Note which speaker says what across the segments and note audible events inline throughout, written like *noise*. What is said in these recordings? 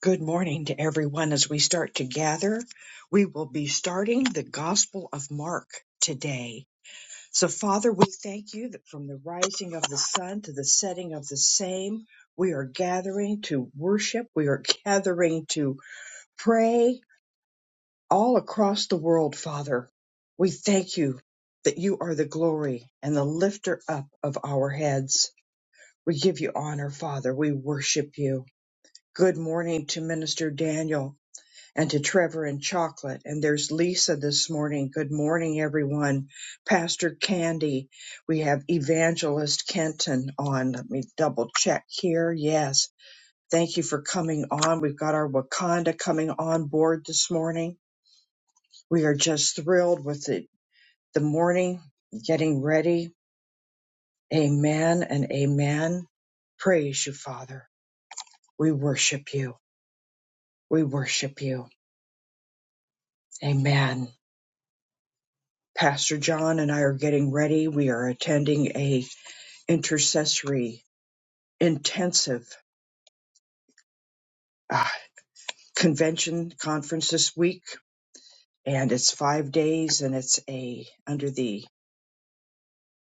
Speaker 1: Good morning to everyone as we start to gather. We will be starting the Gospel of Mark today. So, Father, we thank you that from the rising of the sun to the setting of the same, we are gathering to worship, we are gathering to pray all across the world, Father. We thank you that you are the glory and the lifter up of our heads. We give you honor, Father. We worship you. Good morning to Minister Daniel and to Trevor and Chocolate. And there's Lisa this morning. Good morning, everyone. Pastor Candy. We have Evangelist Kenton on. Let me double check here. Yes. Thank you for coming on. We've got our Wakanda coming on board this morning. We are just thrilled with the, the morning getting ready. Amen and amen. Praise you, Father. We worship you. We worship you. Amen. Pastor John and I are getting ready. We are attending a intercessory intensive uh, convention conference this week, and it's five days, and it's a under the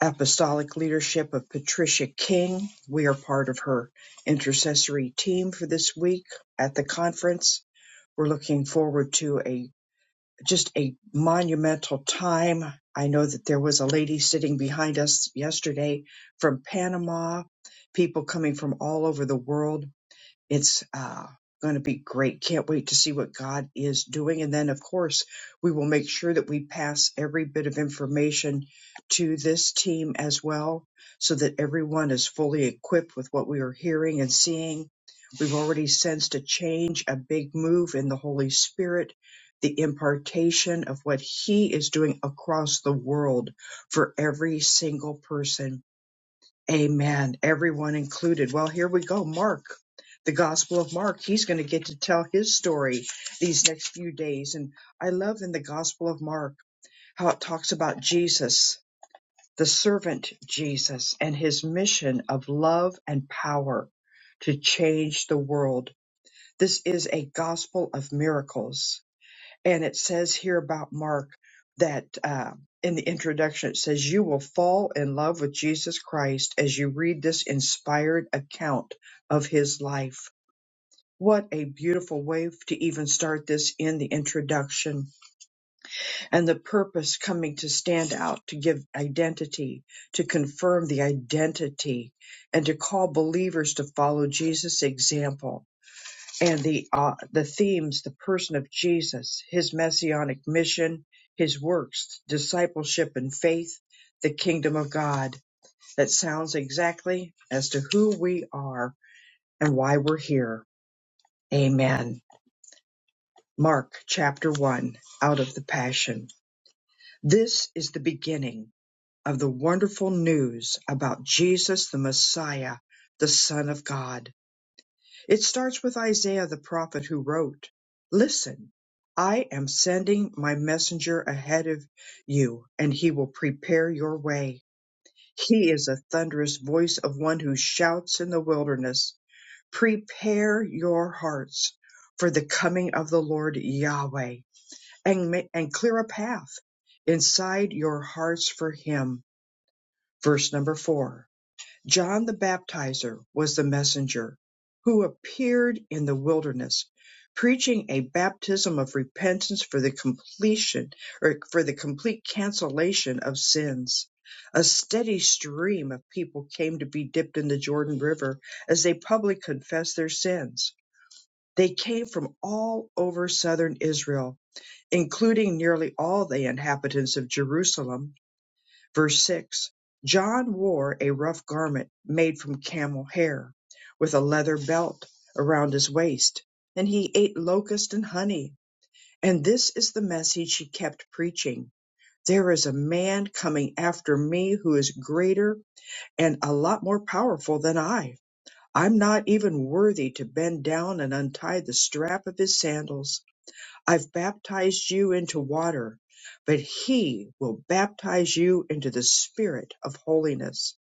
Speaker 1: apostolic leadership of Patricia King. We are part of her intercessory team for this week at the conference. We're looking forward to a. just a monumental time. I know that there was a lady sitting behind us yesterday from Panama, people coming from all over the world it's uh, going to be great. Can't wait to see what God is doing. And then, of course, we will make sure that we pass every bit of information to this team as well so that everyone is fully equipped with what we are hearing and seeing. We've already sensed a change, a big move in the Holy Spirit, the impartation of what He is doing across the world for every single person Amen. Everyone included. Well, here we go. Mark, the Gospel of Mark. He's going to get to tell his story these next few days. And I love in the Gospel of Mark how it talks about Jesus, the servant Jesus, and his mission of love and power to change the world. This is a gospel of miracles and it says here about Mark that uh, in the introduction, it says, You will fall in love with Jesus Christ as you read this inspired account of his life. What a beautiful way to even start this in the introduction. And the purpose coming to stand out, to give identity, to confirm the identity, and to call believers to follow Jesus' example and the uh, the themes the person of Jesus his messianic mission his works discipleship and faith the kingdom of God that sounds exactly as to who we are and why we're here amen mark chapter 1 out of the passion this is the beginning of the wonderful news about Jesus the Messiah the son of God It starts with Isaiah the prophet who wrote, Listen, I am sending my messenger ahead of you, and he will prepare your way. He is a thunderous voice of one who shouts in the wilderness, Prepare your hearts for the coming of the Lord Yahweh, and, ma- and clear a path inside your hearts for him. Verse number four. John the Baptizer was the messenger who appeared in the wilderness, preaching a baptism of repentance for the completion or for the complete cancellation of sins. A steady stream of people came to be dipped in the Jordan River as they publicly confessed their sins. They came from all over southern Israel, including nearly all the inhabitants of Jerusalem Verse 6 John wore a rough garment made from camel hair, with a leather belt around his waist, and he ate locust and honey. And this is the message he kept preaching. There is a man coming after me who is greater and a lot more powerful than I. I'm not even worthy to bend down and untie the strap of his sandals. I've baptized you into water, but he will baptize you into the spirit of holiness.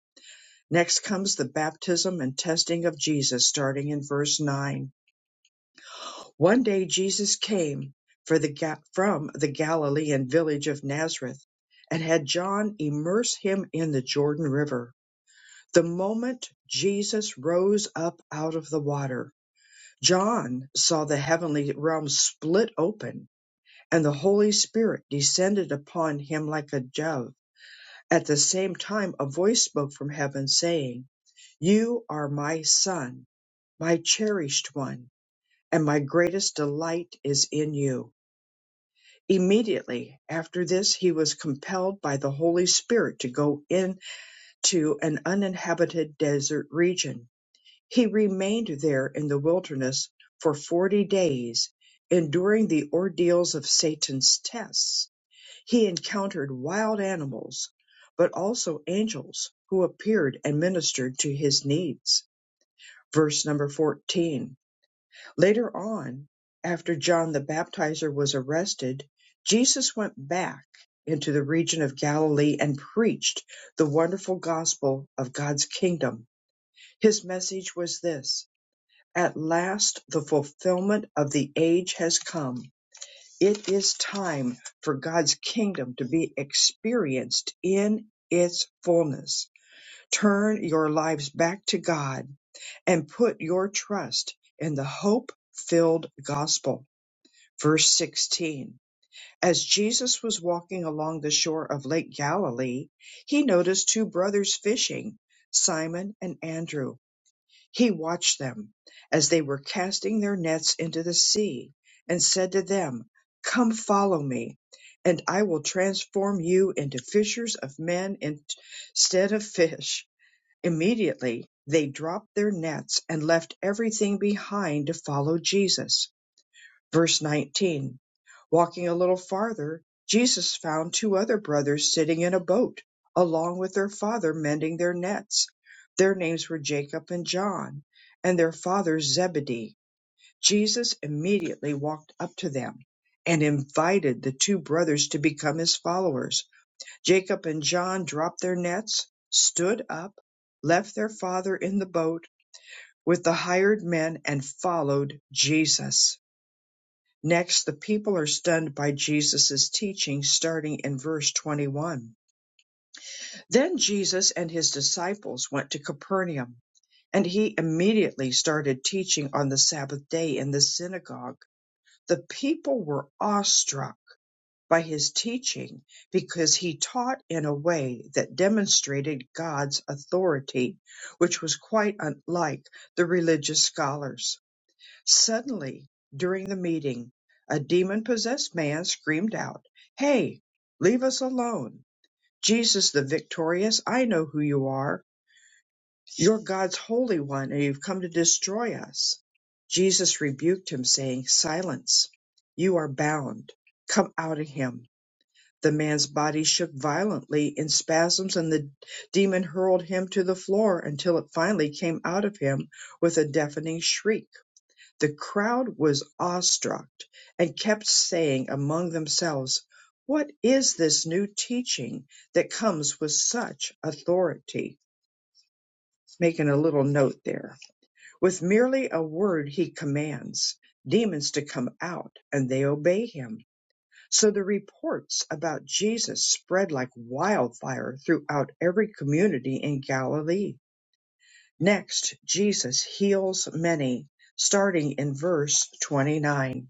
Speaker 1: Next comes the baptism and testing of Jesus starting in verse 9. One day Jesus came for the Ga- from the Galilean village of Nazareth and had John immerse him in the Jordan River. The moment Jesus rose up out of the water, John saw the heavenly realm split open And the Holy Spirit descended upon him like a dove. At the same time, a voice spoke from heaven, saying, You are my Son, my cherished one, and my greatest delight is in you. Immediately after this, he was compelled by the Holy Spirit to go into an uninhabited desert region. He remained there in the wilderness for forty days, enduring the ordeals of Satan's tests He encountered wild animals, but also angels who appeared and ministered to his needs. Verse number 14. Later on, after John the Baptizer was arrested, Jesus went back into the region of Galilee and preached the wonderful gospel of God's kingdom. His message was this At last, the fulfillment of the age has come it is time for God's kingdom to be experienced in its fullness. Turn your lives back to God and put your trust in the hope filled gospel. Verse 16. As Jesus was walking along the shore of Lake Galilee, he noticed two brothers fishing, Simon and Andrew. He watched them as they were casting their nets into the sea, and said to them, Come follow me, and I will transform you into fishers of men instead of fish. Immediately they dropped their nets and left everything behind to follow Jesus. Verse 19 Walking a little farther, Jesus found two other brothers sitting in a boat, along with their father, mending their nets. Their names were Jacob and John, and their father Zebedee. Jesus immediately walked up to them and invited the two brothers to become his followers. Jacob and John dropped their nets, stood up, left their father in the boat with the hired men, and followed Jesus. Next, the people are stunned by Jesus' teaching starting in verse 21. Then Jesus and his disciples went to Capernaum, and he immediately started teaching on the Sabbath day in the synagogue. The people were awestruck by his teaching because he taught in a way that demonstrated God's authority, which was quite unlike the religious scholars. Suddenly, during the meeting, a demon-possessed man screamed out, Hey, leave us alone. Jesus the victorious, I know who you are. You're God's Holy One, and you've come to destroy us. Jesus rebuked him, saying, Silence, you are bound. Come out of him. The man's body shook violently in spasms, and the demon hurled him to the floor until it finally came out of him with a deafening shriek. The crowd was awestruck and kept saying among themselves, What is this new teaching that comes with such authority? Making a little note there. With merely a word, he commands demons to come out, and they obey him. So the reports about Jesus spread like wildfire throughout every community in Galilee. Next, Jesus heals many, starting in verse 29.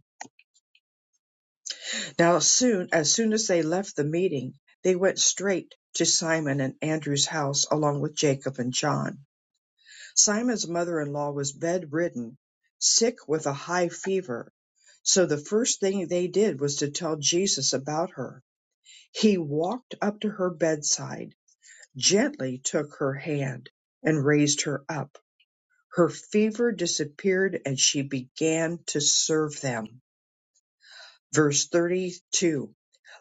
Speaker 1: Now soon as soon as they left the meeting, they went straight to Simon and Andrew's house along with Jacob and John. Simon's mother-in-law was bedridden, sick with a high fever. So the first thing they did was to tell Jesus about her. He walked up to her bedside, gently took her hand, and raised her up. Her fever disappeared and she began to serve them. Verse 32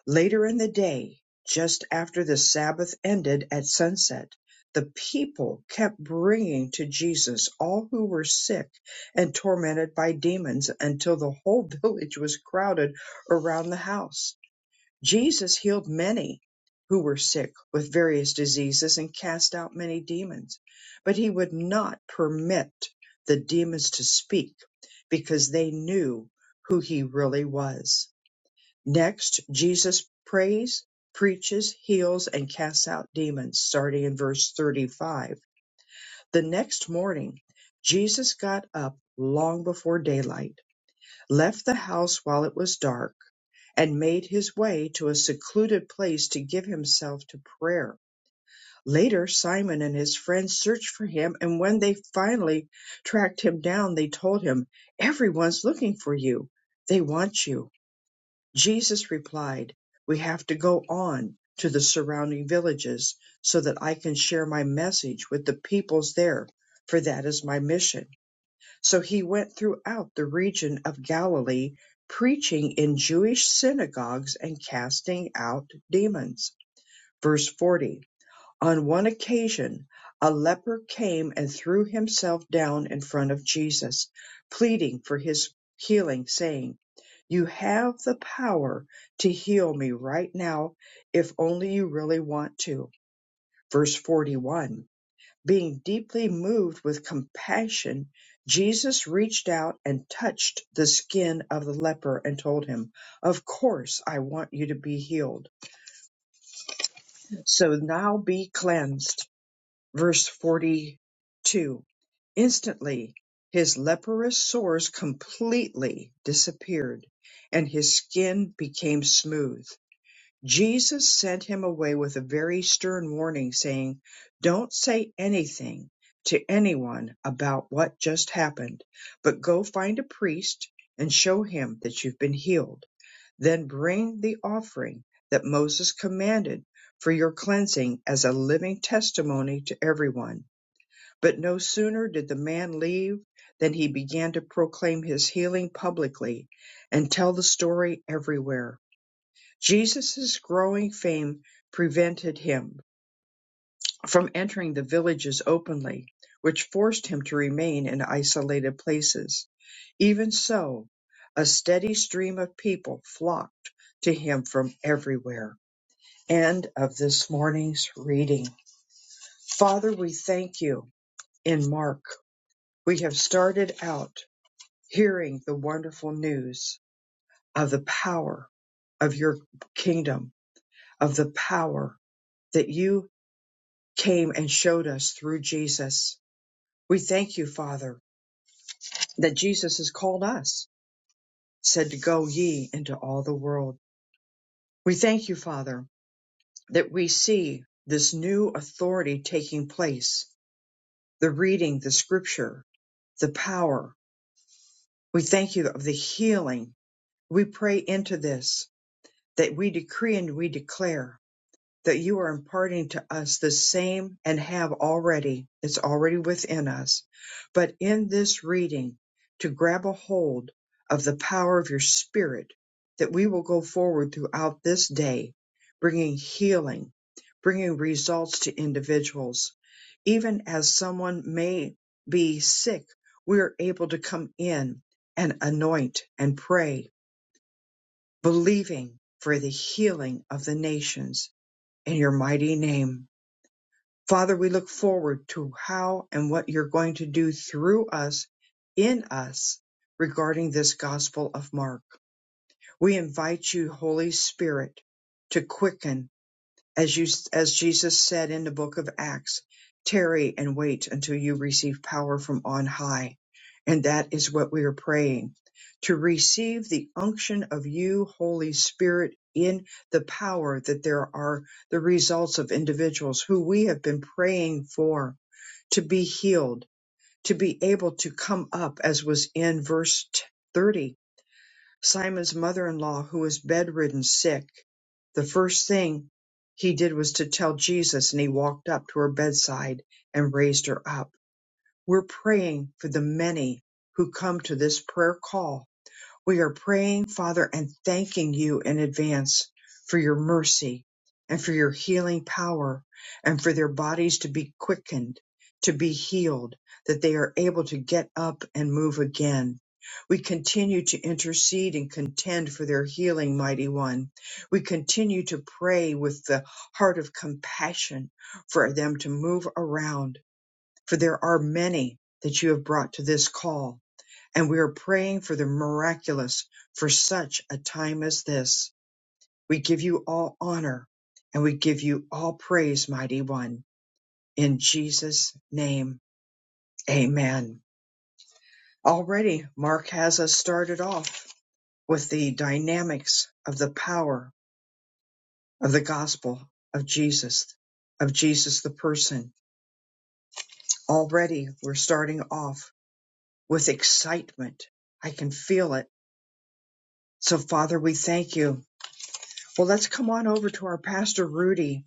Speaker 1: Later in the day, just after the Sabbath ended at sunset, the people kept bringing to Jesus all who were sick and tormented by demons until the whole *laughs* village was crowded around the house. Jesus healed many who were sick with various diseases and cast out many demons, but he would not permit the demons to speak because they knew who he really was. Next, Jesus prays, preaches, heals, and casts out demons, starting in verse 35. The next morning, Jesus got up long before daylight, left the house while it was dark, and made his way to a secluded place to give himself to prayer. Later, Simon and his friends searched for him, and when they finally tracked him down, they told him, Everyone's looking for you. They want you. Jesus replied, We have to go on to the surrounding villages so that I can share my message with the peoples there, for that is my mission. So he went throughout the region of Galilee, preaching in Jewish synagogues and casting out demons. Verse 40 on one occasion, a leper came and threw himself down in front of Jesus, pleading for his healing, saying, You have the power to heal me right now if only you really want to. Verse 41 Being deeply moved with compassion, Jesus reached out and touched the skin of the leper and told him, Of course, I want you to be healed. So now be cleansed. Verse 42 Instantly his leprous sores completely disappeared, and his skin became smooth. Jesus sent him away with a very stern warning, saying, Don't say anything to anyone about what just happened, but go find a priest and show him that you've been healed. Then bring the offering that Moses commanded for your cleansing as a living testimony to everyone but no sooner did the man leave than he began to proclaim his healing publicly and tell the story everywhere. Jesus' growing fame prevented him from entering the villages openly, which forced him to remain in isolated places. Even so, a steady stream of people flocked to him from everywhere. End of this morning's reading. Father, we thank you in Mark. We have started out. hearing the wonderful news of the power of your kingdom, of the power that you came and showed us through Jesus. We thank you, Father, that Jesus has called us, said to go ye into all the world. We thank you, Father, that we see this new authority taking place, the reading, the scripture, the power. We thank you of the healing. We pray into this that we decree and we declare that you are imparting to us the same and have already. It's already within us. But in this reading, to grab a hold of the power of your spirit, that we will go forward throughout this day, bringing healing, bringing results to individuals. Even as someone may be sick, we are able to come in and anoint and pray, believing for the healing of the nations in your mighty name. Father, we look forward to how and what you're going to do through us, in us, regarding this Gospel of Mark. We invite you, Holy Spirit, to quicken as you as Jesus said in the book of Acts, tarry and wait until you receive power from on high. And that is what we are praying to receive the unction of you, Holy Spirit, in the power that there are the results of individuals who we have been praying for to be healed, to be able to come up, as was in verse t- 30 Simon's mother-in-law who was bedridden sick, the first thing he did was to tell Jesus and he walked up to her bedside and raised her up. We're praying for the many who come to this prayer call we are praying, Father, and thanking you in advance for your mercy and for your healing power and for their bodies to be quickened, to be healed, that they are able to get up and move again. We continue to intercede and contend for their healing, mighty one. We continue to pray with the heart of compassion for them to move around, for there are many that you have brought to this call and we are praying for the miraculous for such a time as this. We give you all honor and we give you all praise, mighty one. In Jesus' name, amen. Already, Mark has us started off with the dynamics of the power of the gospel of Jesus, of Jesus the person. Already, we're starting off with excitement. I can feel it. So, Father, we thank you Well, let's come on over to our pastor Rudy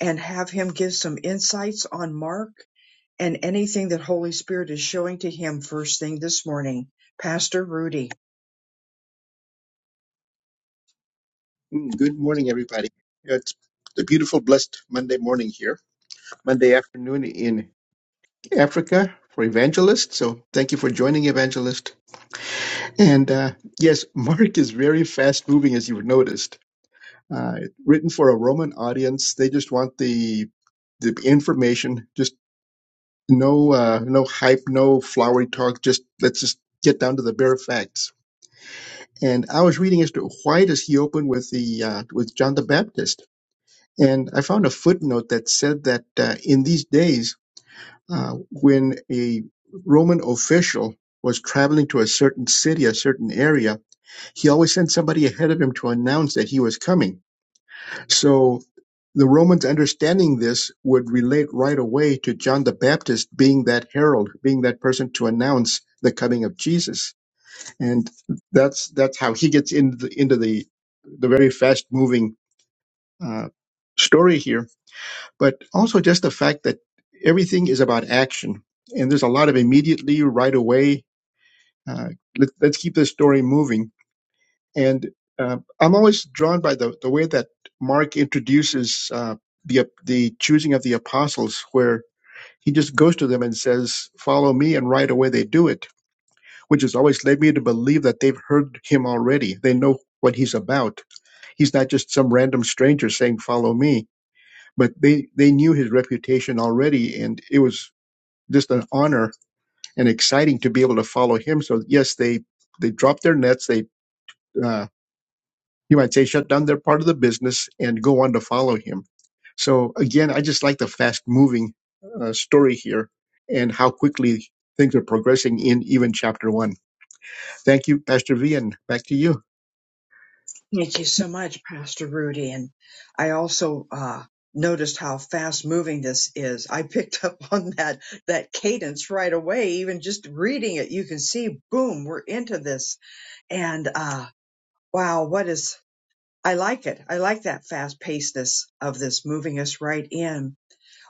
Speaker 1: and have him give some insights on Mark and anything that Holy Spirit is showing to him first thing this morning. Pastor Rudy.
Speaker 2: Mm, Good morning, everybody. It's the beautiful, blessed Monday morning here, Monday afternoon in Africa for Evangelist. So thank you for joining, Evangelist. And uh, yes, Mark is very fast moving, as you've noticed. Uh, written for a Roman audience, they just want the the information, just no uh, no hype, no flowery talk. Just let's just get down to the bare facts. And I was reading as to why does he open with the uh, with John the Baptist? And I found a footnote that said that uh, in these days, uh, when a Roman official was traveling to a certain city, a certain area, he always sent somebody ahead of him to announce that he was coming. So the Romans understanding this would relate right away to John the Baptist being that herald, being that person to announce the coming of Jesus. And that's that's how he gets into the, into the the very fast moving uh, story here but also just the fact that everything is about action and there's a lot of immediately right away uh, let, let's keep this story moving and uh, i'm always drawn by the, the way that mark introduces uh, the, the choosing of the apostles where he just goes to them and says follow me and right away they do it which has always led me to believe that they've heard him already they know what he's about he's not just some random stranger saying follow me but they they knew his reputation already and it was just an honor and exciting to be able to follow him. So yes, they they dropped their nets. They uh, you might say shut down their part of the business and go on to follow him. So again, I just like the fast moving uh, story here and how quickly things are progressing in even chapter one. Thank you, Pastor V, and back to you.
Speaker 1: Thank you so much, Pastor Rudy. And I also uh, noticed how fast moving this is. I picked *laughs* up on that that cadence right away. Even just reading it, you can see, boom, we're into this. And uh, wow, what is I like it. I like that fast pacedness of this moving us right in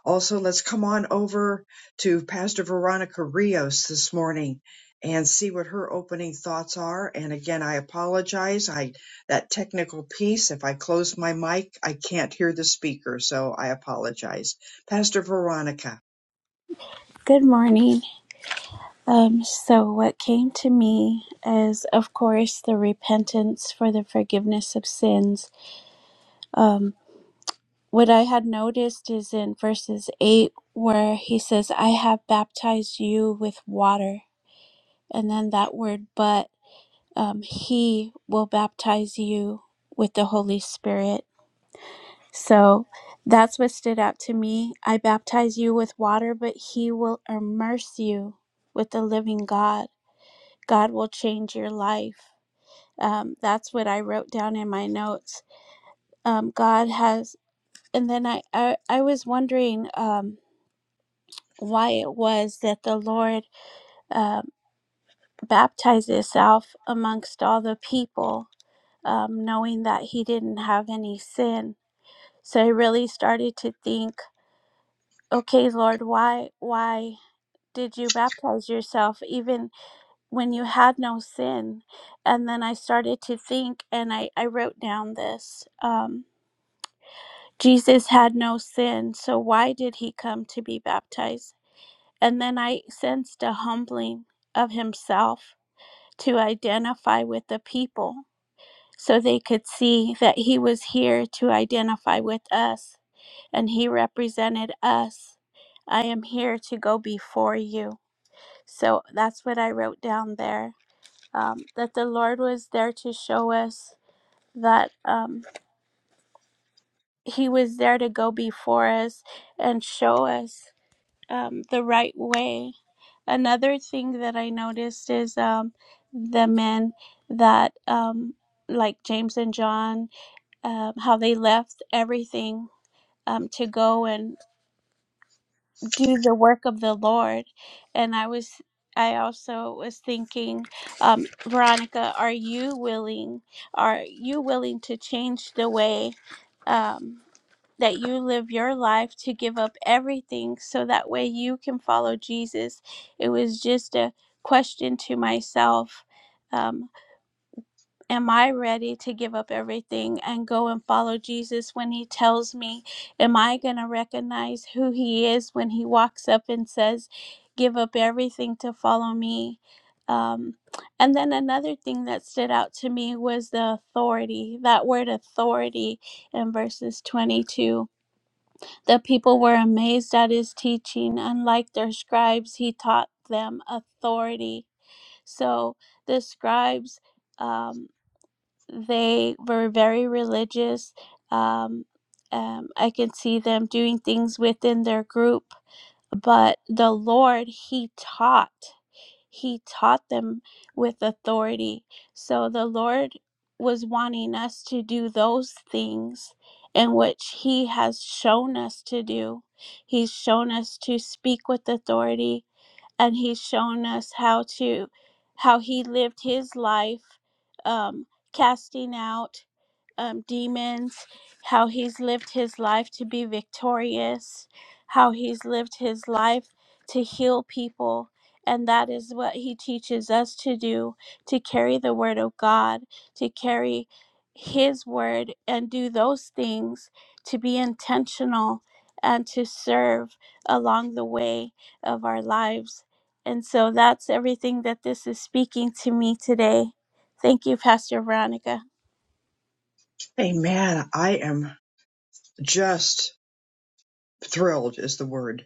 Speaker 1: Also, let's come on over to Pastor Veronica Rios this morning and see what her opening thoughts are. And again, I apologize. I that technical piece, if I close my mic, I can't hear the speaker, so I apologize. Pastor Veronica.
Speaker 3: Good morning. Um, so, what came to me is, of course, the repentance for the forgiveness of sins. Um, what I had noticed is in verses 8, where he says, I have baptized you with water. And then that word, but um, he will baptize you with the Holy Spirit. So, that's what stood out to me. I baptize you with water, but he will immerse you with the living God. God will change your life. Um, that's what I wrote down in my notes. Um, God has, and then I, I, I was wondering um, why it was that the Lord um baptized Himself amongst all the people, um, knowing that He didn't have any sin. So I really started to think, okay, Lord, why, why did you baptize yourself? Even when you had no sin. And then I started to think, and I, I wrote down this um, Jesus had no sin, so why did he come to be baptized? And then I sensed a humbling of himself to identify with the people so they could see that he was here to identify with us and he represented us. I am here to go before you. So that's what I wrote down there. um, that the Lord was there to show us that um, He was there to go before us and show us um, the right way. Another thing that I noticed is um, the men that, um, like James and John, um, how they left everything um, to go and. do the work of the Lord. And I was, I also was thinking, um, Veronica, are you willing? Are you willing to change the way um, that you live your life to give up everything so that way you can follow Jesus? It was just a question to myself. Um, Am I ready to give up everything and go and follow Jesus when he tells me? Am I going to recognize who he is when he walks up and says, Give up everything to follow me? Um, and then another thing that stood out to me was the authority, that word authority in verses 22. The people were amazed at his teaching. Unlike their scribes, he taught them authority. So the scribes. um, they were very religious. Um, um, I can see them doing things within their group, but the Lord, He taught. He taught them with authority. So the Lord was wanting us to do those things in which He has shown us to do. He's shown us to speak with authority, and He's shown us how to, how He lived His life, um, casting out um, demons, how he's lived his life to be victorious, how he's lived his life to heal people. And that is what he teaches us to do to carry the word of God, to carry his word and do those things, to be intentional and to serve along the way of our lives. And so that's everything that this is speaking to me today. Thank you, Pastor Veronica.
Speaker 1: Amen. I am just thrilled is the word.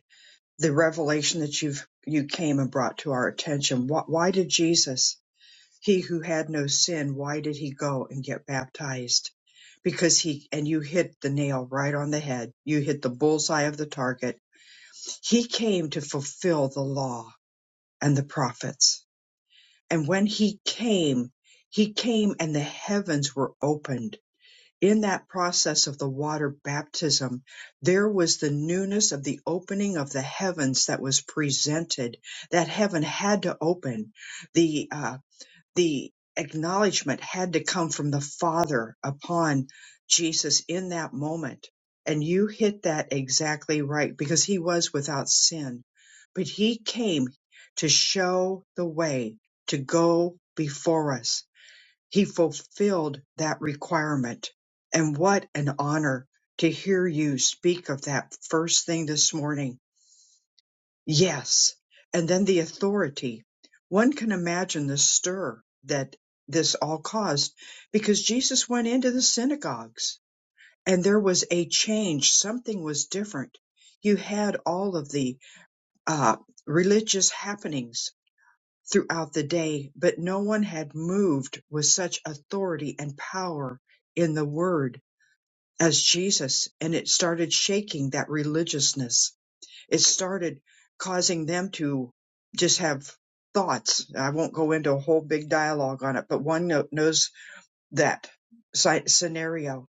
Speaker 1: The revelation that you've you came and brought to our attention. Wh- Why did Jesus? He who had no sin, why did he go and get baptized? Because he, and you hit the nail right on the head. You hit the bullseye of the target. He came to fulfill the law and the prophets. And when he came, he came and the heavens were opened. In that process of the water baptism, there was the newness of the opening of the heavens that was presented. That heaven had to open. The uh, the acknowledgement had to come from the Father upon Jesus in that moment. And you hit that exactly right because he was without sin. But he came to show the way to go before us. He fulfilled that requirement. And what an honor to hear you speak of that first thing this morning Yes. And then the authority. One can imagine the stir that this all caused because Jesus went into the synagogues and there was a change. Something was different. You had all of the uh, religious happenings throughout the day, but no one had moved with such authority and power in the word as Jesus. And it started shaking that religiousness it started causing them to just have thoughts. I won't go into a whole big dialogue on it, but one kno- knows that sci- scenario.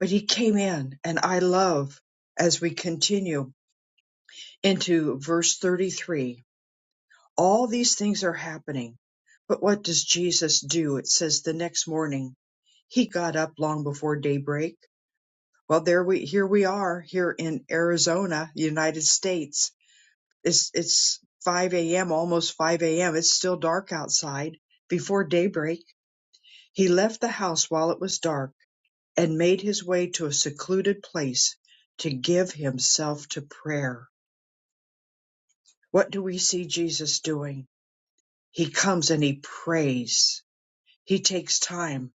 Speaker 1: But he came in, and I love as we continue into verse 33 all these things are happening. But what does Jesus do? It says the next morning he got up long before daybreak. Well, there we here we are here in Arizona, United States It's it's 5 a.m., almost 5 a.m. It's still dark outside. Before daybreak, he left the house while it was dark and made his way to a secluded place to give himself to prayer. What do we see Jesus doing? He comes and he prays. He takes time.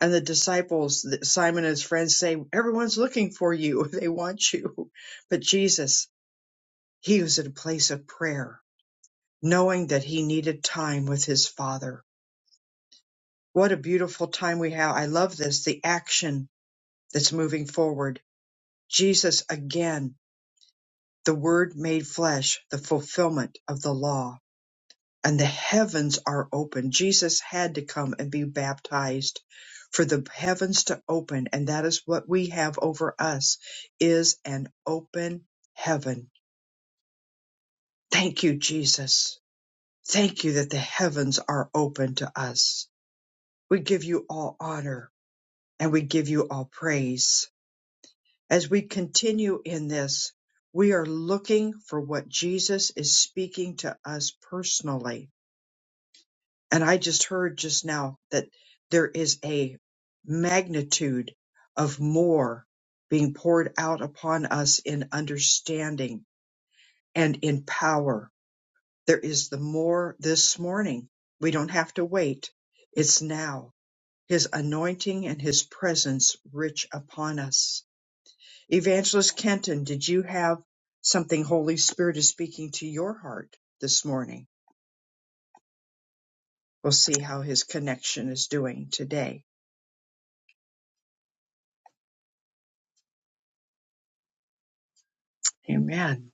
Speaker 1: And the disciples, Simon and his friends say, everyone's looking for you. *laughs* They want you. But Jesus, he was in a place of prayer, knowing that he needed time with his Father What a beautiful time we have. I love this, the action that's moving forward. Jesus again, the word made flesh, the fulfillment of the law, and the heavens are open. Jesus had to come and be baptized for the heavens to open, and that is what we have over us is an open heaven. Thank you, Jesus. Thank you that the heavens are open to us. We give you all honor and we give you all praise. As we continue in this, we are looking for what Jesus is speaking to us personally. And I just heard just now that there is a magnitude of more being poured out upon us in understanding and in power. There is the more this morning. We don't have to wait. It's now. His anointing and his presence rich upon us Evangelist Kenton, did you have something Holy Spirit is speaking to your heart this morning? We'll see how his connection is doing today. Amen.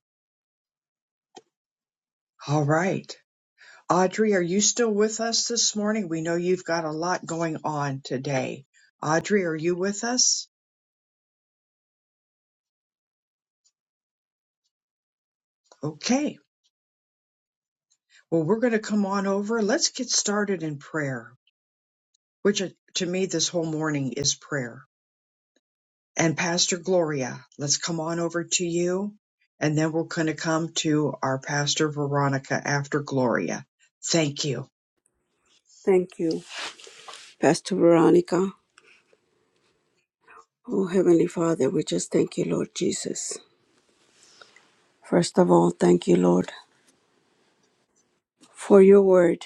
Speaker 1: All right. Audrey, are you still with us this morning? We know you've got a lot going on today. Audrey, are you with us? Okay. Well, we're going to come on over. Let's get started in prayer, which uh, to me this whole morning is prayer And Pastor Gloria, let's come on over to you. And then we're going to come to our Pastor Veronica after Gloria. Thank you.
Speaker 3: Thank you. Pastor Veronica. Oh, Heavenly Father, we just thank you, Lord Jesus. First of all, thank you, Lord, for your word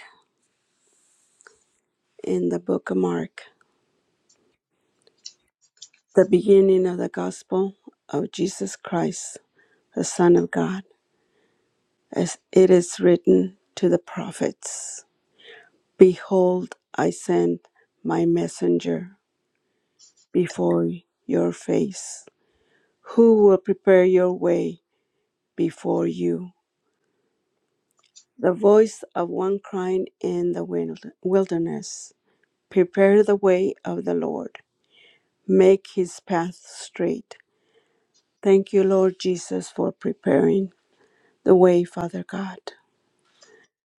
Speaker 3: in the book of Mark, the beginning of the gospel of Jesus Christ, the Son of God, as it is written to the prophets Behold, I send my messenger before your face, who will prepare your way before you. The voice of one crying in the wild- wilderness Prepare the way of the Lord, make his path straight. Thank you, Lord Jesus, for preparing the way, Father God.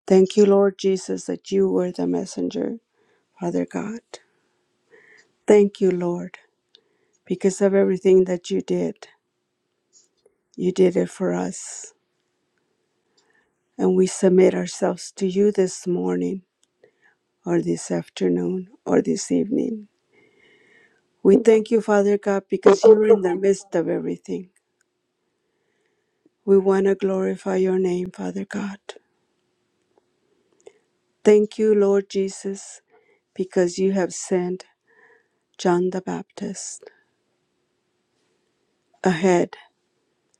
Speaker 3: Thank you, Lord Jesus, that you were the messenger, Father God. Thank you, Lord, because of everything that you did. You did it for us. And we submit ourselves to you this morning, or this afternoon, or this evening. We thank you, Father God, because you're in the midst of everything. We want to glorify your name, Father God. Thank you, Lord Jesus, because you have sent John the Baptist ahead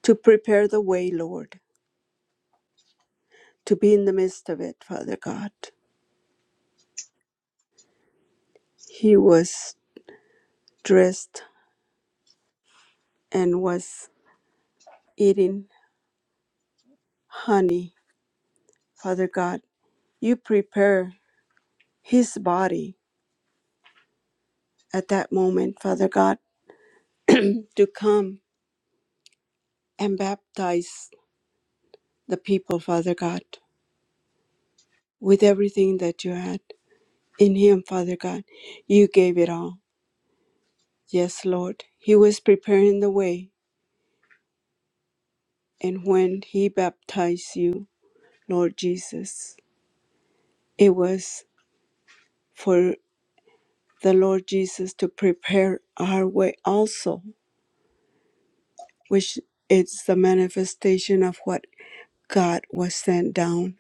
Speaker 3: to prepare the way, Lord, to be in the midst of it, Father God. He was dressed and was eating honey, Father God. You prepare his body at that moment, Father God, to come and baptize the people, Father God, with everything that you had in him, Father God. You gave it all. Yes, Lord, He was preparing the way, and when He baptized you, Lord Jesus, it was for the Lord Jesus to prepare our way also, which is the manifestation of what God was sent down.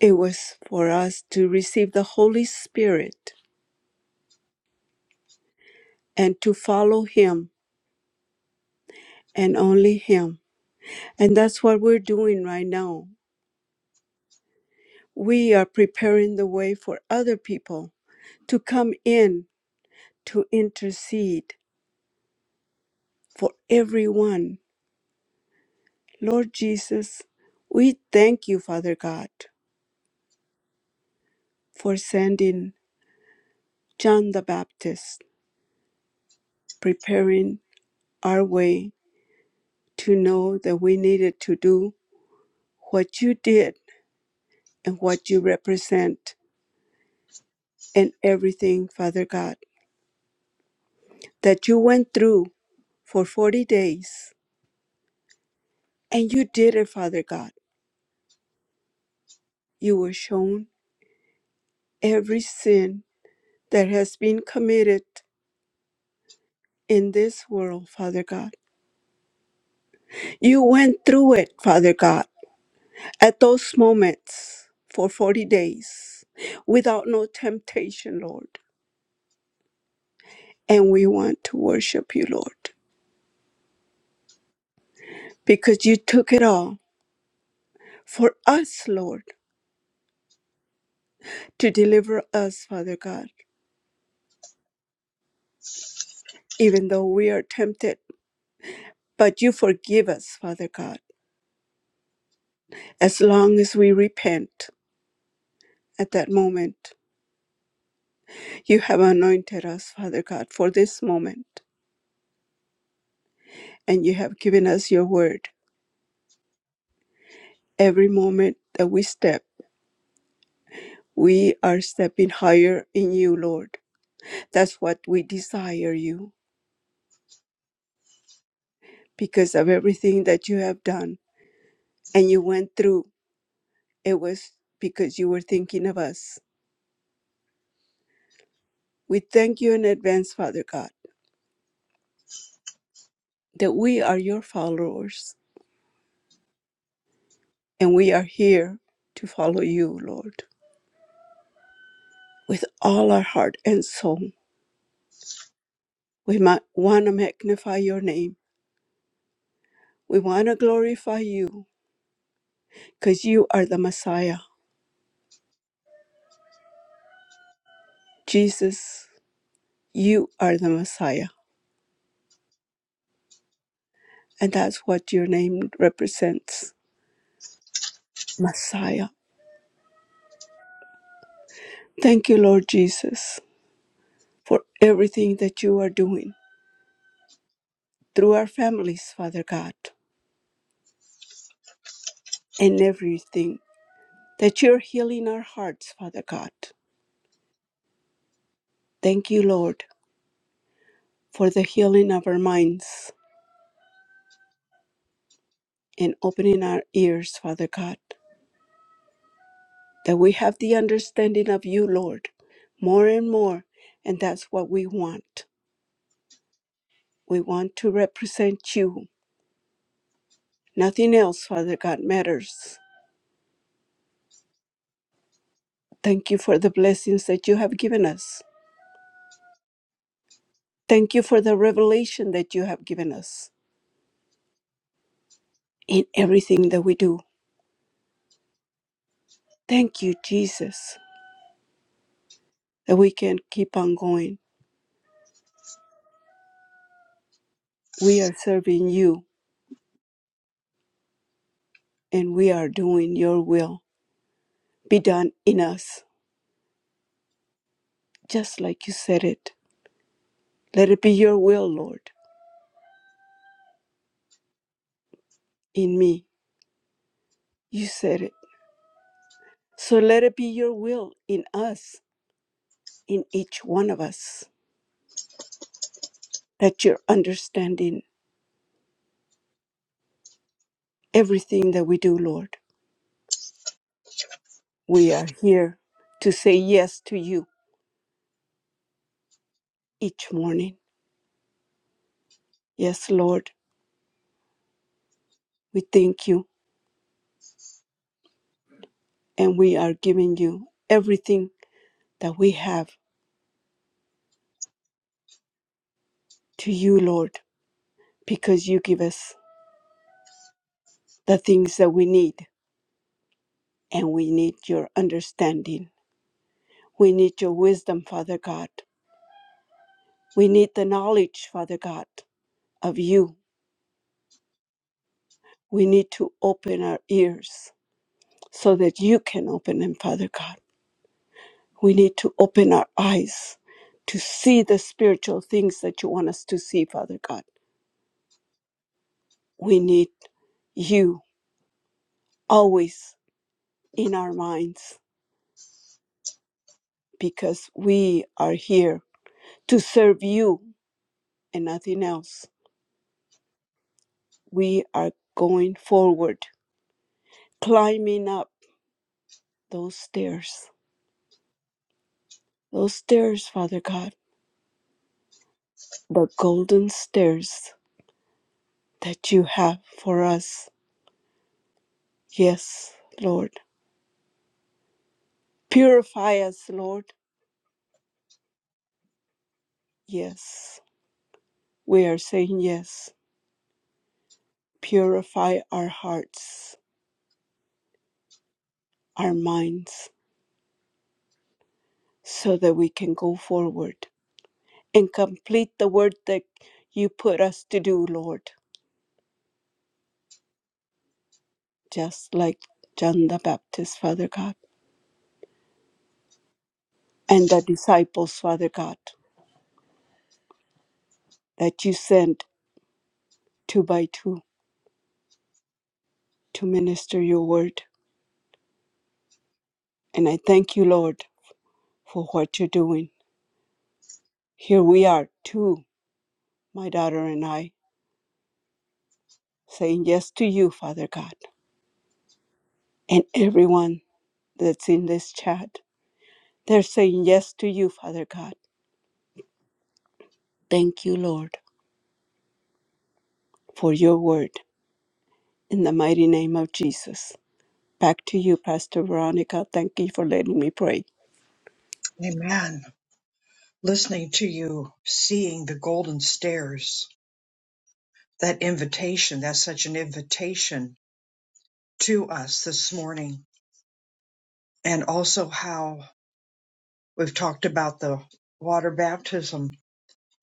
Speaker 3: It was for us to receive the Holy Spirit and to follow Him and only Him. And that's what we're doing right now. We are preparing the way for other people to come in to intercede for everyone. Lord Jesus, we thank you, Father God, for sending John the Baptist, preparing our way to know that we needed to do what you did and what you represent and everything, Father God, that you went through for 40 days. And you did it, Father God. You were shown every sin that has been committed in this world, Father God You went through it, Father God, at those moments for 40 days without no temptation, Lord. And we want to worship you, Lord, because you took it all for us, Lord, to deliver us, Father God, even though we are tempted. But you forgive us, Father God, as long as we repent at that moment. You have anointed us, Father God, for this moment, and you have given us your word every moment that we step We are stepping higher in you, Lord. That's what we desire you because of everything that you have done and you went through. It was because you were thinking of us. We thank you in advance, Father God, that we are your followers and we are here to follow you, Lord, with all our heart and soul. We might want to magnify your name. We want to glorify you because you are the Messiah. Jesus, you are the Messiah And that's what your name represents Messiah. Thank you, Lord Jesus, for everything that you are doing through our families, Father God, and everything that you're healing our hearts, Father God. Thank you, Lord, for the healing of our minds and opening our ears, Father God, that we have the understanding of you, Lord, more and more. And that's what we want. We want to represent you. Nothing else, Father God, matters. Thank you for the blessings that you have given us. Thank you for the revelation that you have given us in everything that we do. Thank you, Jesus, that we can keep on going. We are serving you and we are doing your will. Be done in us, just like you said it. Let it be your will, Lord, in me. You said it. So let it be your will in us, in each one of us, that you're understanding everything that we do, Lord. We are here to say yes to you each morning. Yes, Lord, we thank you and we are giving you everything that we have to you, Lord, because you give us the things that we need and we need your understanding. We need your wisdom, Father God. We need the knowledge, Father God, of you. We need to open our ears so that you can open them, Father God. We need to open our eyes to see the spiritual things that you want us to see, Father God. We need you always in our minds because we are here to serve you and nothing else. We are going forward, climbing up those stairs, those stairs, Father God, the golden stairs that you have for us. Yes, Lord. Purify us, Lord. Yes. We are saying yes. Purify our hearts, our minds, so that we can go forward and complete the work that you put us to do, Lord, just like John the Baptist, Father God, and the disciples, Father God, that you sent two by two to minister your word. And I thank you, Lord, for what you're doing. Here we are, two, my daughter and I, saying yes to you, Father God, and everyone that's in this chat. They're saying yes to you, Father God. Thank you, Lord, for your word. In the mighty name of Jesus. Back to you, Pastor Veronica. Thank you for letting me pray.
Speaker 1: Amen. Listening to you, seeing the golden stairs, that invitation, that's such an invitation to us this morning. And also how we've talked about the water baptism.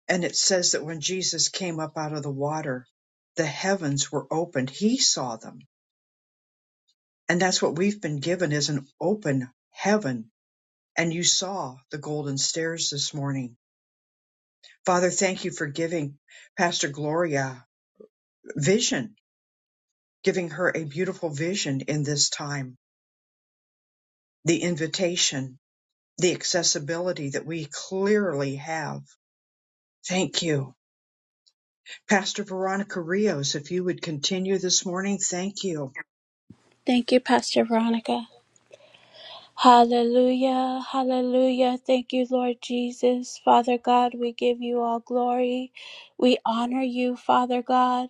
Speaker 1: And it says that when Jesus came up out of the water, the heavens were opened. He saw them And that's what we've been given is an open heaven. And you saw the golden stairs this morning. Father, thank you for giving Pastor Gloria vision, giving her a beautiful vision in this time, the invitation, the accessibility that we clearly have. Thank you. Pastor Veronica Rios, if you would continue this morning, thank you.
Speaker 3: Thank you, Pastor Veronica. Hallelujah, hallelujah. Thank you, Lord Jesus. Father God, we give you all glory. We honor you, Father God.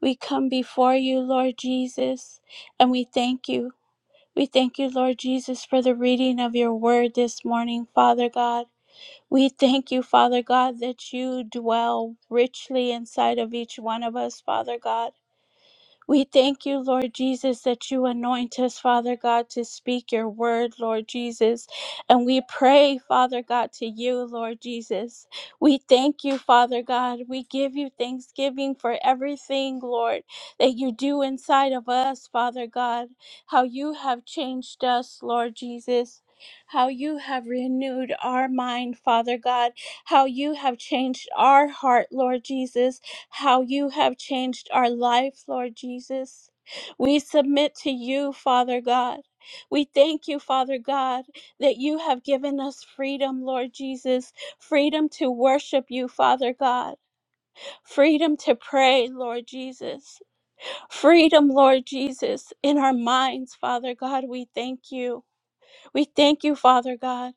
Speaker 3: We come before you, Lord Jesus, and we thank you. We thank you, Lord Jesus, for the reading of your word this morning, Father God. We thank you, Father God, that you dwell richly inside of each one of us, Father God. We thank you, Lord Jesus, that you anoint us, Father God, to speak your word, Lord Jesus. And we pray, Father God, to you, Lord Jesus. We thank you, Father God. We give you thanksgiving for everything, Lord, that you do inside of us, Father God. How you have changed us, Lord Jesus. How you have renewed our mind, Father God. How you have changed our heart, Lord Jesus how you have changed our life, Lord Jesus. We submit to you, Father God. We thank you, Father God, that you have given us freedom, Lord Jesus, freedom to worship you, Father God, freedom to pray, Lord Jesus, freedom, Lord Jesus, in our minds, Father God. We thank you. We thank you, Father God.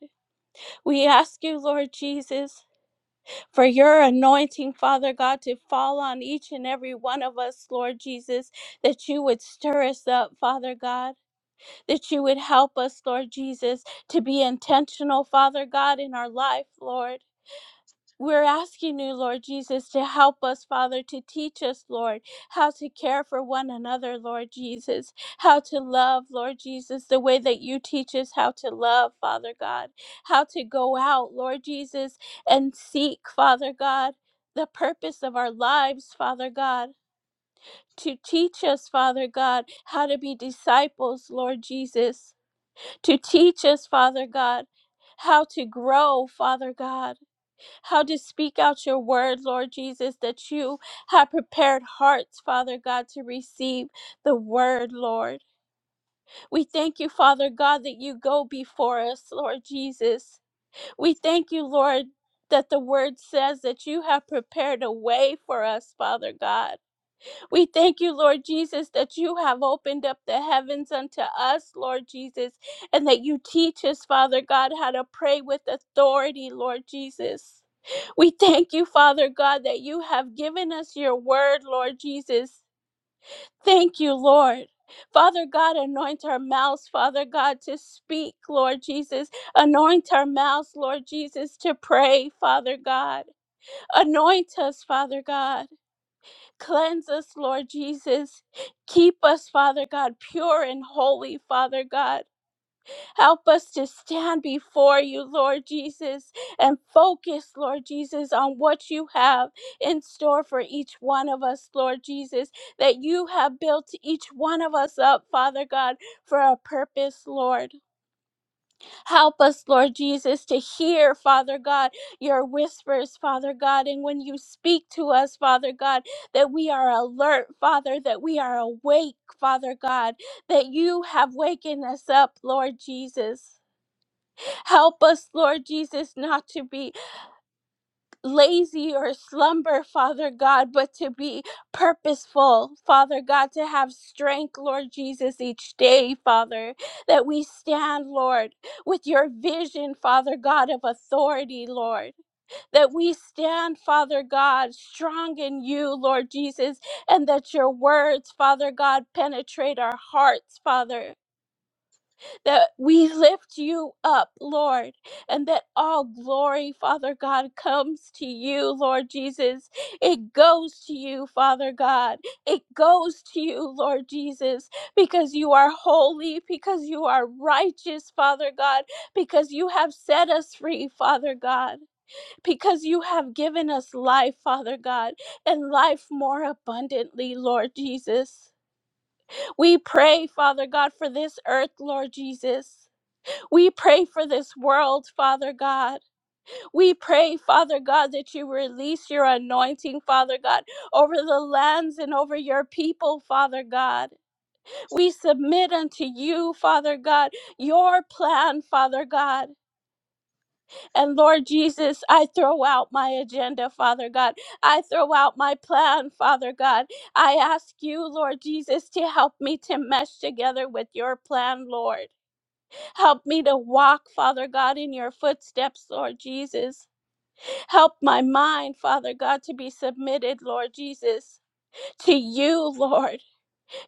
Speaker 3: We ask you, Lord Jesus for your anointing, Father God, to fall on each and every one of us, Lord Jesus, that you would stir us up, Father God, that you would help us, Lord Jesus, to be intentional, Father God, in our life, Lord. We're asking you, Lord Jesus, to help us, Father, to teach us, Lord, how to care for one another, Lord Jesus, how to love, Lord Jesus, the way that you teach us how to love, Father God, how to go out, Lord Jesus, and seek, Father God, the purpose of our lives, Father God. To teach us, Father God, how to be disciples, Lord Jesus. To teach us, Father God, how to grow, Father God how to speak out your word, Lord Jesus, that you have prepared hearts, Father God, to receive the word, Lord. We thank you, Father God, that you go before us, Lord Jesus. We thank you, Lord, that the word says that you have prepared a way for us, Father God. We thank you, Lord Jesus, that you have opened up the heavens unto us, Lord Jesus, and that you teach us, Father God, how to pray with authority, Lord Jesus. We thank you, Father God, that you have given us your word, Lord Jesus. Thank you, Lord. Father God, anoint our mouths, Father God, to speak, Lord Jesus. Anoint our mouths, Lord Jesus, to pray, Father God. Anoint us, Father God. Cleanse us, Lord Jesus. Keep us, Father God, pure and holy, Father God. Help us to stand before you, Lord Jesus, and focus, Lord Jesus, on what you have in store for each one of us, Lord Jesus, that you have built each one of us up, Father God, for a purpose, Lord. Help us, Lord Jesus, to hear, Father God, your whispers, Father God. And when you speak to us, Father God, that we are alert, Father, that we are awake, Father God, that you have wakened us up, Lord Jesus. Help us, Lord Jesus, not to be lazy or slumber, Father God, but to be purposeful, Father God, to have strength, Lord Jesus, each day, Father, that we stand, Lord, with your vision, Father God, of authority, Lord, that we stand, Father God, strong in you, Lord Jesus, and that your words, Father God, penetrate our hearts, Father that we lift you up, Lord, and that all glory, Father God, comes to you, Lord Jesus. It goes to you, Father God. It goes to you, Lord Jesus, because you are holy, because you are righteous, Father God, because you have set us free, Father God, because you have given us life, Father God, and life more abundantly, Lord Jesus. We pray, Father God, for this earth, Lord Jesus. We pray for this world, Father God. We pray, Father God, that you release your anointing, Father God, over the lands and over your people, Father God. We submit unto you, Father God, your plan, Father God. And Lord Jesus, I throw out my agenda, Father God. I throw out my plan, Father God. I ask you, Lord Jesus, to help me to mesh together with your plan, Lord. Help me to walk, Father God, in your footsteps, Lord Jesus. Help my mind, Father God, to be submitted, Lord Jesus, to you, Lord.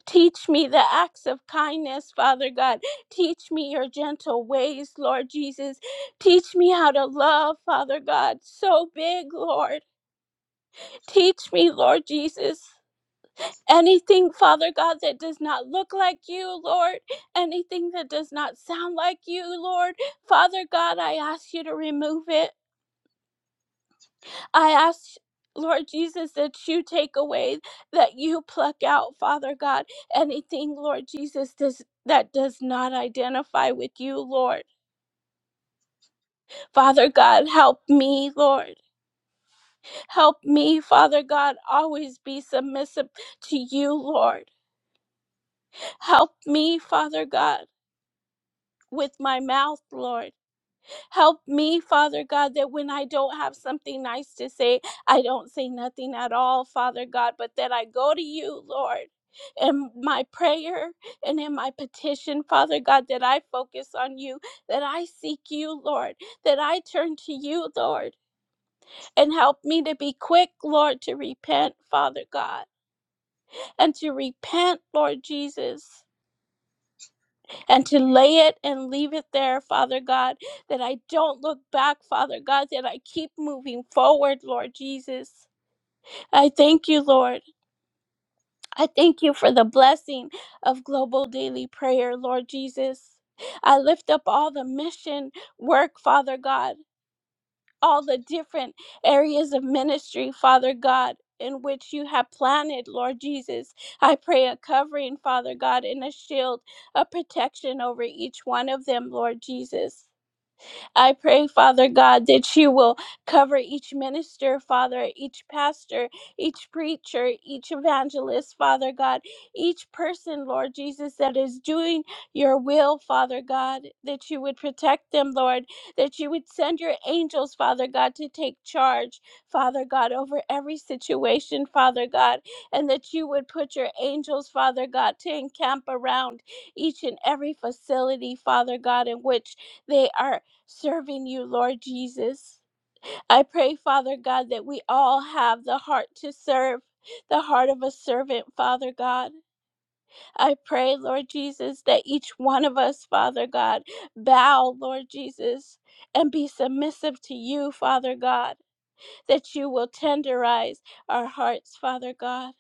Speaker 3: Teach me the acts of kindness, Father God. Teach me your gentle ways, Lord Jesus. Teach me how to love, Father God, so big, Lord. Teach me, Lord Jesus. Anything, Father God, that does not look like you, Lord, anything that does not sound like you, Lord, Father God, I ask you to remove it. I ask, Lord Jesus, that you take away, that you pluck out, Father God, anything, Lord Jesus, does, that does not identify with you, Lord. Father God, help me, Lord. Help me, Father God, always be submissive to you, Lord. Help me, Father God. with my mouth, Lord. Help me, Father God, that when I don't have something nice to say, I don't say nothing at all, Father God, but that I go to you, Lord. In my prayer and in my petition, Father God, that I focus on you, that I seek you, Lord, that I turn to you, Lord, and help me to be quick, Lord, to repent, Father God, and to repent, Lord Jesus and to lay it and leave it there, Father God, that I don't look back, Father God, that I keep moving forward, Lord Jesus. I thank you, Lord. I thank you for the blessing of global daily prayer, Lord Jesus. I lift up all the mission work, Father God all the different areas of ministry, Father God. In which you have planted, Lord Jesus. I pray a covering, Father God, and a shield, a protection over each one of them, Lord Jesus. I pray, Father God, that you will cover each minister, Father, each pastor, each preacher, each evangelist, Father God, each person, Lord Jesus, that is doing your will, Father God, that you would protect them, Lord, that you would send your angels, Father God, to take charge, Father God, over every situation, Father God, and that you would put your angels, Father God, to encamp around each and every facility, Father God, in which they are serving you, Lord Jesus. I pray, Father God, that we all have the heart to serve, the heart of a servant, Father God. I pray, Lord Jesus, that each one of us, Father God, bow, Lord Jesus, and be submissive to you, Father God, that you will tenderize our hearts, Father God.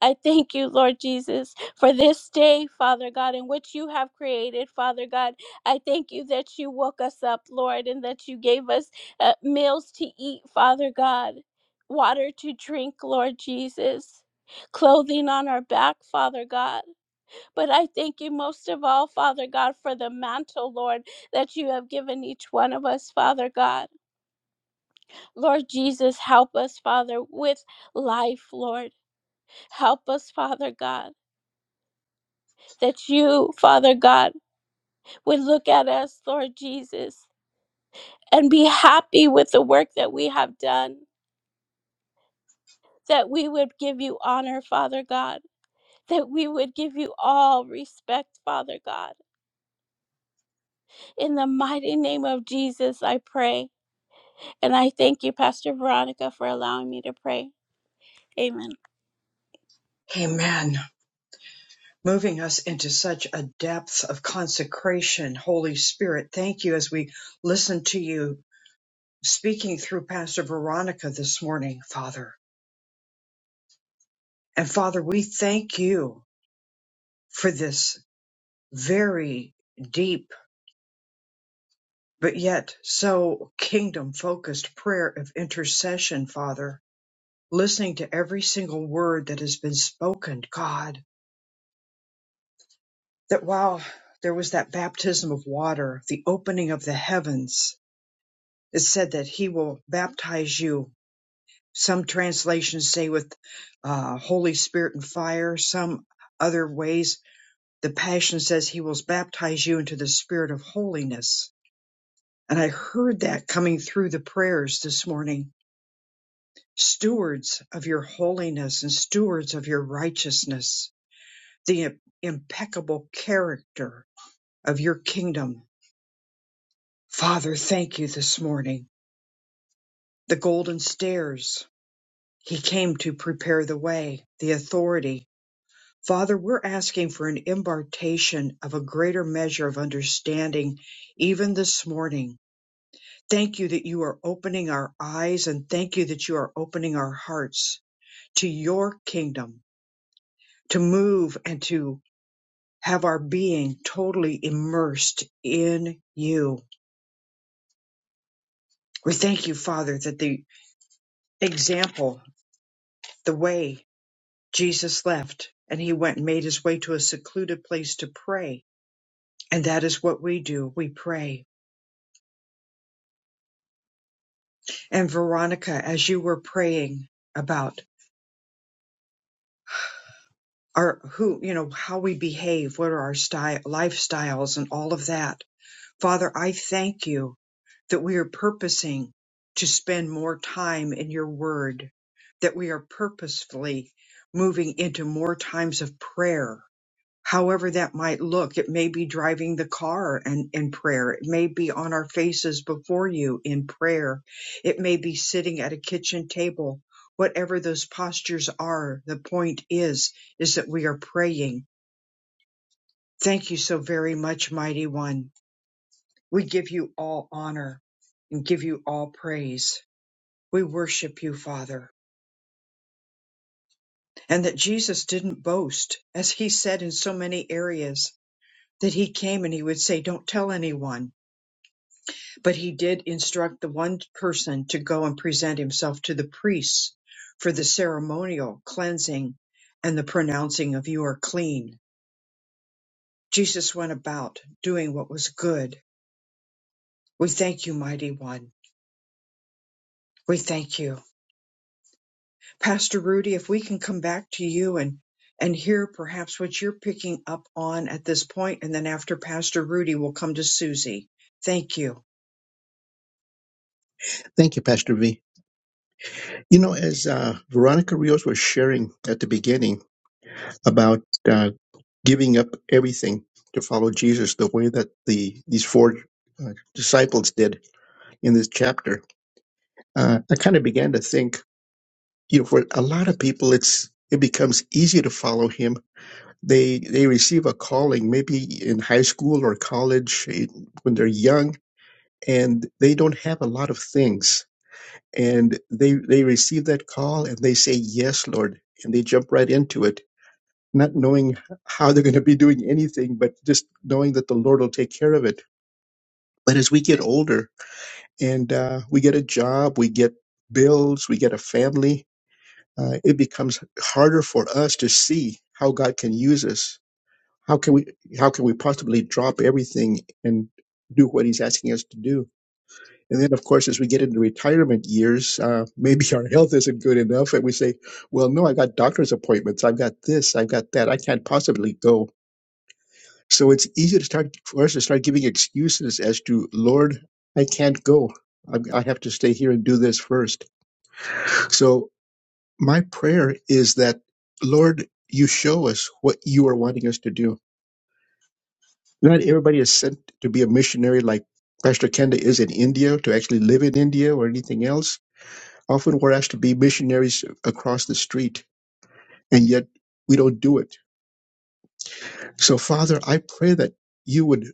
Speaker 3: I thank you, Lord Jesus, for this day, Father God, in which you have created, Father God. I thank you that you woke us up, Lord, and that you gave us uh, meals to eat, Father God, water to drink, Lord Jesus, clothing on our back, Father God. But I thank you most of all, Father God, for the mantle, Lord, that you have given each one of us, Father God. Lord Jesus, help us, Father, with life, Lord. Help us, Father God. that you, Father God, would look at us, Lord Jesus, and be happy with the work that we have done, that we would give you honor, Father God, that we would give you all respect, Father God. In the mighty name of Jesus, I pray. And I thank you, Pastor Veronica, for allowing me to pray. Amen.
Speaker 1: Amen. moving us into such a depth of consecration. Holy Spirit, thank you as we listen to you speaking through Pastor Veronica this morning, Father. And Father, we thank you for this very deep, but yet so kingdom focused prayer of intercession, Father. Listening to every single word that has been spoken, God, that while there was that baptism of water, the opening of the heavens, it said that he will baptize you. Some translations say with uh, Holy Spirit and fire, some other ways. The Passion says he will baptize you into the spirit of holiness. And I heard that coming through the prayers this morning. Stewards of your holiness and stewards of your righteousness, the impeccable character of your kingdom. Father, thank you this morning. The golden stairs, He came to prepare the way, the authority. Father, we're asking for an impartation of a greater measure of understanding even this morning. Thank you that you are opening our eyes and thank you that you are opening our hearts to your kingdom to move and to have our being totally immersed in you. We thank you, Father, that the example, the way Jesus left and he went and made his way to a secluded place to pray And that is what we do. We pray. And Veronica, as you were praying about our who, you know, how we behave, what are our style, lifestyles and all of that. Father, I thank you that we are purposing to spend more time in your word, that we are purposefully moving into more times of prayer however that might look. It may be driving the car and in prayer. It may be on our faces before you in prayer. It may be sitting at a kitchen table. Whatever those postures are, the point is, is that we are praying. Thank you so very much, mighty one. We give you all honor and give you all praise. We worship you, Father, and that Jesus didn't boast, as he said in so many areas, that he came and he would say, don't tell anyone But he did instruct the one person to go and present himself to the priests for the ceremonial cleansing and the pronouncing of you are clean. Jesus went about doing what was good. We thank you, mighty one. We thank you. Pastor Rudy, if we can come back to you and and hear perhaps what you're picking up on at this point, and then after Pastor Rudy, we'll come to Susie. Thank you.
Speaker 2: Thank you, Pastor V. You know, as uh, Veronica Rios was sharing at the beginning about. uh, giving up everything to follow Jesus, the way that the these four uh, disciples did in this chapter, uh, I kind of began to think, you know, for a lot of people, it's it becomes easy to follow him. They they receive a calling, maybe in high school or college eh, when they're young, and they don't have a lot of things, and they they receive that call and they say, "Yes, Lord," and they jump right into it not knowing how they're going to be doing anything, but just knowing that the Lord will take care of it. But as we get older and uh, we get a job, we get bills, we get a family, uh, it becomes harder for us to see how God can use us. How can we how can we possibly drop everything and do what He's asking us to do? And then, of course, as we get into retirement years, uh, maybe our health isn't good enough, and we say, "Well, no, I got doctor's appointments, I've got this, I've got that, I can't possibly go." So it's easy to start for us to start giving excuses as to, Lord, I can't go. I, I have to stay here and do this first. So my prayer is that, Lord, you show us what you are wanting us to do. Not everybody is sent to be a missionary like Pastor Kenda is in India, to actually live in India or anything else. Often we're asked to be missionaries across the street, and yet we don't do it. So, Father, I pray that you would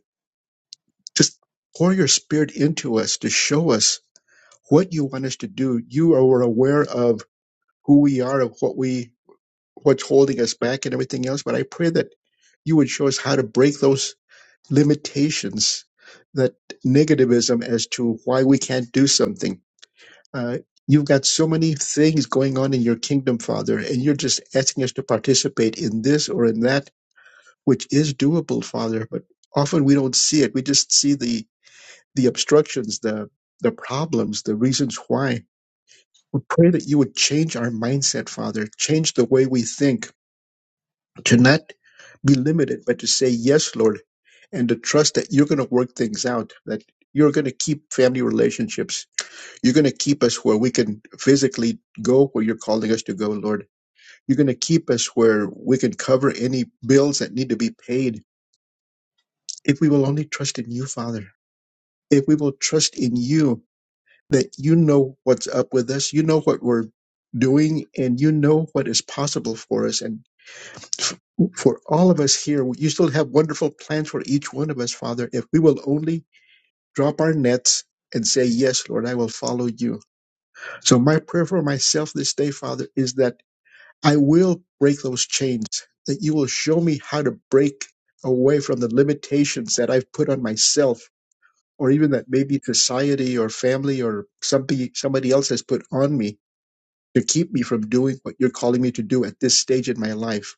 Speaker 2: just pour your spirit into us to show us what you want us to do. You are aware of who we are, of what we, what's holding us back and everything else. But I pray that you would show us how to break those limitations, that negativism as to why we can't do something. Uh, you've got so many things going on in your kingdom, Father, and you're just asking us to participate in this or in that, which is doable, Father. But often we don't see it. We just see the the obstructions, the the problems, the reasons why. We pray that you would change our mindset, Father, change the way we think, to not be limited, but to say, Yes, Lord, and to trust that you're going to work things out, that you're going to keep family relationships. You're going to keep us where we can physically go where you're calling us to go, Lord. You're going to keep us where we can cover any bills that need to be paid if we will only trust in you, Father. If we will trust in you that you know what's up with us, you know what we're doing, and you know what is possible for us. And for all of us here, you still have wonderful plans for each one of us, Father, if we will only drop our nets and say, Yes, Lord, I will follow you. So, my prayer for myself this day, Father, is that I will break those chains, that you will show me how to break away from the limitations that I've put on myself. Or even that maybe society or family or somebody somebody else has put on me, to keep me from doing what you're calling me to do at this stage in my life.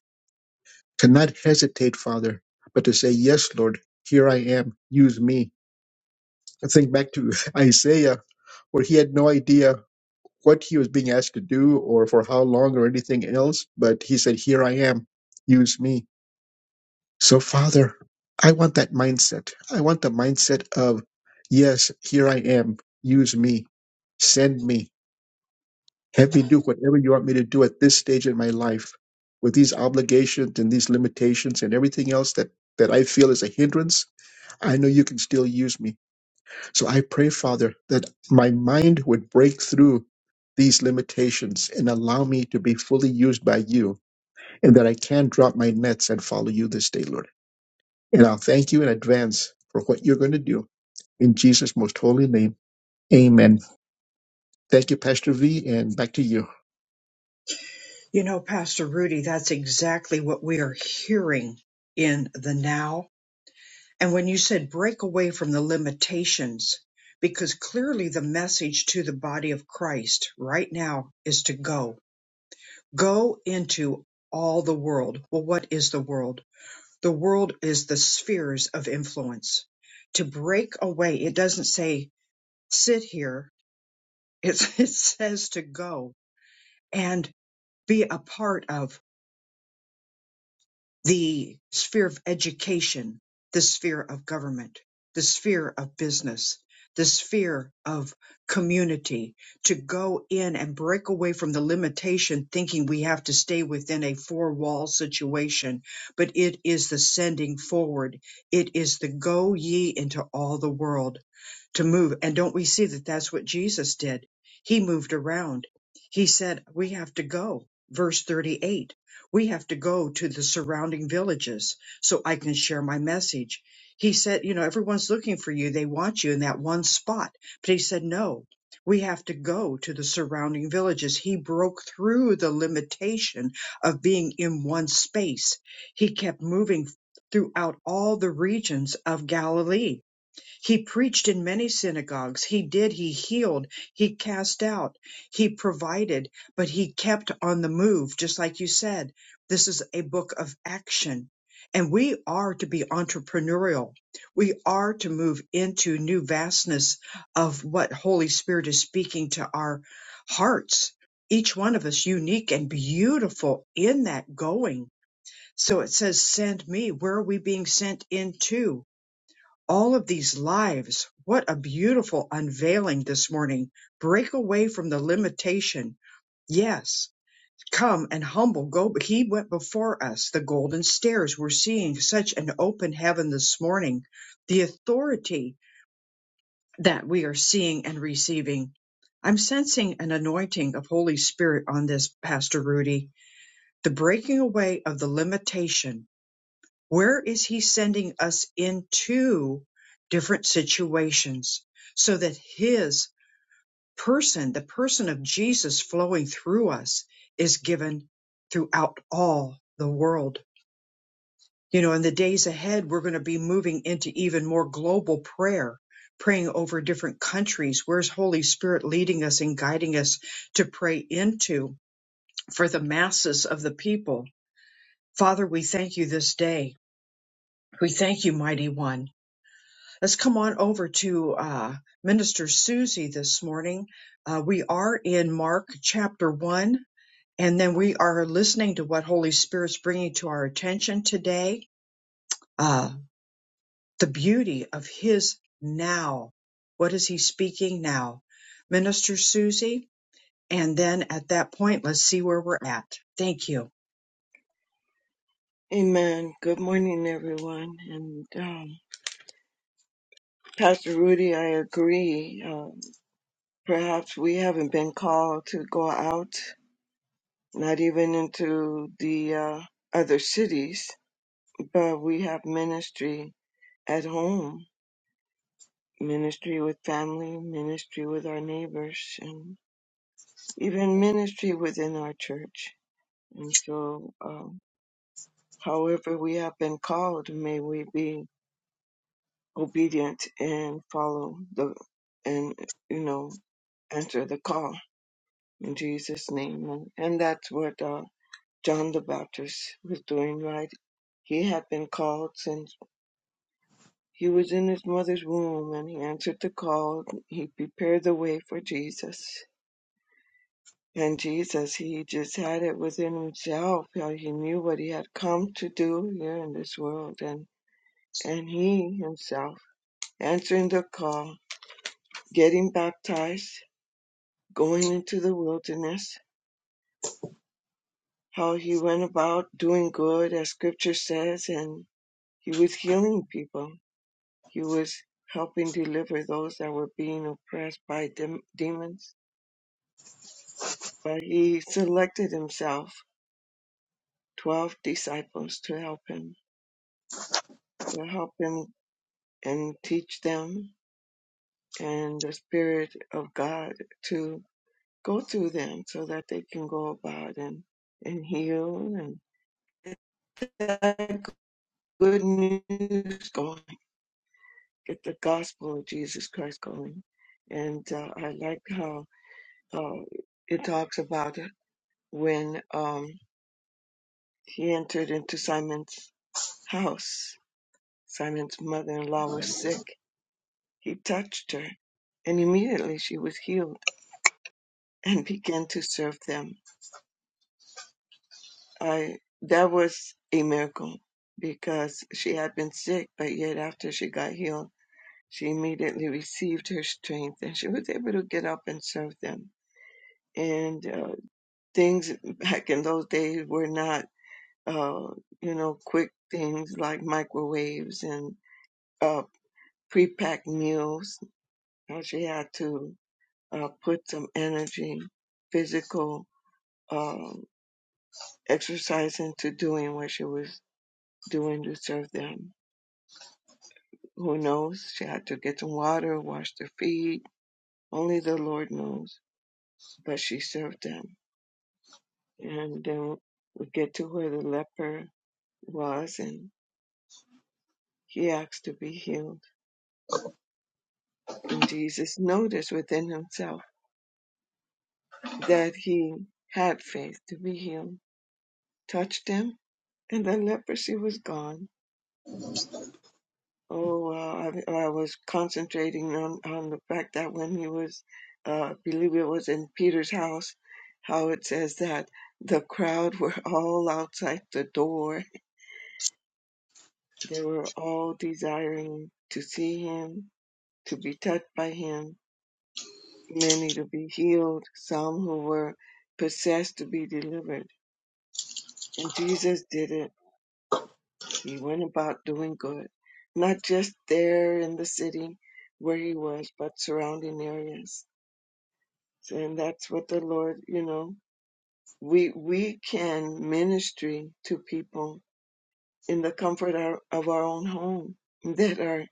Speaker 2: To not hesitate, Father, but to say, Yes, Lord, here I am, use me. I think back to *laughs* Isaiah, where he had no idea what he was being asked to do or for how long or anything else, but he said, Here I am, use me. So, Father, I want that mindset. I want the mindset of, Yes, here I am, use me, send me. Have me do whatever you want me to do at this stage in my life with these obligations and these limitations and everything else that, that I feel is a hindrance. I know you can still use me. So I pray, Father, that my mind would break through these limitations and allow me to be fully used by you and that I can drop my nets and follow you this day, Lord. And I'll thank you in advance for what you're going to do. In Jesus' most holy name, amen. Thank you, Pastor V, and back to you.
Speaker 1: You know, Pastor Rudy, that's exactly what we are hearing in the now And when you said break away from the limitations, because clearly the message to the body of Christ right now is to go, go into all the world. Well, what is the world? The world is the spheres of influence. To break away, it doesn't say sit here, it's, *laughs* it says to go and be a part of. the sphere of education, the sphere of government, the sphere of business, the sphere of community, to go in and break away from the limitation thinking we have to stay within a four wall situation, but it is the sending forward. It is the go ye into all the world to move. And don't we see that that's what Jesus did? He moved around. He said, we have to go. Verse 38. We have to go to the surrounding villages so I can share my message. He said, You know, everyone's looking for you. They want you in that one spot. But he said, No, we have to go to the surrounding villages. He broke through the limitation of being in one space. He kept moving throughout all the regions of Galilee he preached in many synagogues. He did. He healed. He cast out. He provided, but he kept on the move, just like you said. This is a book of action. And we are to be entrepreneurial. We are to move into new vastness of what Holy Spirit is speaking to our hearts. Each one of us unique and beautiful in that going. So it says, send me. Where are we being sent into? all of these lives. What a beautiful unveiling this morning. Break away from the limitation. Yes, come and humble. Go. He went before us. The golden stairs. We're seeing such an open heaven this morning. The authority that we are seeing and receiving. I'm sensing an anointing of Holy Spirit on this, Pastor Rudy. The breaking away of the limitation where is he sending us into different situations so that his person, the person of Jesus flowing through us, is given throughout all the world? You know, in the days ahead, we're going to be moving into even more global prayer, praying over different countries. Where's Holy Spirit leading us and guiding us to pray into for the masses of the people? Father, we thank you this day. We thank you, mighty one. Let's come on over to uh, Minister Susie this morning. Uh, we are in Mark chapter 1, and then we are listening to what Holy Spirit's bringing to our attention today. Uh, the beauty of His now. What is He speaking now? Minister Susie, and then at that point, let's see where we're at. Thank you.
Speaker 4: Amen. Good morning, everyone. And um, Pastor Rudy, I agree. Um, perhaps we haven't been called to go out, not even into the uh, other cities, but we have ministry at home, ministry with family, ministry with our neighbors, and even ministry within our church. And so, um, however we have been called, may we be obedient and follow the and you know answer the call in Jesus' name. And, and that's what uh, John the Baptist was doing, right? He had been called since he was in his mother's womb, and he answered the call. He prepared the way for Jesus. And Jesus, he just had it within himself. How he knew what he had come to do here in this world, and and he himself answering the call, getting baptized, going into the wilderness, how he went about doing good, as scripture says, and he was healing people. He was helping deliver those that were being oppressed by dem- demons. But he selected himself 12 disciples to help him, to help him and teach them, and the Spirit of God to go through them so that they can go about and, and heal and good news going, get the gospel of Jesus Christ going. And uh, I like how uh, it talks about when um, he entered into Simon's house, Simon's mother in law was sick. He touched her, and immediately she was healed and *laughs* began to serve them. I That was a miracle because she had been sick, but yet after she got healed, She immediately received her strength and she was able to get up and serve them. And uh, things back in those days were not, uh, you know, quick things like microwaves and uh, pre-packed meals. Uh, she had to uh, put some energy, physical um, exercise into doing what she was doing to serve them. Who knows? She had to get some water, wash their feet. Only the Lord knows. But she served them and uh, we get to where the leper was, and he asked to be healed. And Jesus noticed within himself that he had faith to be healed, touched him, and the leprosy was gone. Oh, wow. I, I was concentrating on, on the fact that when he was, uh, believe it was in Peter's house, how it says that the crowd were all outside the door. They were all desiring to see him to be touched by him, many to be healed, some who were possessed to be delivered. And Jesus did it. He went about doing good, not just there in the city where he was, but surrounding areas. And that's what the Lord, you know, we we can ministry to people in the comfort our- of our own home that are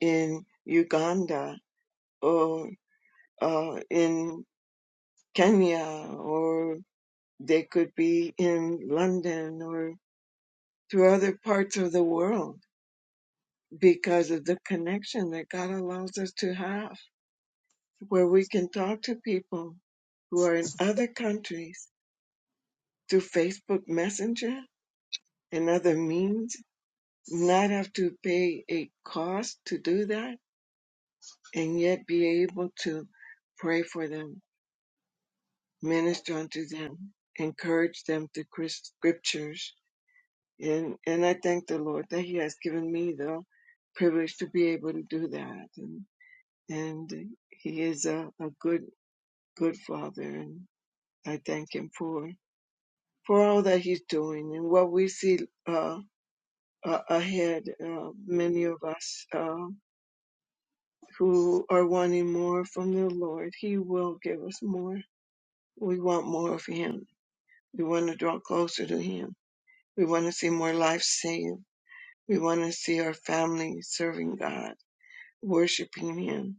Speaker 4: in Uganda or uh, in Kenya or. They could be in London or through other parts of the world because of the connection that God allows us to have, where we can talk to people who are in other countries through Facebook Messenger and other means, not have to pay a cost to do that, and yet be able to pray for them, minister unto them, encourage them through Chris- scriptures And and I thank the Lord that He has given me the privilege to be able to do that. And and He is a, a good good Father, and I thank Him for for all that He's doing and what we see uh, uh, ahead. Uh, many of us uh, who are wanting more from the Lord, He will give us more. We want more of Him. We want to draw closer to Him. We want to see more lives saved. We want to see our family serving God worshiping Him.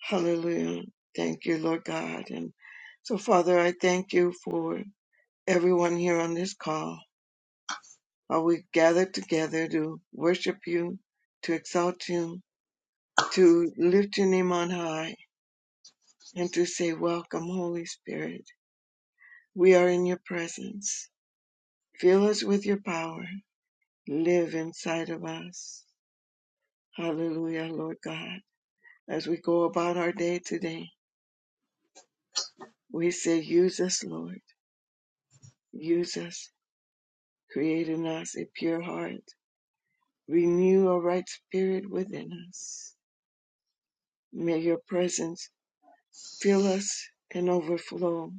Speaker 4: Hallelujah. Thank you, Lord God. And so, Father, I thank you for everyone here on this call. How we gather together to worship you, to exalt you, to lift your name on high, and to say, Welcome, Holy Spirit. We are in your presence. Fill us with your power. Live inside of us. Hallelujah, Lord God. As we go about our day today, we say, Use us, Lord. Use us Create in us a pure heart. Renew a right spirit within us. May your presence fill us and overflow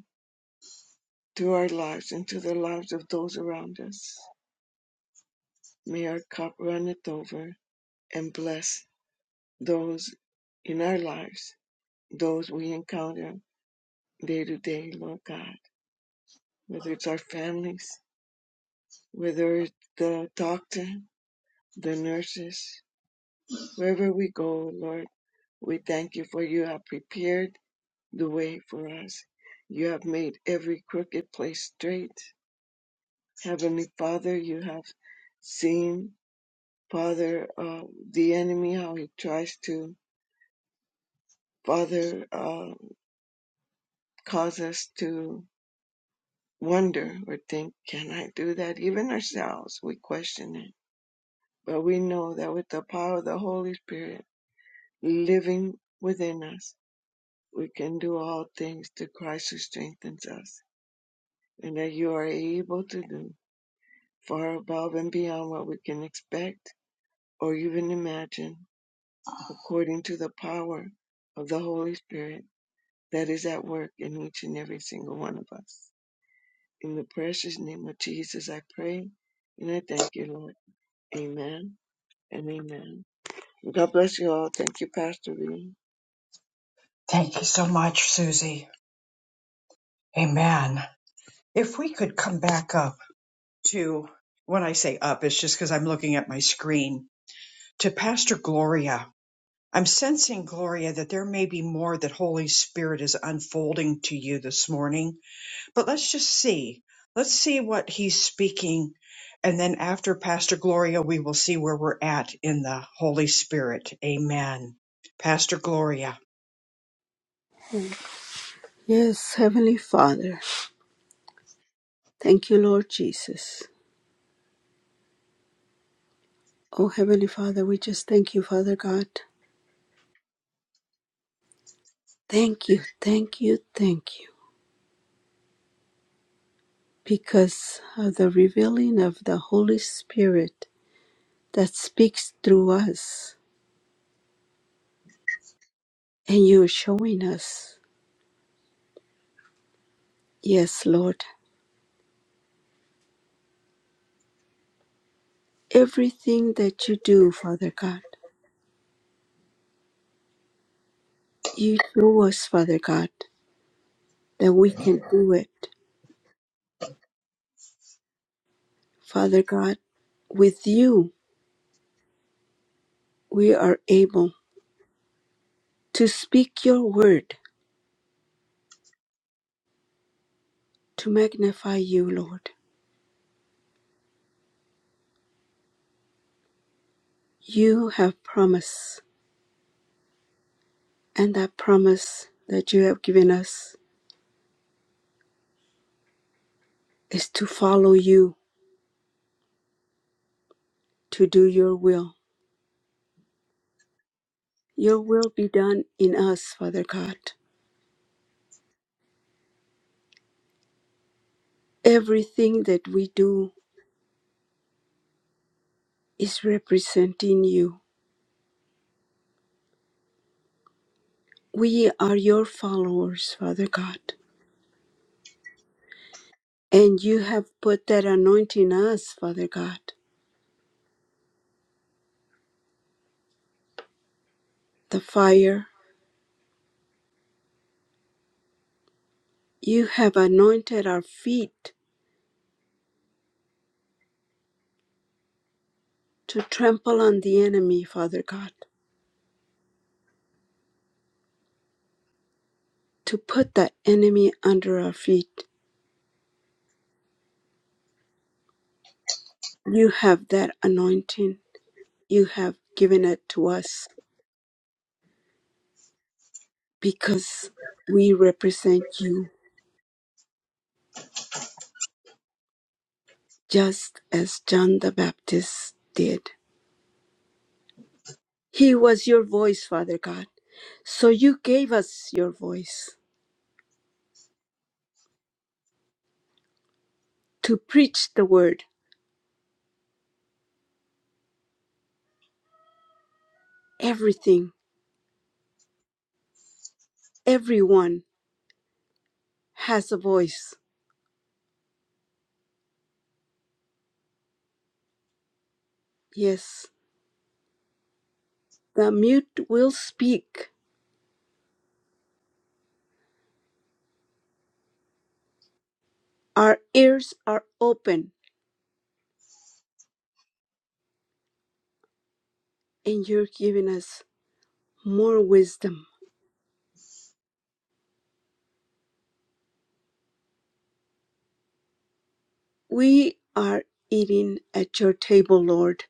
Speaker 4: to our lives and to the lives of those around us. May our cup runneth over and bless those in our lives, those we encounter day to day, Lord God, whether it's our families, whether it's the doctor, the nurses, wherever we go, Lord, we thank you for you have prepared the way for us. You have made every crooked place straight. Heavenly Father, you have seen, Father, uh, the enemy, how he tries to, Father, uh, cause us to wonder or think, can I do that? Even ourselves, we question it. But we know that with the power of the Holy Spirit living within us, we can do all things through Christ who strengthens us, and that you are able to do far above and beyond what we can expect or even imagine, according to the power of the Holy Spirit that is at work in each and every single one of us. In the precious name of Jesus, I pray and I thank you, Lord. Amen and amen. God bless you all. Thank you, Pastor V.
Speaker 1: Thank you so much, Susie. Amen. If we could come back up to when I say up, it's just because I'm looking at my screen to Pastor Gloria. I'm sensing, Gloria, that there may be more that Holy Spirit is unfolding to you this morning, but let's just see. Let's see what he's speaking. And then after Pastor Gloria, we will see where we're at in the Holy Spirit. Amen. Pastor Gloria.
Speaker 3: Yes, Heavenly Father. Thank you, Lord Jesus. Oh, Heavenly Father, we just thank you, Father God. Thank you, thank you, thank you. Because of the revealing of the Holy Spirit that speaks through us, and you're showing us, yes, Lord, everything that you do, Father God, you show us, Father God, that we can do it. Father God, with you, we are able to speak your word to magnify you, Lord. You have promise, and that promise that you have given us is to follow you, to do your will Your will be done in us, Father God. Everything that we do is representing you. We are your followers, Father God. And you have put that anointing us, Father God. The fire. You have anointed our feet to trample on the enemy, Father God. To put that enemy under our feet. You have that anointing. You have given it to us because we represent you just as John the Baptist did. He was your voice, Father God. So you gave us your voice to preach the word. Everything, everyone has a voice. Yes, the mute will speak. Our ears are open, and you're giving us more wisdom. We are eating at your table, Lord,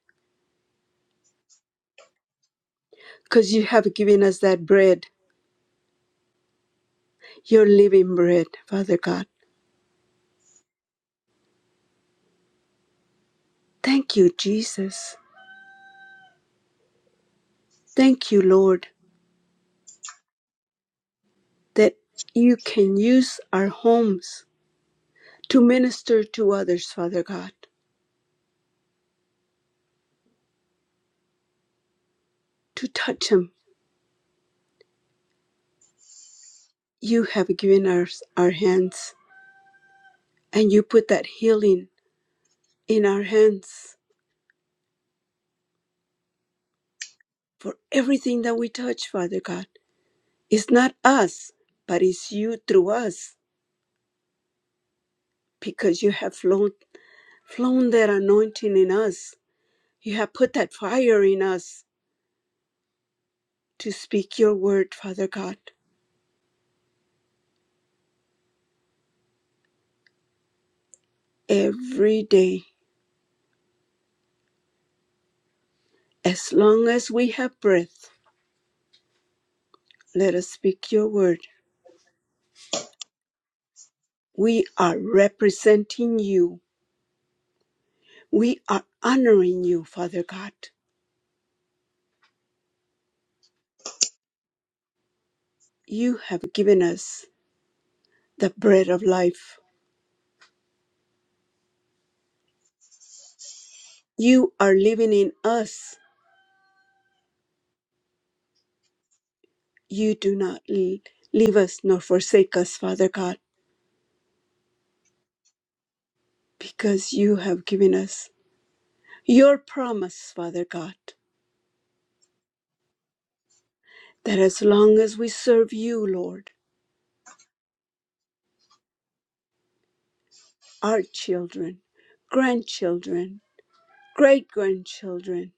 Speaker 3: because you have given us that bread, your living bread, Father God. Thank you, Jesus. Thank you, Lord, that you can use our homes to minister to others, Father God, to touch them. You have given us our hands, and you put that healing in our hands for everything that we touch, Father God. It's not us, but it's you through us, because you have flown, flown that anointing in us. You have put that fire in us to speak your word, Father God, every day, as long as we have breath Let us speak your word. We are representing you. We are honoring you, Father God. You have given us the bread of life. You are living in us. You do not l- leave us nor forsake us, Father God, because you have given us your promise, Father God, that as long as we serve you, Lord, our children, grandchildren, great grandchildren,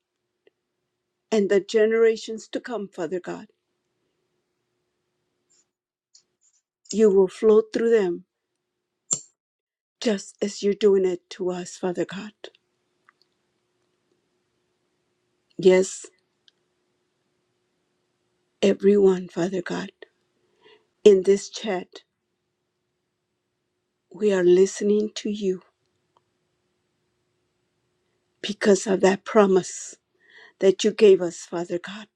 Speaker 3: and the generations to come, Father God, you will flow through them just as you're doing it to us, Father God. Yes, everyone, Father God, in this chat, we are listening to you because of that promise that you gave us, Father God,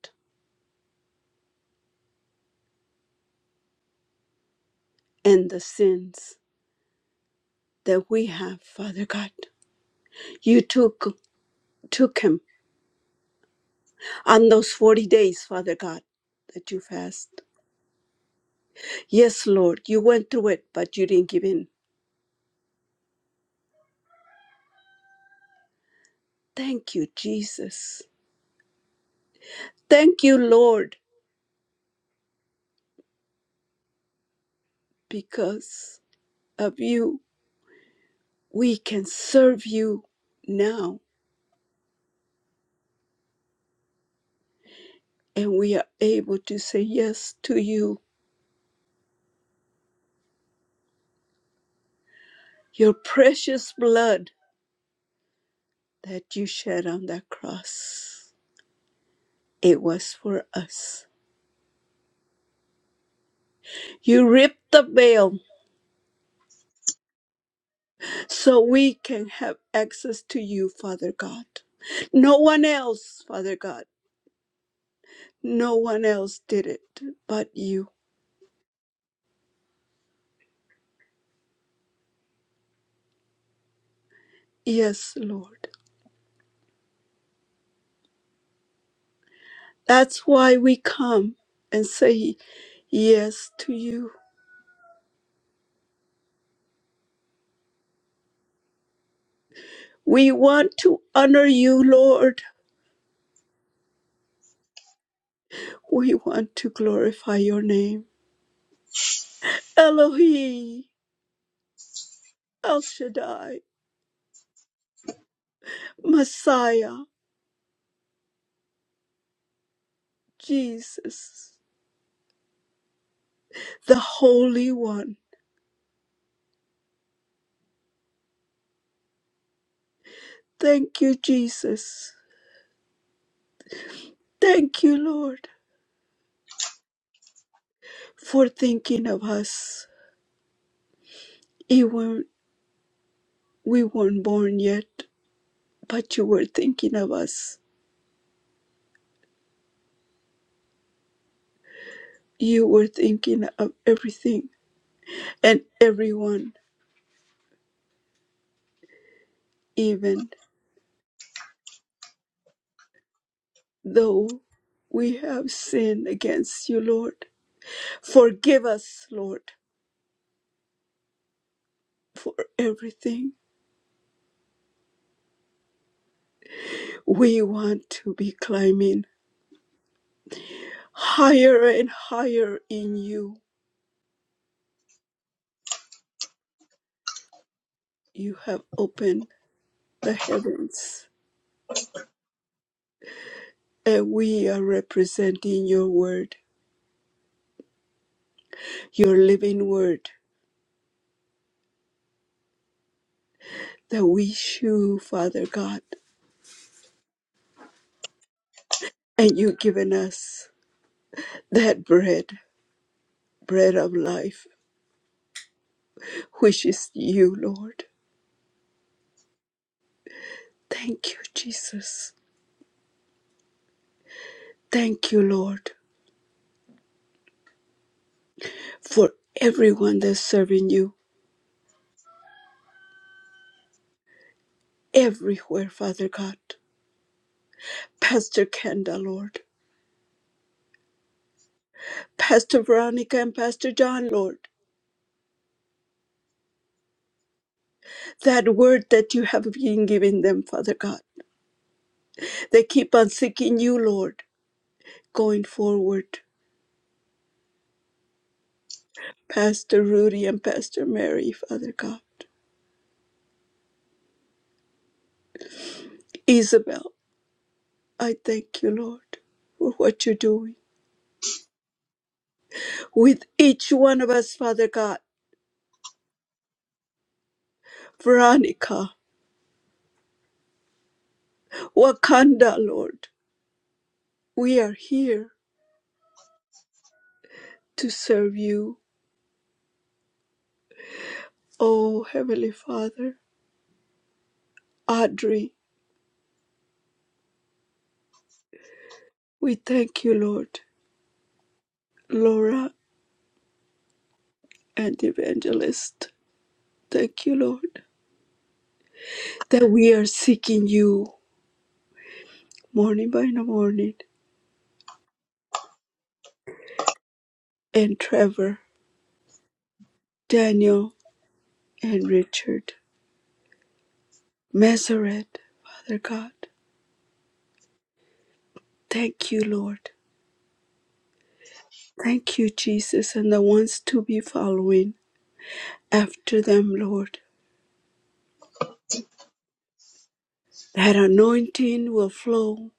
Speaker 3: and the sins that we have, Father God. You took took him on those 40 days, Father God, that you fast. Yes, Lord, you went through it, but you didn't give in. Thank you, Jesus. Thank you, Lord, because of you, we can serve you now, and we are able to say yes to you, your precious blood that you shed on that cross. It was for us. You ripped the veil so we can have access to you, Father God. No one else, Father God, no one else did it but you. Yes, Lord. That's why we come and say yes to you. We want to honor you, Lord. We want to glorify your name. Elohi, El Shaddai, Messiah, Jesus, the Holy One. Thank you, Jesus. Thank you, Lord, for thinking of us. Even we weren't born yet, but you were thinking of us. You were thinking of everything and everyone, even though we have sinned against you, Lord. Forgive us, Lord, for everything. We want to be climbing higher and higher in you. You have opened the heavens, and we are representing your word, your living word that we chew, Father God. And you've given us that bread, bread of life, which is you, Lord. Thank you, Jesus. Thank you, Lord, for everyone that's serving you everywhere, Father God. Pastor Kenda, Lord. Pastor Veronica and Pastor John, Lord. That word that you have been giving them, Father God. They keep on seeking you, Lord, going forward. Pastor Rudy and Pastor Mary, Father God. Isabel, I thank you, Lord, for what you're doing with each one of us, Father God. Veronica, Wakanda, Lord. We are here to serve you, O Heavenly Father. Audrey. We thank you, Lord. Laura and Evangelist. Thank you, Lord, that we are seeking you morning by the morning. And Trevor, Daniel, and Richard. Masoret, Father God. Thank you, Lord. Thank you, Jesus, and the ones to be following after them, Lord. That anointing will flow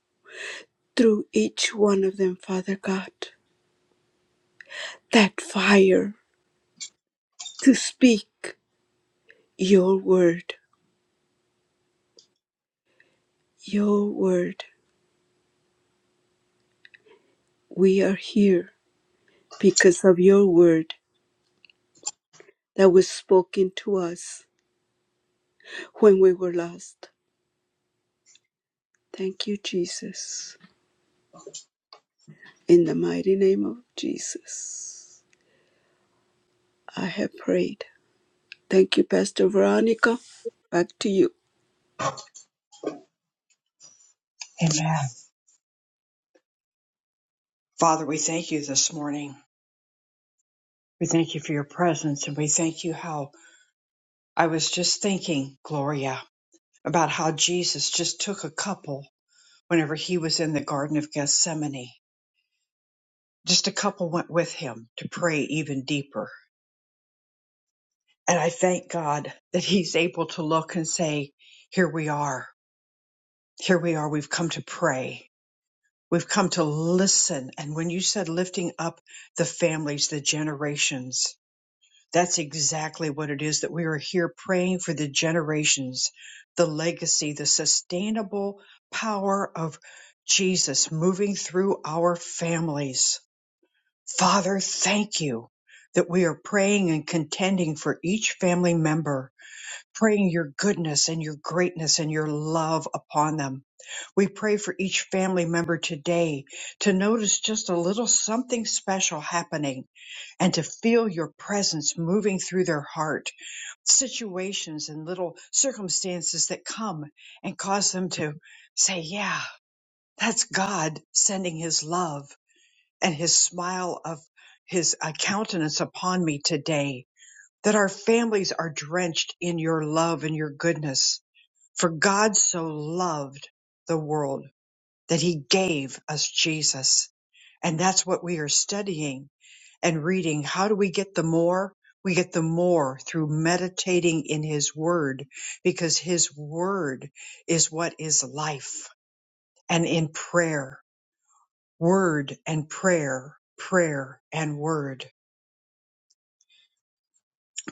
Speaker 3: through each one of them, Father God. That fire to speak your word Your word, we are here because of your word that was spoken to us when we were lost. Thank you, Jesus. In the mighty name of Jesus, I have prayed. Thank you, Pastor Veronica. Back to you.
Speaker 1: Amen. Father, we thank you this morning. We thank you for your presence and we thank you how I was just thinking, Gloria, about how Jesus just took a couple. whenever he was in the Garden of Gethsemane. Just a couple went with him to pray even deeper. And I thank God that he's able to look and say, Here we are. Here we are. We've come to pray. We've come to listen. And when you said lifting up the families, the generations, that's exactly what it is that we are here praying for the generations, the legacy, the sustainable power of Jesus moving through our families Father, thank you that we are praying and contending for each family member, praying your goodness and your greatness and your love upon them. We pray for each family member today to notice just a little something special happening and to feel your presence moving through their heart, situations and little circumstances that come and cause them to say, yeah, that's God sending his love and his smile of his uh, countenance upon me today, that our families are drenched in your love and your goodness. For God so loved the world that he gave us Jesus. And that's what we are studying and reading. How do we get the more? We get the more through meditating in his word because his word is what is life and in prayer, word and prayer, prayer and word.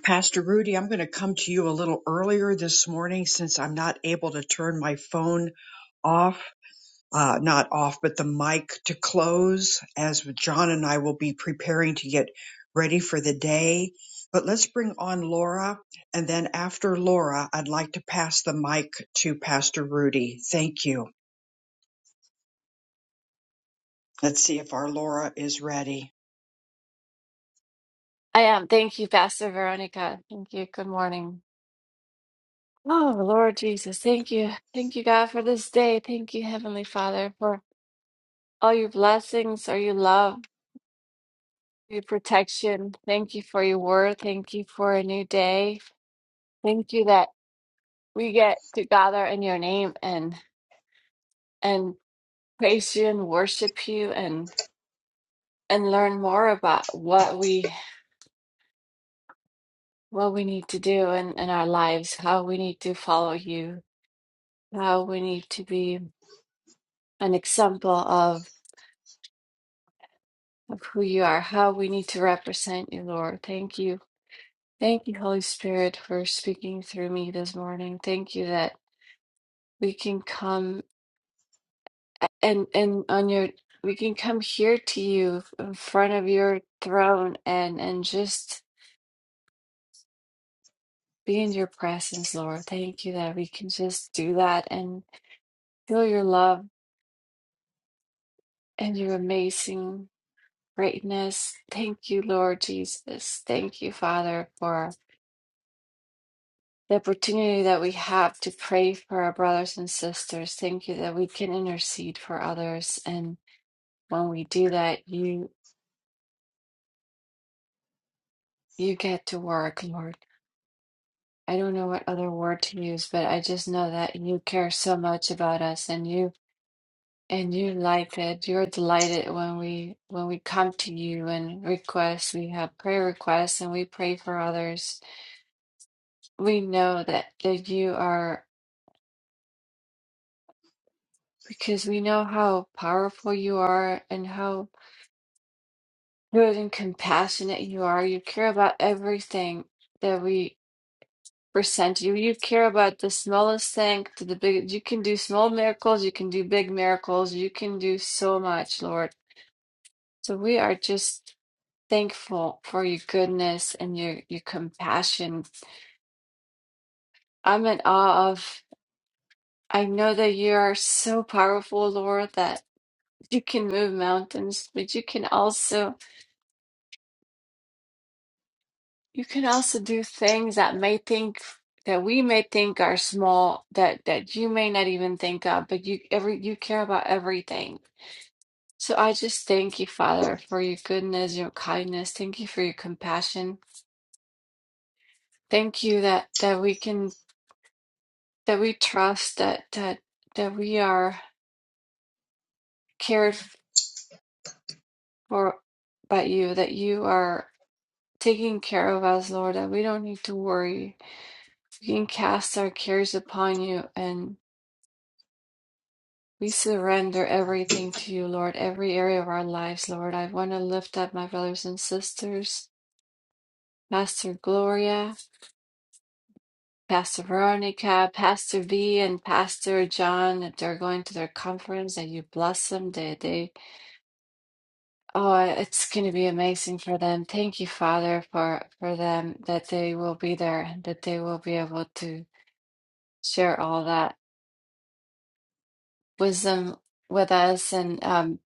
Speaker 1: Pastor Rudy, I'm going to come to you a little earlier this morning since I'm not able to turn my phone off, uh, not off, but the mic to close as John and I will be preparing to get ready for the day. But let's bring on Laura. And then after Laura, I'd like to pass the mic to Pastor Rudy. Thank you. Let's see if our Laura is ready.
Speaker 5: I am. Thank you, Pastor Veronica. Thank you. Good morning. Oh, Lord Jesus. Thank you. Thank you, God, for this day. Thank you, Heavenly Father, for all your blessings, all your love, your protection. Thank you for your word. Thank you for a new day. Thank you that we get to gather in your name and and praise you and worship you and and learn more about what we what we need to do in, in our lives, how we need to follow you, how we need to be an example of, of who you are, how we need to represent you, Lord. Thank you. Thank you, Holy Spirit, for speaking through me this morning. Thank you that we can come and and on your we can come here to you in front of your throne and and just be in your presence, Lord. Thank you that we can just do that and feel your love and your amazing greatness. Thank you, Lord Jesus. Thank you, Father, for the opportunity that we have to pray for our brothers and sisters. Thank you that we can intercede for others. And when we do that, you you get to work, Lord. I don't know what other word to use, but I just know that you care so much about us and you and you like it. You're delighted when we when we come to you and request. We have prayer requests and we pray for others. We know that that you are because we know how powerful you are and how good and compassionate you are. You care about everything that we present you. You care about the smallest thing to the big. You can do small miracles. You can do big miracles. You can do so much, Lord. So we are just thankful for your goodness and your your compassion. I'm in awe of. I know that you are so powerful, Lord, that you can move mountains, but you can also You can also do things that may think that we may think are small that that you may not even think of, but you every you care about everything. So I just thank you, Father, for your goodness, your kindness. Thank you for your compassion. Thank you that that we can that we trust that that that we are cared for by you, that you are taking care of us, Lord, that we don't need to worry. We can cast our cares upon you and. We surrender everything to you, Lord, every area of our lives, Lord. I want to lift up my brothers and sisters, Pastor Gloria, Pastor Veronica, Pastor V, and Pastor John. That They're going to their conference, that you bless them. They, they, oh, it's going to be amazing for them. Thank you, Father, for for them that they will be there that they will be able to share all that wisdom with us and um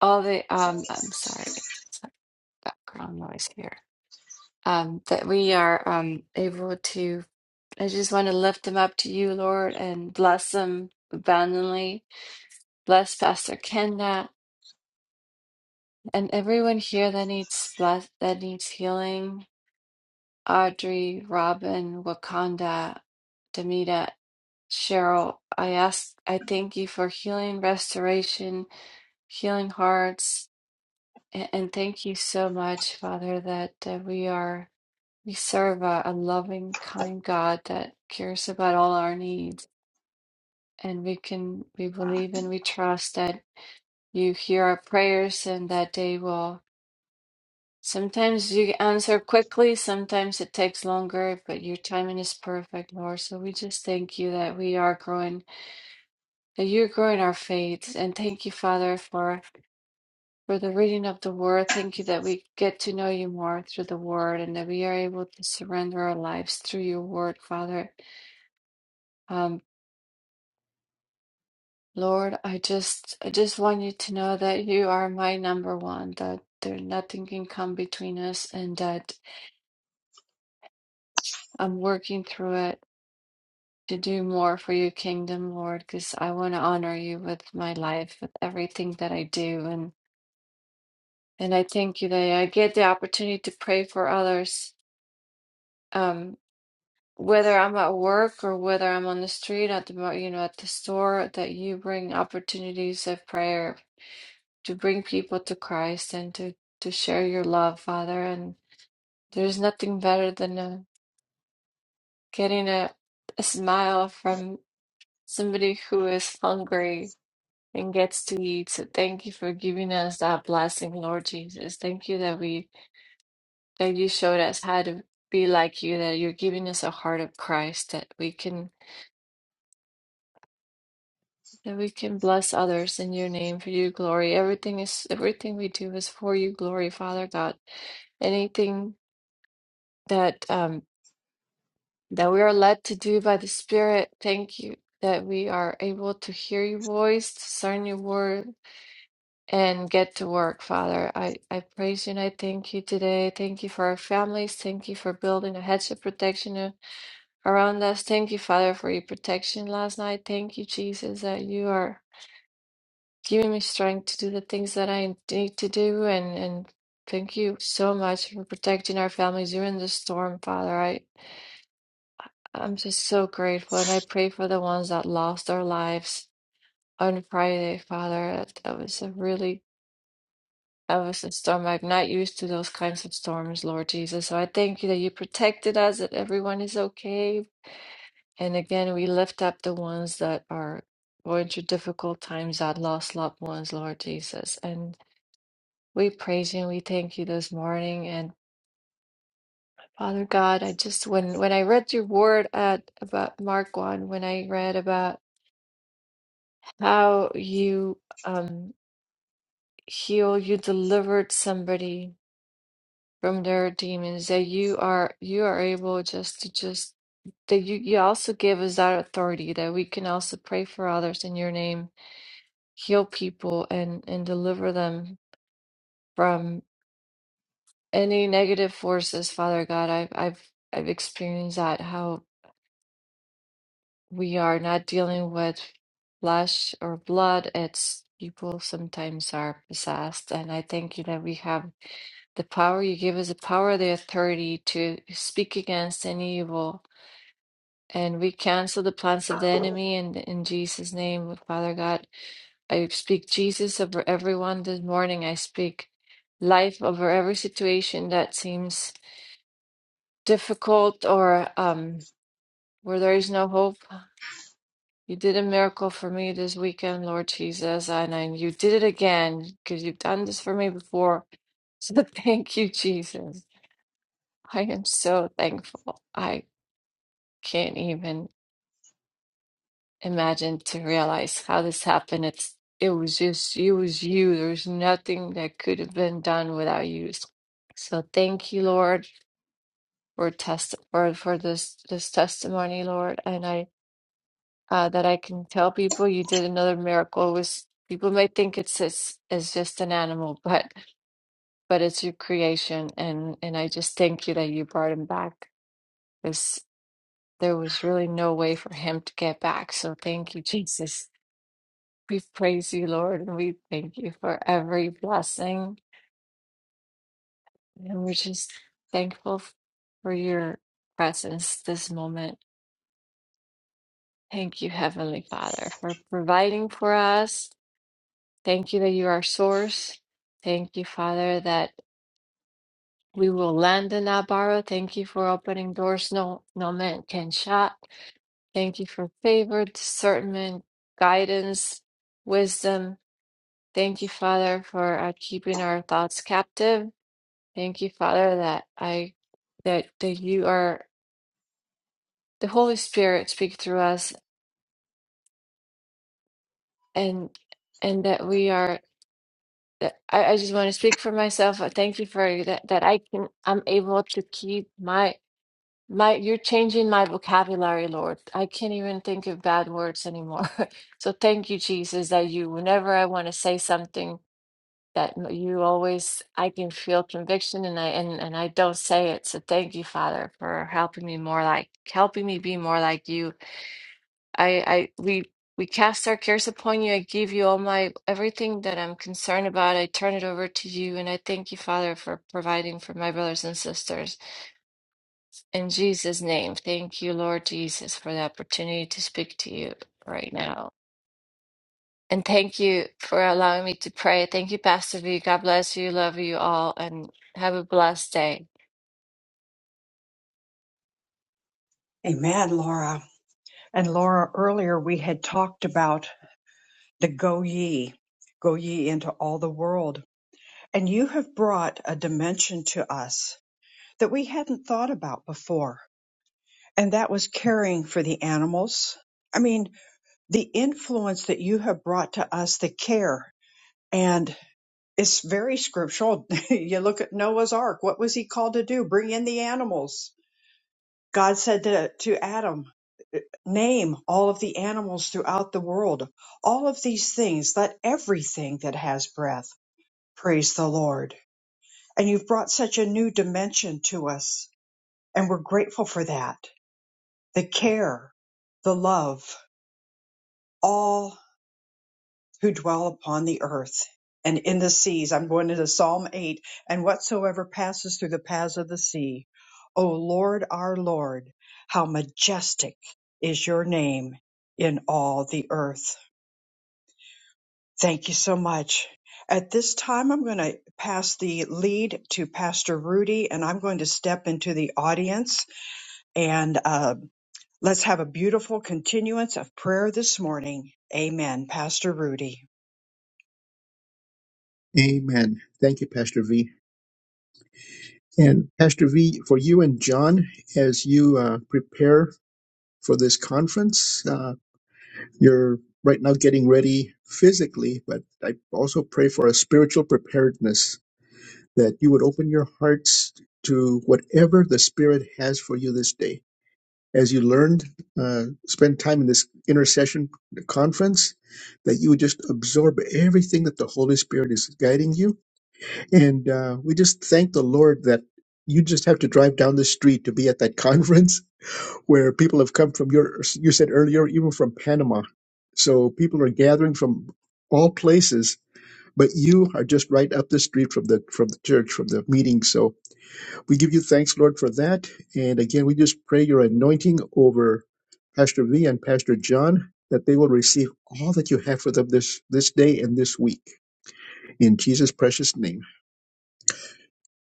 Speaker 5: all the um. I'm sorry, background noise here um, that we are um, able to. I just want to lift them up to you, Lord, and bless them abundantly. Bless Pastor Kenda and everyone here that needs bless that needs healing. Audrey, Robin, Wakanda, Demita, Cheryl. I ask. I thank you for healing, restoration, healing hearts, and, and thank you so much, Father, that uh, we are. We serve a, a loving, kind God that cares about all our needs. And we can, we believe and we trust that you hear our prayers and that they will. Sometimes you answer quickly, sometimes it takes longer, but your timing is perfect, Lord. So we just thank you that we are growing, that you're growing our faith. And thank you, Father, for. For the reading of the word, thank you that we get to know you more through the word and that we are able to surrender our lives through your word, Father. Um, Lord, I just I just want you to know that you are my number one, that there nothing can come between us and that I'm working through it to do more for your kingdom, Lord, because I want to honor you with my life, with everything that I do. And and I thank you that I get the opportunity to pray for others. Um whether I'm at work or whether I'm on the street at the mo- you know at the store, that you bring opportunities of prayer to bring people to Christ and to to share your love, Father. And there's nothing better than uh, getting a, a smile from somebody who is hungry and gets to eat. So thank you for giving us that blessing, Lord Jesus. Thank you that we that you showed us how to be like you, that you're giving us a heart of Christ, that we can that we can bless others in your name for your glory. Everything is everything we do is for your glory, Father God anything that um that we are led to do by the Spirit. Thank you that we are able to hear your voice, discern your word, and get to work, Father. I, I praise you and I thank you today. Thank you for our families. Thank you for building a hedge of protection a- around us. Thank you, Father, for your protection last night. Thank you, Jesus, that you are giving me strength to do the things that I need to do and, and Thank you so much for protecting our families during the storm, Father. I'm just so grateful, and I pray for the ones that lost their lives on Friday, Father. That, that was a really that was a storm. I'm not used to those kinds of storms, Lord Jesus. So I thank you that you protected us, that everyone is okay. And again, we lift up the ones that are going through difficult times that lost loved ones, Lord Jesus. And we praise you and we thank you this morning. And Father God, I just when when I read your word at about Mark one, when I read about how you um heal, you delivered somebody from their demons, that you are you are able just to just that you, you also give us that authority that we can also pray for others in your name, heal people and and deliver them from any negative forces, Father God. I've I've I've experienced that how we are not dealing with flesh or blood, it's people sometimes are possessed. And I thank you that we have The power you give us the power, the authority to speak against any evil. And we cancel the plans of the enemy and in Jesus' name, Father God. I speak Jesus over everyone this morning. I speak life over every situation that seems difficult or um, where there is no hope. You did a miracle for me this weekend, Lord Jesus, and I, you did it again because you've done this for me before. So *laughs* thank you, Jesus. I am so thankful. I. can't even imagine to realize how this happened. It's it was just it was you. There's nothing that could have been done without you. So thank you, Lord, for test for for this this testimony, Lord, and I uh, that I can tell people you did another miracle. was people may think it's it's, it's just an animal, *laughs* but but it's your creation, and and I just thank you that you brought him back. Because there was really no way for him to get back. So thank you, Jesus We praise you, Lord, and we thank you for every blessing. And we're just thankful f- for your presence this moment. Thank you, Heavenly Father, for providing for us. Thank you that you are source. Thank you, Father, that we will land in not borrow. Thank you for opening doors no, no man can shut. Thank you for favor, discernment, guidance, wisdom. Thank you, Father, for uh, keeping our thoughts captive. Thank you, Father, that I that that you are the Holy Spirit speak through us and and that we are that I, I just want to speak for myself. I Thank you for that that I can I'm able to keep my my you're changing my vocabulary, Lord. I can't even think of bad words anymore. *laughs* So thank you, Jesus, that you whenever I want to say something that m- you always I can feel conviction and I and, and I don't say it. So thank you, Father, for helping me more like helping me be more like you. I I we we cast our cares upon you. I give you all my everything that I'm concerned about. I turn it over to you and I thank you, Father, for providing for my brothers and sisters. In Jesus' name, thank you, Lord Jesus, for the opportunity to speak to you right now. And thank you for allowing me to pray. Thank you, Pastor V. God bless you. Love you all and have a blessed day.
Speaker 1: Amen, Laura. And Laura, earlier we had talked about the go ye, go ye into all the world. And you have brought a dimension to us that we hadn't thought about before. And that was caring for the animals. I mean, the influence that you have brought to us, the care, and it's very scriptural. *laughs* you look at Noah's ark. What was he called to do? Bring in the animals. God said to, to Adam, "Uh, name all of the animals throughout the world, all of these things, let everything that has breath. Praise the Lord. And you've brought such a new dimension to us. And we're grateful for that. The care, the love, all who dwell upon the earth and in the seas. I'm going into Psalm 8 and whatsoever passes through the paths of the sea. O Lord, our Lord, how majestic is your name in all the earth. Thank you so much. At this time, I'm going to pass the lead to Pastor Rudy, and I'm going to step into the audience. And uh, let's have a beautiful continuance of prayer this morning. Amen. Pastor Rudy.
Speaker 2: Amen. Thank you, Pastor V. And Pastor V, for you and John, as you uh, prepare for this conference, uh, you're right now getting ready physically, but I also pray for a spiritual preparedness that you would open your hearts to whatever the Spirit has for you this day. As you learned, uh, spend time in this intercession conference, that you would just absorb everything that the Holy Spirit is guiding you and uh, we just thank the Lord that you just have to drive down the street to be at that *laughs* conference where people have come from your, you said earlier, even from Panama. So people are gathering from all places, but you are just right up the street from the, from the church, from the meeting. So we give you thanks, Lord, for that. And again, we just pray your anointing over Pastor V and Pastor John, that they will receive all that you have for them this, this day and this week. In Jesus' precious name.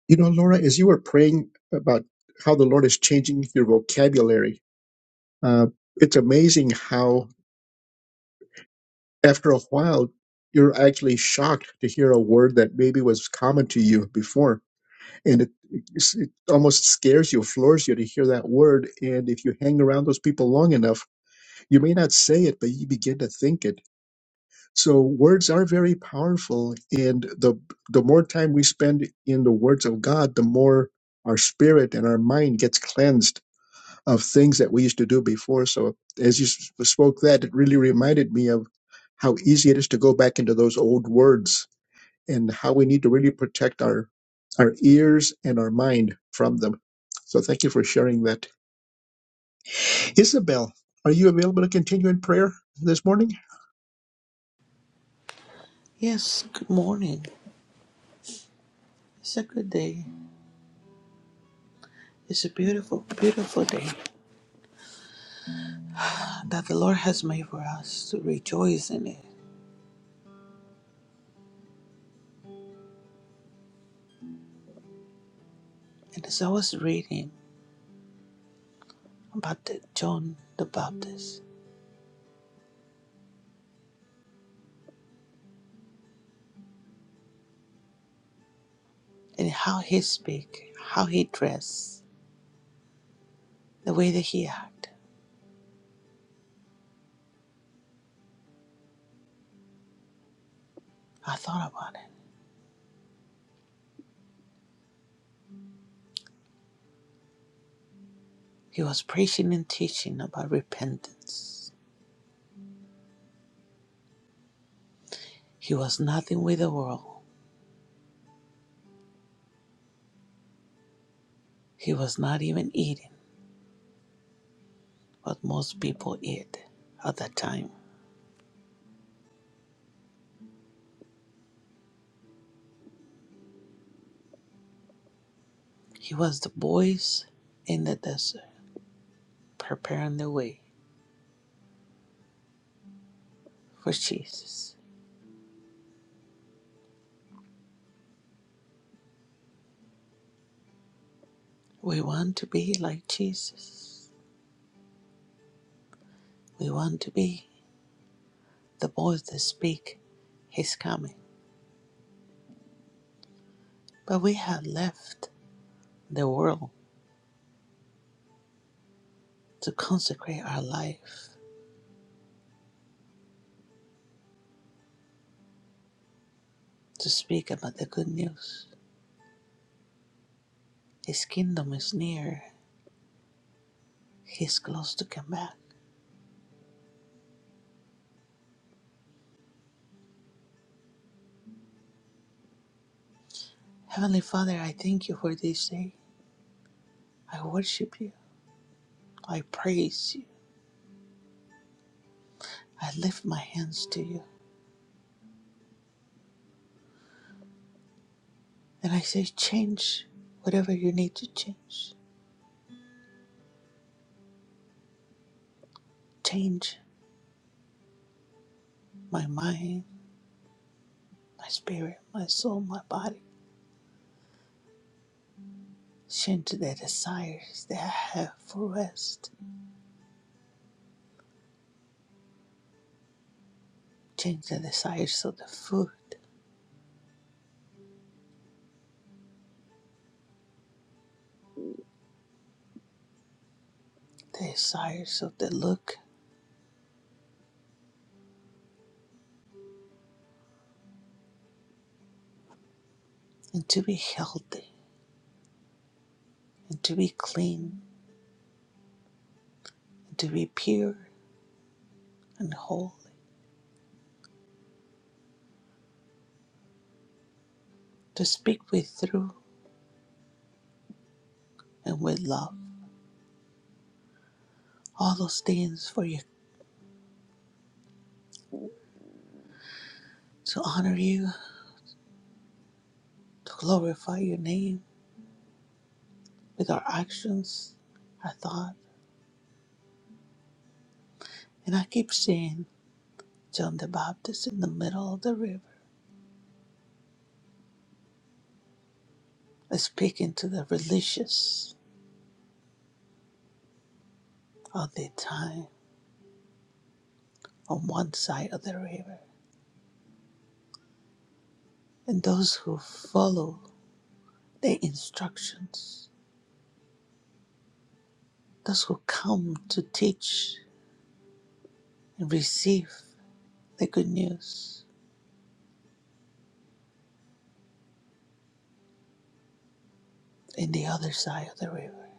Speaker 2: You know, Laura, as you were praying about how the Lord is changing your vocabulary, uh, it's amazing how after a while you're actually shocked to hear a word that maybe was common to you before, and it, it's- it almost scares you, floors you to hear that word. And if you hang around those people long enough, you may not say it, but you begin to think it. So words are very powerful, and the the more time we spend in the words of God, the more our spirit and our mind gets cleansed of things that we used to do before. So as you s- spoke that, it really reminded me of how easy it is to go back into those old words and how we need to really protect our our ears and our mind from them. So thank you for sharing that. Isabel, are you available to continue in prayer this morning?
Speaker 6: Yes, good morning. It's a good day. It's a beautiful, beautiful day that the Lord has made for us to rejoice in it. And as I was reading about the John the Baptist and how he speak, how he dressed, the way that he acted, I thought about it. He was preaching and teaching about repentance. He was nothing with the world. He was not even eating what most people eat at that time. He was the voice in the desert. preparing the way for Jesus. We want to be like Jesus. We want to be the voice that speak his coming. But we have left the world to consecrate our life to speak about the good news. His kingdom is near. He's close to come back. Heavenly Father, I thank you for this day. I worship you. I praise you. I lift my hands to you. And I say, change whatever you need to change. Change my mind, my spirit, my soul, my body. Change the desires that I have for rest. Change the desires of the food, the desires of the look, and to be healthy, and to be clean, and to be pure and holy. To speak with through and with love. All those things for you to honor you, to glorify your name with our actions, our thought. And I keep seeing John the Baptist in the middle of the river they speak into the religious of their time on one side of the river and those who follow their instructions, those who come to teach and receive the good news in the other side of the river.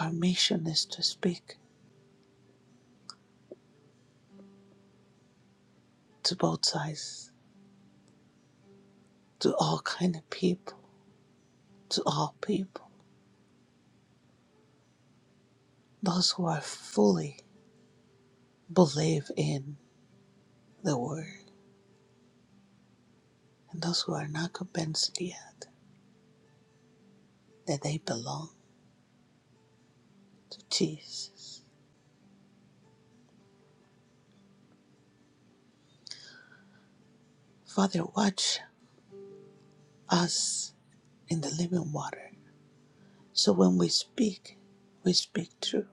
Speaker 6: Our mission is to speak to both sides, to all kind of people, to all people, those who are fully believe in the word and those who are not convinced yet that they belong to Jesus. Father, watch us in the living water. So when we speak, we speak true.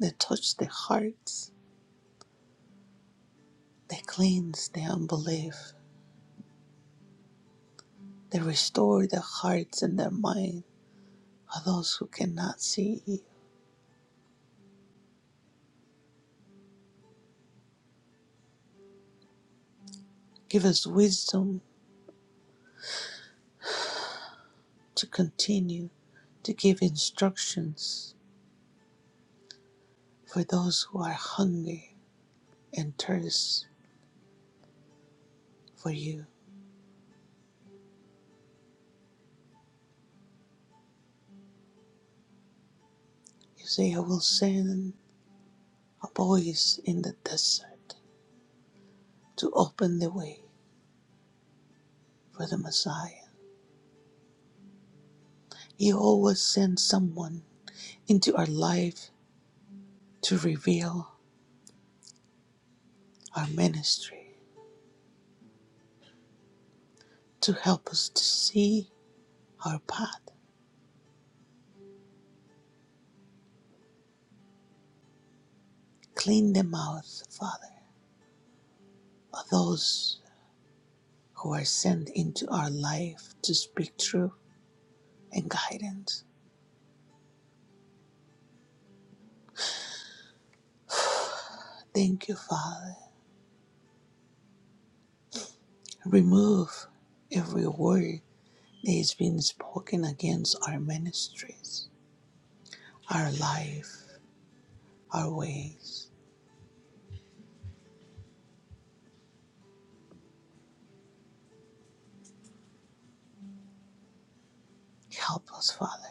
Speaker 6: They touch the hearts, they cleanse the unbelief, they restore the hearts and their mind of those who cannot see you. Give us wisdom to continue to give instructions for those who are hungry and thirst for you. You say, I will send a voice in the desert to open the way for the Messiah. He always sends someone into our life to reveal our ministry, to help us to see our path. Clean the mouth, Father, of those who are sent into our life to speak truth and guidance. Thank you, Father. Remove every word that has been spoken against our ministries, our life, our ways. Help us, Father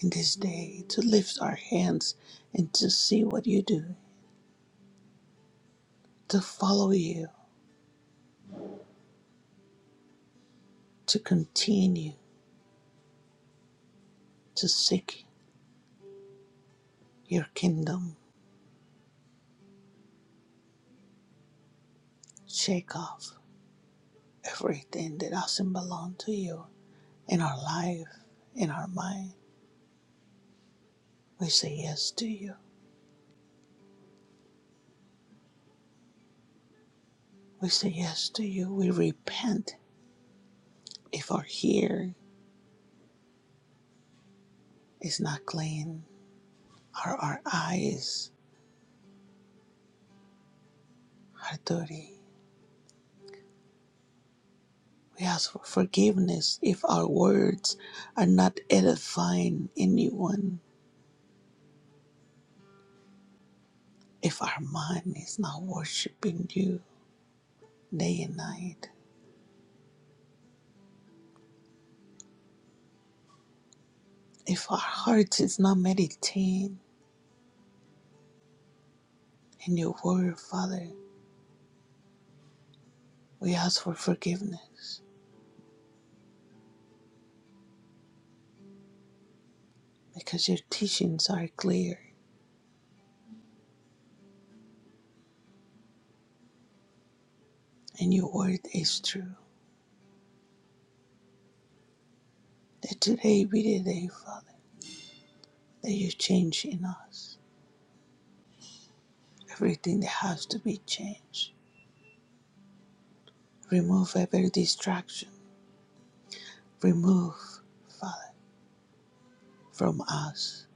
Speaker 6: in this day, to lift our hands and to see what you do, to follow you, to continue to seek your kingdom. Shake off everything that doesn't belong to you in our life, in our mind. We say yes to you. We say yes to you. We repent if our hair is not clean or our eyes are dirty. We ask for forgiveness if our words are not edifying anyone if our mind is not worshiping you day and night, if our hearts is not meditating in your word, Father, we ask for forgiveness because your teachings are clear and your word is true. That today be the day, Father, that you change in us everything that has to be changed. Remove every distraction. Remove, Father, from us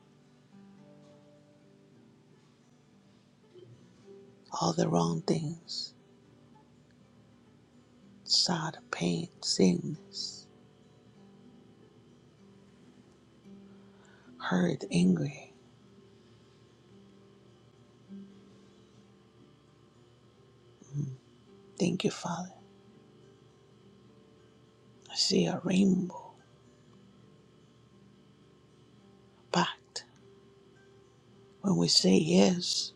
Speaker 6: all the wrong things, sad, pain, sickness heard angry. Thank you, Father. I see a rainbow pact. When we say yes,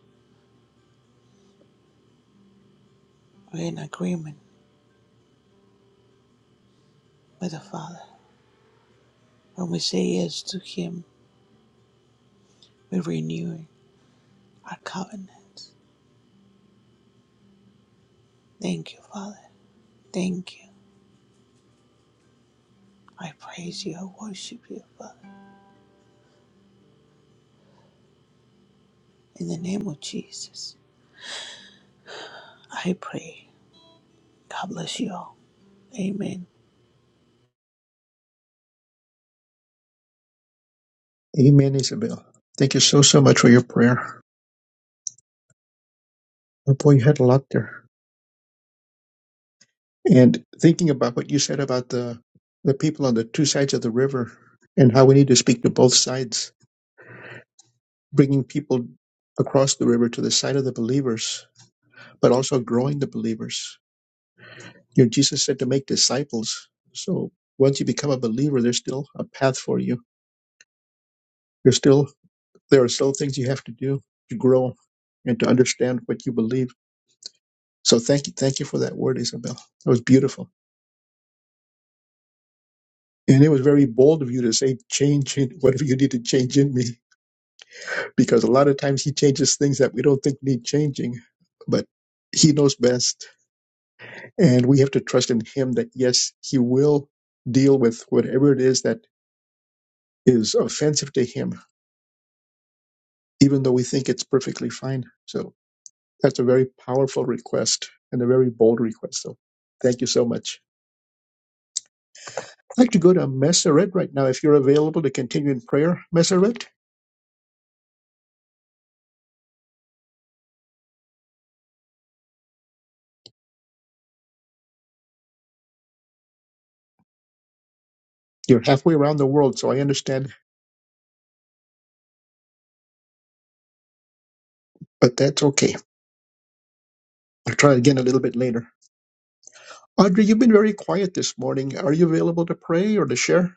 Speaker 6: we're in agreement with the Father. When we say yes to Him, we're renewing our covenant. Thank you, Father. Thank you. I praise you. I worship you, Father. In the name of Jesus, I pray. God bless you all. Amen.
Speaker 2: Amen, Isabel. Thank you so so much for your prayer. Oh boy, you had a lot there. And thinking about what you said about the, the people on the two sides of the river and how we need to speak to both sides, bringing people across the river to the side of the believers, but also growing the believers. You know, Jesus said to make disciples. So once you become a believer, there's still a path for you. There's still, there are still things you have to do to grow and to understand what you believe. So thank you. Thank you for that word, Isabel. That was beautiful. And it was very bold of you to say, change in whatever you need to change in me. because a lot of times he changes things that we don't think need changing, but he knows best. And we have to trust in him that, yes, he will deal with whatever it is that is offensive to him, even though we think it's perfectly fine. So that's a very powerful request and a very bold request. So thank you so much. I'd like to go to Messeret right now. If you're available to continue in prayer, Messeret, you're halfway around the world, so I understand, but that's okay. I'll try again a little bit later. Audrey, you've been very quiet this morning. Are you available to pray or to share?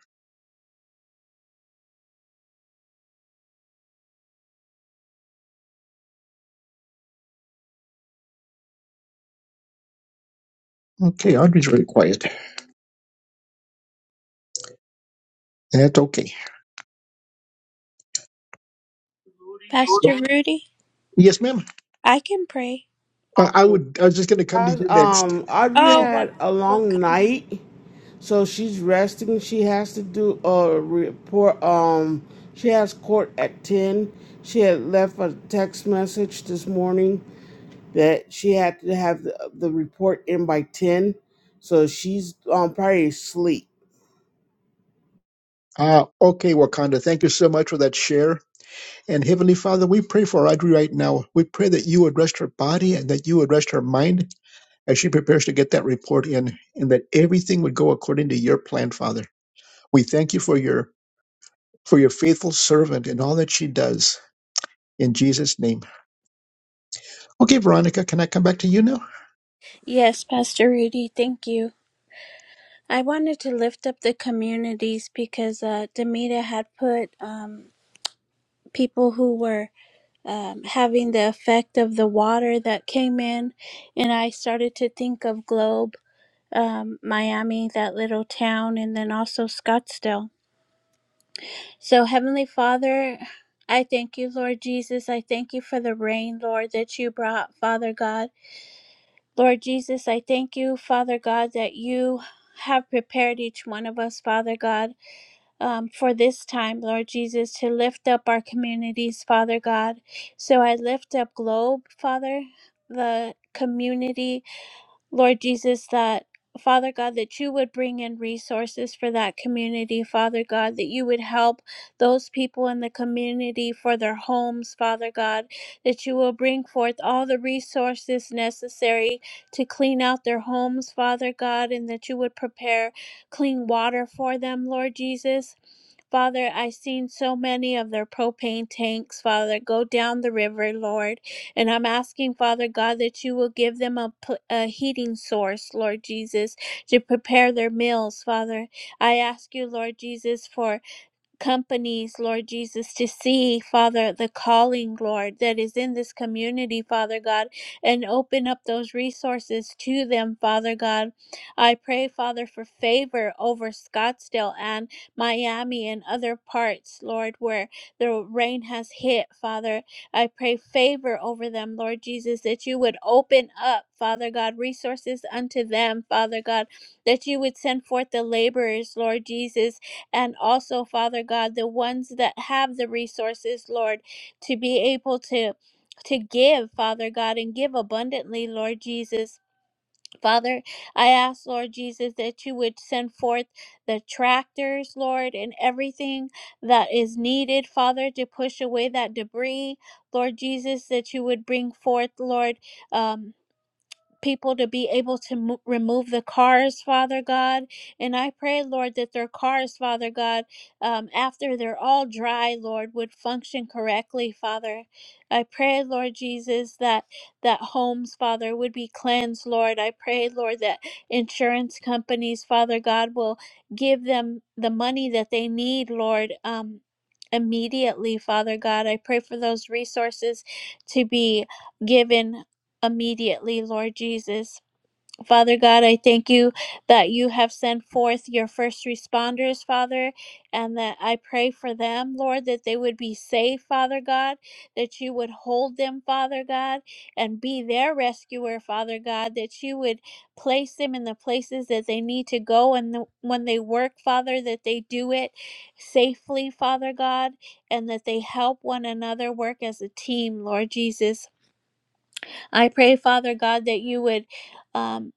Speaker 2: Okay, Audrey's very quiet. That's okay.
Speaker 3: Pastor Rudy,
Speaker 2: Yes, ma'am.
Speaker 3: I can pray.
Speaker 2: Uh, I
Speaker 7: Um,
Speaker 2: would. I was just going to come to
Speaker 7: guys,
Speaker 2: you next.
Speaker 7: um, Audrey
Speaker 3: Oh, what
Speaker 7: had a
Speaker 3: what
Speaker 7: long
Speaker 3: kind?
Speaker 7: night, so she's resting. She has to do a report. Um, she has court at ten. She had left a text message this morning that she had to have the, the report in by ten, so she's um probably asleep.
Speaker 2: Uh, okay, Wakanda. Thank you so much for that share. And Heavenly Father, we pray for Audrey right now. We pray that you would rest her body and that you would rest her mind as she prepares to get that report in, and that everything would go according to your plan, Father. We thank you for your for your faithful servant and all that she does. In Jesus' name. Okay, Veronica, can I come back to you now?
Speaker 3: Yes, Pastor Rudy, thank you. I wanted to lift up the communities because uh, Demita had put um, people who were um, having the effect of the water that came in. And I started to think of Globe, um, Miami, that little town, and then also Scottsdale. So, Heavenly Father, I thank you, Lord Jesus. I thank you for the rain, Lord, that you brought, Father God. Lord Jesus, I thank you, Father God, that you have prepared each one of us, Father God um, for this time, Lord Jesus, to lift up our communities, Father God. So I lift up Globe, Father, the community, Lord Jesus, that. Father God, that you would bring in resources for that community, Father God, that you would help those people in the community for their homes, Father God, that you will bring forth all the resources necessary to clean out their homes, Father God, and that you would prepare clean water for them, Lord Jesus. Father, I've seen so many of their propane tanks, Father, go down the river, Lord. And I'm asking, Father God, that you will give them a, a heating source, Lord Jesus, to prepare their meals, Father. I ask you, Lord Jesus, for companies, Lord Jesus, to see, Father, the calling, Lord, that is in this community, Father God, and open up those resources to them, Father God. I pray, Father, for favor over Scottsdale and Miami and other parts, Lord, where the rain has hit, Father. I pray favor over them, Lord Jesus, that you would open up, Father God, resources unto them, Father God, that you would send forth the laborers, Lord Jesus, and also, Father God, the ones that have the resources, Lord, to be able to to give, Father God, and give abundantly, Lord Jesus. Father, I ask, Lord Jesus, that you would send forth the tractors, Lord, and everything that is needed, Father, to push away that debris. Lord Jesus, that you would bring forth, Lord. Um, people to be able to mo- remove the cars, Father God. And I pray, Lord, that their cars, Father God, um, after they're all dry, Lord, would function correctly, Father. I pray, Lord Jesus, that that homes, Father, would be cleansed, Lord. I pray, Lord, that insurance companies, Father God, will give them the money that they need, Lord. Um, immediately father god i pray for those resources to be given immediately, Lord Jesus. Father God, I thank you that you have sent forth your first responders, Father, and that I pray for them, Lord, that they would be safe, Father God, that you would hold them, Father God, and be their rescuer, Father God, that you would place them in the places that they need to go and the, when they work, Father, that they do it safely, Father God, and that they help one another work as a team, Lord Jesus. I pray, Father God, that you would um,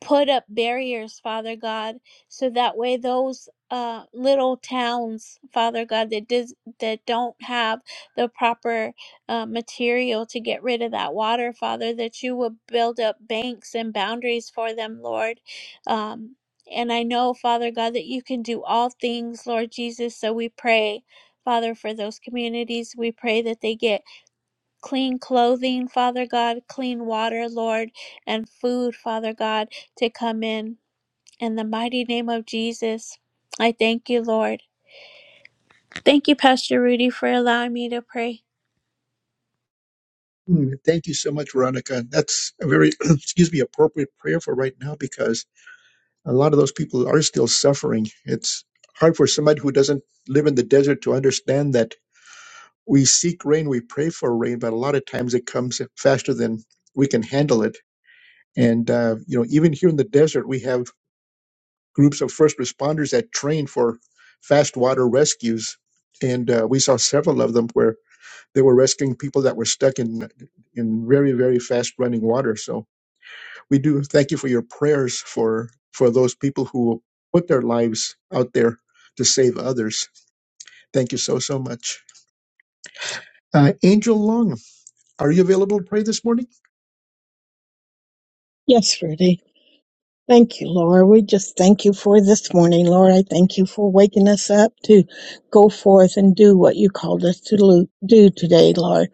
Speaker 3: put up barriers, Father God, so that way those uh, little towns, Father God, that does, that don't have the proper uh, material to get rid of that water, Father, that you would build up banks and boundaries for them, Lord. Um, and I know, Father God, that you can do all things, Lord Jesus. So we pray, Father, for those communities. We pray that they get clean clothing, Father God, clean water, Lord, and food, Father God, to come in. In the mighty name of Jesus, I thank you, Lord. Thank you, Pastor Rudy, for allowing me to pray.
Speaker 2: Mm, Thank you so much, Veronica. That's a very, *clears throat* excuse me, appropriate prayer for right now because a lot of those people are still suffering. It's hard for somebody who doesn't live in the desert to understand that we seek rain, we pray for rain, but a lot of times it comes faster than we can handle it. And, uh, you know, even here in the desert, we have groups of first responders that train for fast water rescues. And uh, we saw several of them where they were rescuing people that were stuck in in very, very fast running water. So we do thank you for your prayers for for those people who will put their lives out there to save others. Thank you so so much. Uh, Angel Long, are you available to pray this morning?
Speaker 8: Yes, Rudy. Thank you, Lord. We just thank you for this morning, Lord. I thank you for waking us up to go forth and do what you called us to lo- do today, Lord.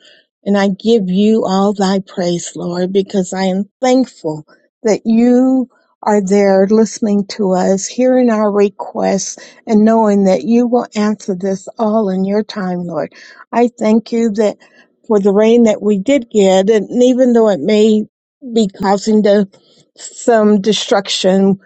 Speaker 8: And I give you all thy praise, Lord, because I am thankful that you are there listening to us, hearing our requests, and knowing that you will answer this all in your time, Lord. I thank you that for the rain that we did get, and even though it may be causing the some destruction.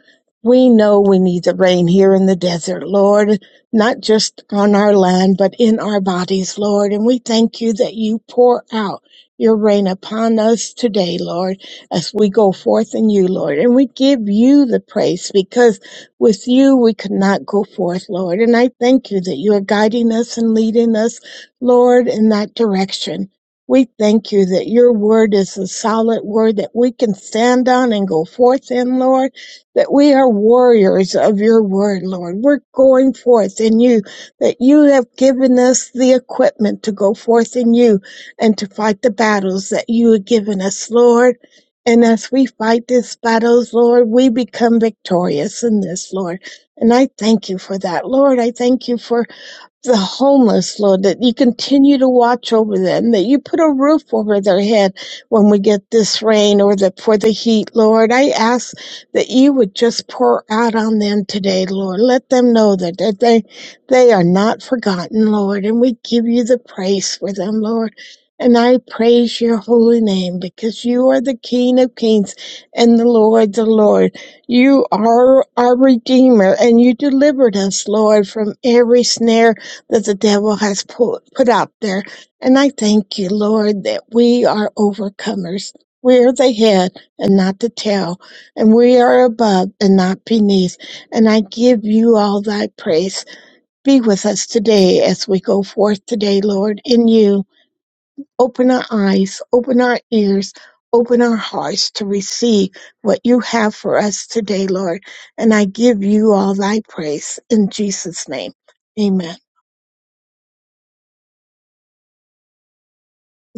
Speaker 8: We know we need the rain here in the desert, Lord, not just on our land, but in our bodies, Lord. And we thank you that you pour out your rain upon us today, Lord, as we go forth in you, Lord. And we give you the praise because with you we could not go forth, Lord. And I thank you that you are guiding us and leading us, Lord, in that direction. We thank you that your word is a solid word that we can stand on and go forth in, Lord, that we are warriors of your word, Lord. We're going forth in you, that you have given us the equipment to go forth in you and to fight the battles that you have given us, Lord. And as we fight these battles, Lord, we become victorious in this, Lord. And I thank you for that, Lord. I thank you for the homeless, Lord, that you continue to watch over them, that you put a roof over their head when we get this rain or the, for the heat, Lord. I ask that you would just pour out on them today, Lord. Let them know that, that they, they are not forgotten, Lord. And we give you the praise for them, Lord. And I praise your holy name because you are the King of kings and the Lord, the Lord. You are our Redeemer, and you delivered us, Lord, from every snare that the devil has put, put out there. And I thank you, Lord, that we are overcomers. We are the head and not the tail, and we are above and not beneath. And I give you all thy praise. Be with us today as we go forth today, Lord, in you. Open our eyes, open our ears, open our hearts to receive what you have for us today, Lord. And I give you all thy praise in Jesus' name. Amen.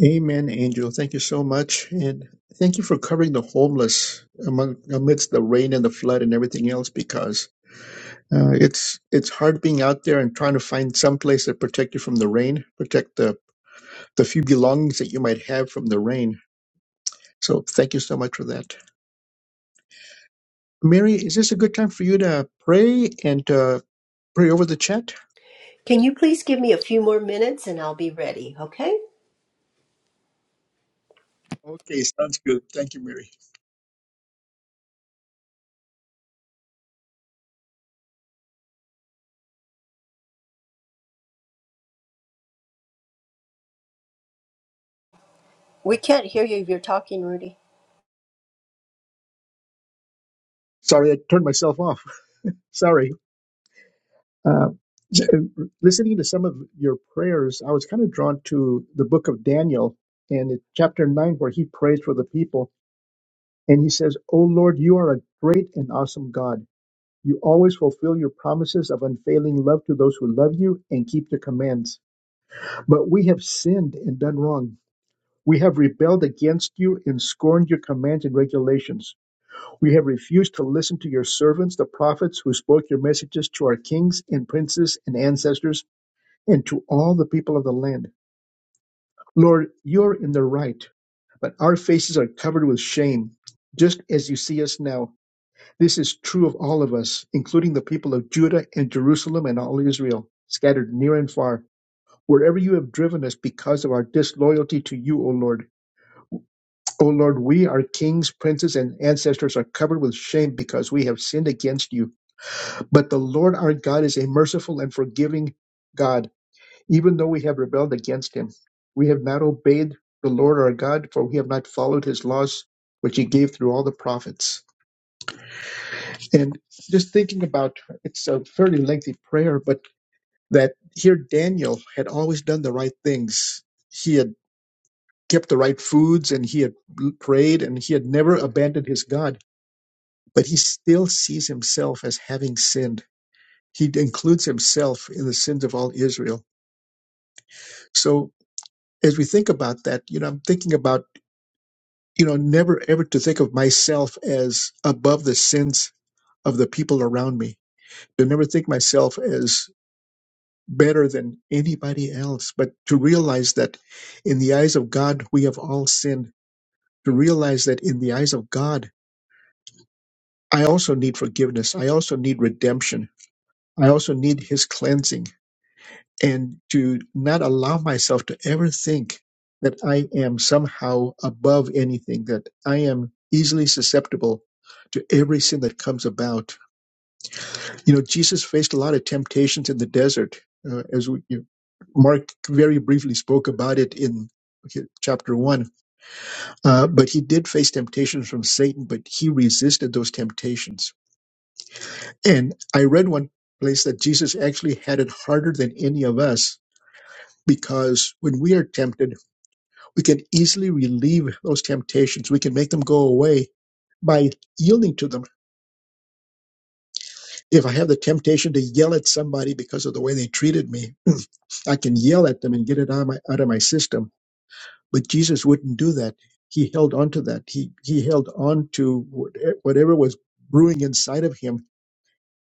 Speaker 2: Amen, Angel. Thank you so much, and thank you for covering the homeless among amidst the rain and the flood and everything else. Because uh, it's it's hard being out there and trying to find some place that protect you from the rain, protect the the few belongings that you might have from the rain. So thank you so much for that. Mary, is this a good time for you to pray and uh, pray over the chat?
Speaker 9: Can you please give me a few more minutes and I'll be ready, okay?
Speaker 2: Okay, sounds good. Thank you, Mary.
Speaker 9: We can't hear you if you're talking, Rudy.
Speaker 2: Sorry, I turned myself off. *laughs* Sorry. Uh, s- listening to some of your prayers, I was kind of drawn to the book of Daniel and it- chapter 9, where he prays for the people. And he says, "O Lord, you are a great and awesome God. You always fulfill your promises of unfailing love to those who love you and keep your commands. But we have sinned and done wrong. We have rebelled against you and scorned your commands and regulations. We have refused to listen to your servants, the prophets, who spoke your messages to our kings and princes and ancestors and to all the people of the land. Lord, you're in the right, but our faces are covered with shame, just as you see us now. This is true of all of us, including the people of Judah and Jerusalem and all Israel, scattered near and far, wherever you have driven us because of our disloyalty to you, O Lord. O Lord, we our kings, princes, and ancestors are covered with shame because we have sinned against you. But the Lord our God is a merciful and forgiving God, even though we have rebelled against him. We have not obeyed the Lord our God, for we have not followed his laws, which he gave through all the prophets. And just thinking about it's a fairly lengthy prayer, but that here Daniel had always done the right things. He had kept the right foods and he had prayed and he had never abandoned his God but he still sees himself as having sinned. He includes himself in the sins of all Israel. So as we think about that, you know, I'm thinking about, you know, never ever to think of myself as above the sins of the people around me, to never think myself as better than anybody else, but to realize that in the eyes of God, we have all sinned, to realize that in the eyes of God, I also need forgiveness. I also need redemption. I also need his cleansing. and to not allow myself to ever think that I am somehow above anything, that I am easily susceptible to every sin that comes about. You know, Jesus faced a lot of temptations in the desert, uh, as we, you, Mark very briefly spoke about it in chapter one. Uh, but he did face temptations from Satan, but he resisted those temptations. And I read one place that Jesus actually had it harder than any of us because when we are tempted, we can easily relieve those temptations. We can make them go away by yielding to them. If I have the temptation to yell at somebody because of the way they treated me, *clears throat* I can yell at them and get it out of my, out of my system. But Jesus wouldn't do that. He held on to that. He, he held on to what- whatever was brewing inside of him.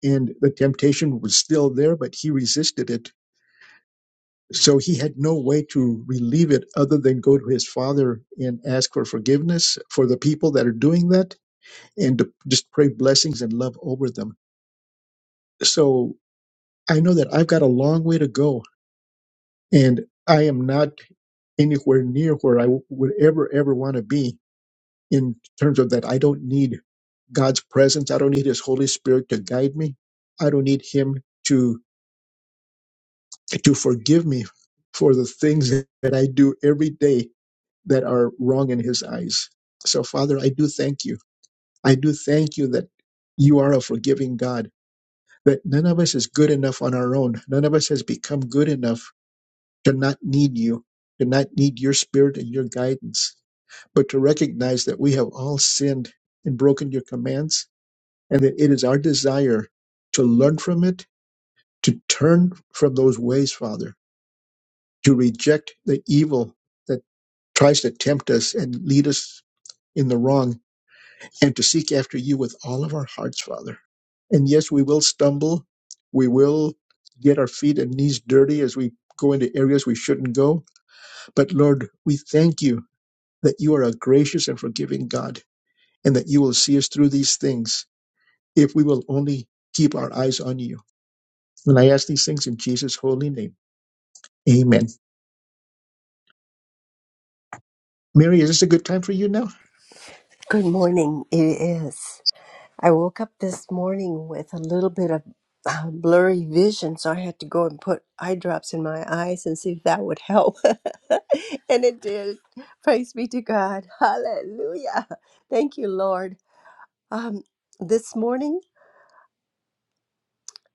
Speaker 2: And the temptation was still there, but he resisted it. So he had no way to relieve it other than go to his father and ask for forgiveness for the people that are doing that and to just pray blessings and love over them. So I know that I've got a long way to go, and I am not anywhere near where I would ever, ever want to be in terms of that. I don't need God's presence. I don't need His Holy Spirit to guide me. I don't need Him to to forgive me for the things that I do every day that are wrong in His eyes. So, Father, I do thank you. I do thank you that you are a forgiving God that none of us is good enough on our own. None of us has become good enough to not need you, to not need your spirit and your guidance, but to recognize that we have all sinned and broken your commands, and that it is our desire to learn from it, to turn from those ways, Father, to reject the evil that tries to tempt us and lead us in the wrong and to seek after you with all of our hearts, Father. And yes, we will stumble. We will get our feet and knees dirty as we go into areas we shouldn't go. But Lord, we thank you that you are a gracious and forgiving God and that you will see us through these things if we will only keep our eyes on you. And I ask these things in Jesus' holy name. Amen. Mary, is this a good time for you now?
Speaker 9: Good morning. It is. I woke up this morning with a little bit of uh, blurry vision, so I had to go and put eye drops in my eyes and see if that would help. *laughs* and it did. Praise be to God. Hallelujah. Thank you, Lord. Um, this morning,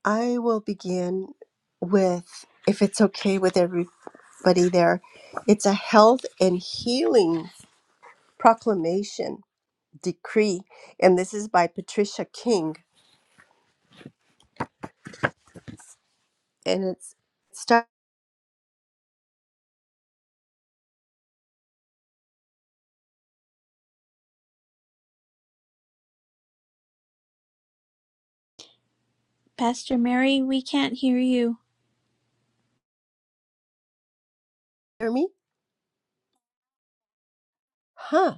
Speaker 9: I will begin with, if it's okay with everybody there, it's a health and healing proclamation decree. And this is by Patricia King. And it's, start
Speaker 3: Pastor Mary, we can't hear you.
Speaker 9: hear me? Huh.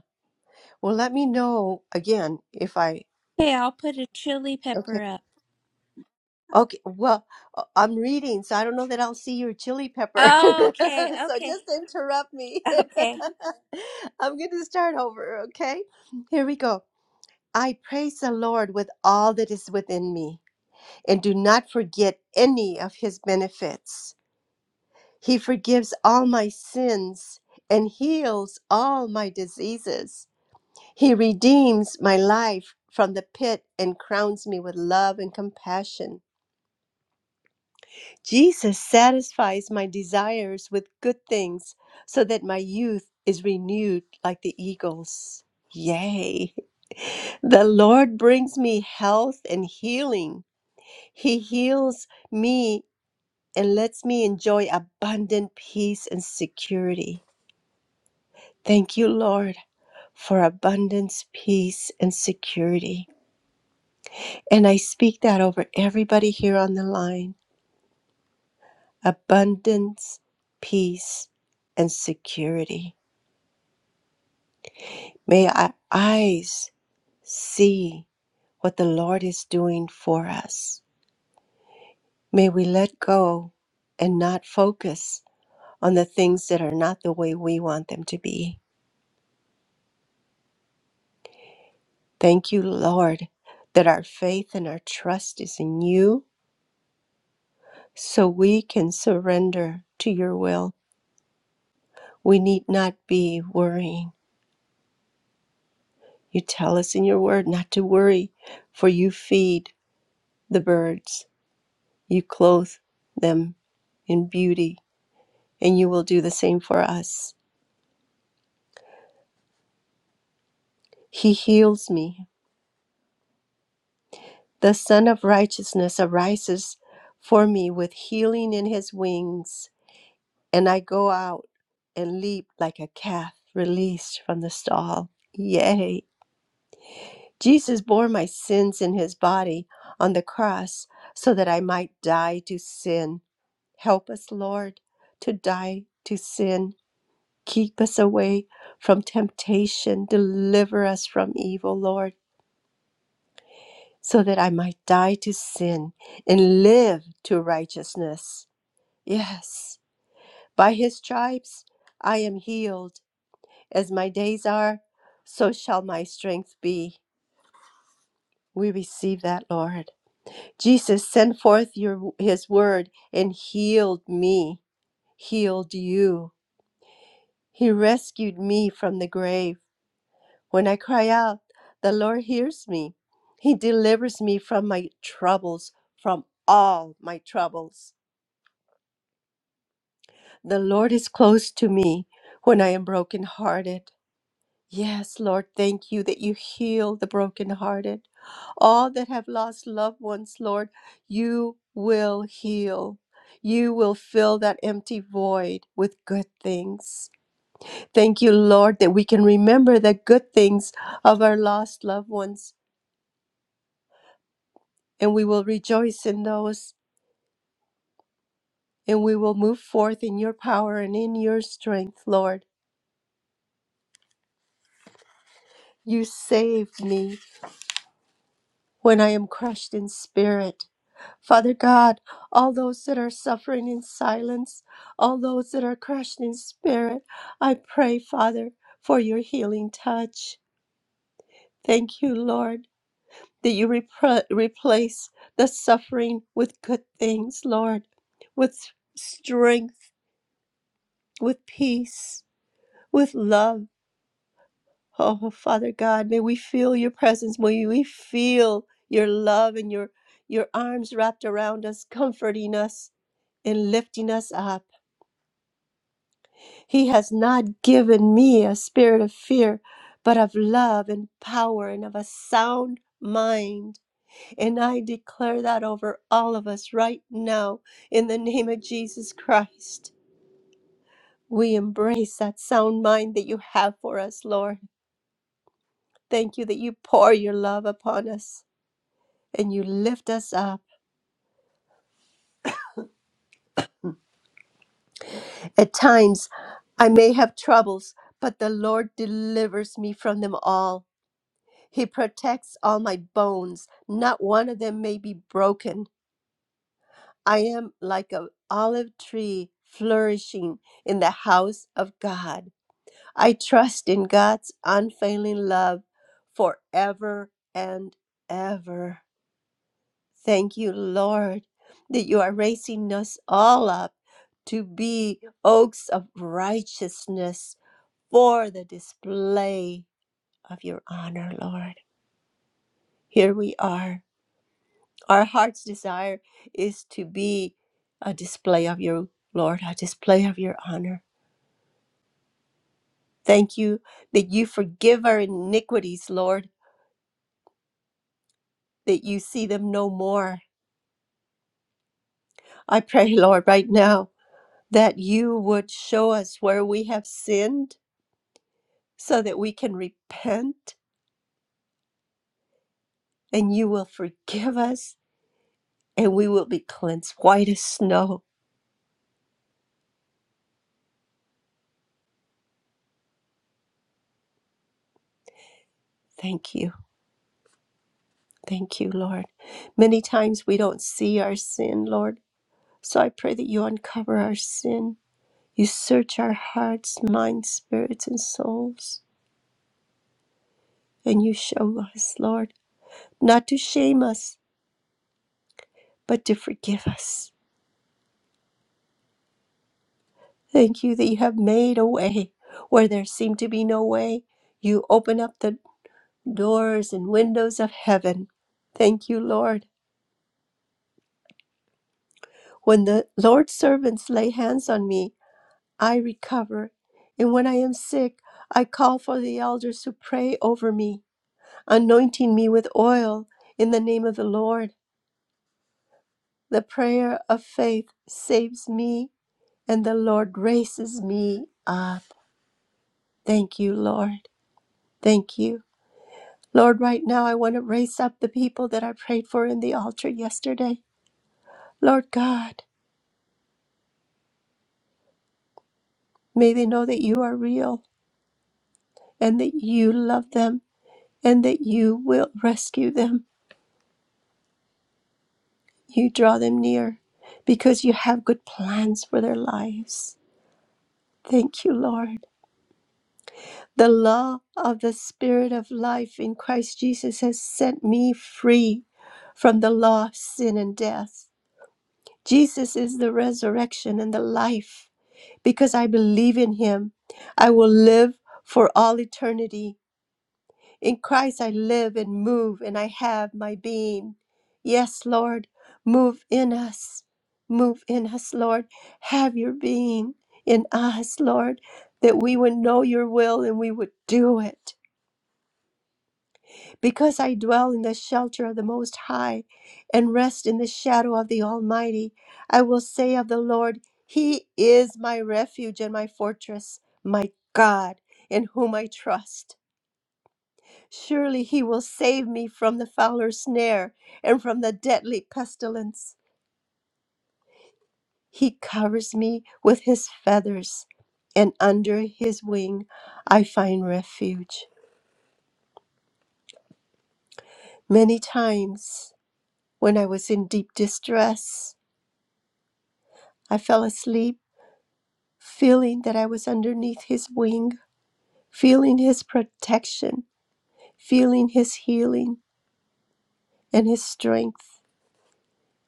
Speaker 9: Well, let me know again if I,
Speaker 3: Okay, I'll put a chili
Speaker 9: okay.
Speaker 3: pepper up.
Speaker 9: Okay. Well, uh, I'm reading, so I don't know that I'll see your chili pepper. *laughs* so
Speaker 3: Oh, okay, okay,
Speaker 9: just interrupt me.
Speaker 3: *laughs* okay.
Speaker 9: *laughs* I'm going to start over, okay? Here we go. I praise the Lord with all that is within me, and do not forget any of his benefits. He forgives all my sins and heals all my diseases. He redeems my life from the pit and crowns me with love and compassion. Jesus satisfies my desires with good things so that my youth is renewed like the eagles. Yea, the Lord brings me health and healing. He heals me and lets me enjoy abundant peace and security. Thank you, Lord, for abundance, peace, and security. And I speak that over everybody here on the line abundance, peace, and security. May our eyes see what the Lord is doing for us. May we let go and not focus on the things that are not the way we want them to be. Thank you, Lord, that our faith and our trust is in you so we can surrender to your will. We need not be worrying. You tell us in your word not to worry, for you feed the birds, you clothe them in beauty, and you will do the same for us. He heals me. The Son of Righteousness arises for me with healing in his wings. and I go out and leap like a calf released from the stall. Yea, Jesus bore my sins in his body on the cross so that I might die to sin. Help us, Lord, to die to sin. Keep us away from temptation. Deliver us from evil, Lord, so that I might die to sin and live to righteousness. Yes, by his stripes I am healed. As my days are, so shall my strength be. We receive that, Lord. Jesus, send forth your his word and healed me, healed you. He rescued me from the grave. When I cry out, the Lord hears me. He delivers me from my troubles, from all my troubles. The Lord is close to me when I am brokenhearted. Yes, Lord, thank you that you heal the brokenhearted. All that have lost loved ones, Lord, you will heal. You will fill that empty void with good things. Thank you, Lord, that we can remember the good things of our lost loved ones and we will rejoice in those and we will move forth in your power and in your strength, Lord. You saved me when I am crushed in spirit. Father God, all those that are suffering in silence, all those that are crushed in spirit, I pray, Father, for your healing touch. Thank you, Lord, that you repre- replace the suffering with good things, Lord, with strength, with peace, with love. Oh, Father God, may we feel your presence. May we feel your love and your, your arms wrapped around us, comforting us and lifting us up. He has not given me a spirit of fear, but of love and power and of a sound mind. And I declare that over all of us right now in the name of Jesus Christ. We embrace that sound mind that you have for us, Lord. Thank you that you pour your love upon us and you lift us up. At times, I may have troubles, but the Lord delivers me from them all. He protects all my bones. Not one of them may be broken. I am like an olive tree flourishing in the house of God. I trust in God's unfailing love forever and ever. Thank you, Lord, that you are raising us all up to be oaks of righteousness for the display of your honor, Lord. Here we are Our heart's desire is to be a display of your Lord, a display of your honor. Thank you that you forgive our iniquities, Lord, that you see them no more. I pray, Lord, right now that you would show us where we have sinned so that we can repent and you will forgive us and we will be cleansed white as snow. Thank you. Thank you, Lord. Many times we don't see our sin, Lord So I pray that you uncover our sin. You search our hearts, minds, spirits, and souls. And you show us, Lord, not to shame us, but to forgive us. Thank you that you have made a way where there seemed to be no way. You open up the doors and windows of heaven. Thank you, Lord. When the Lord's servants lay hands on me, I recover. And when I am sick, I call for the elders to pray over me. anointing me with oil in the name of the Lord. The prayer of faith saves me, and the Lord raises me up. Thank you, Lord. Thank you. Lord, right now I want to raise up the people that I prayed for in the altar yesterday. Lord God, may they know that you are real and that you love them and that you will rescue them. You draw them near because you have good plans for their lives. Thank you, Lord. The law of the Spirit of life in Christ Jesus has set me free from the law of sin and death. Jesus is the resurrection and the life. Because I believe in him, I will live for all eternity. In Christ, I live and move, and I have my being. Yes, Lord, move in us. Move in us, Lord. Have your being in us, Lord, that we would know your will and we would do it. Because I dwell in the shelter of the Most High and rest in the shadow of the Almighty, I will say of the Lord, He is my refuge and my fortress, my God, in whom I trust. Surely He will save me from the fowler's snare and from the deadly pestilence. He covers me with His feathers, and under His wing I find refuge. Many times when I was in deep distress, I fell asleep, feeling that I was underneath his wing, feeling his protection, feeling his healing and his strength.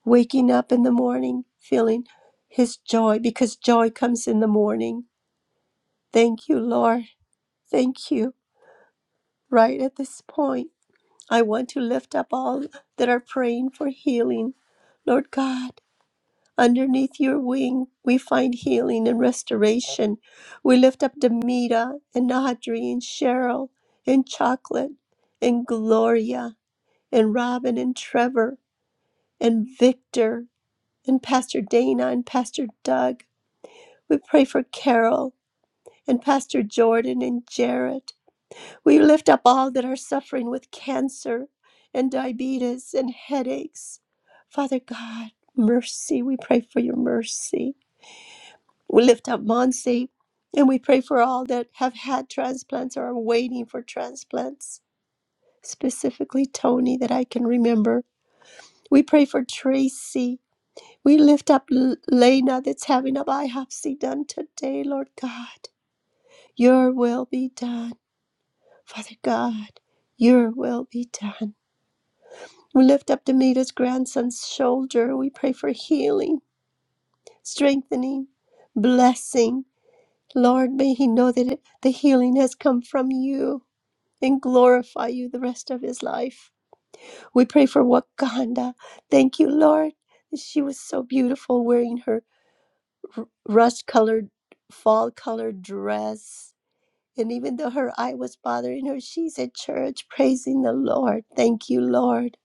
Speaker 9: Waking up in the morning, feeling his joy, because joy comes in the morning. Thank you, Lord. Thank you. Right at this point, I want to lift up all that are praying for healing. Lord God, Underneath your wing, we find healing and restoration. We lift up Demita and Audrey and Cheryl and Chocolate and Gloria and Robin and Trevor and Victor and Pastor Dana and Pastor Doug. We pray for Carol and Pastor Jordan and Jarrett. We lift up all that are suffering with cancer and diabetes and headaches. Father God, mercy. We pray for your mercy. We lift up Monsi and we pray for all that have had transplants or are waiting for transplants, specifically Tony, that I can remember. We pray for Tracy. We lift up L- Lena that's having a biopsy done today, Lord God. Your will be done, Father God. Your will be done. We lift up Demita's grandson's shoulder. We pray for healing, strengthening, blessing. Lord, may he know that it- the healing has come from you and glorify you the rest of his life. We pray for Wakanda. Thank you, Lord. She was so beautiful wearing her rust colored, fall colored dress. And even though her eye was bothering her, she's at church praising the Lord. Thank you, Lord.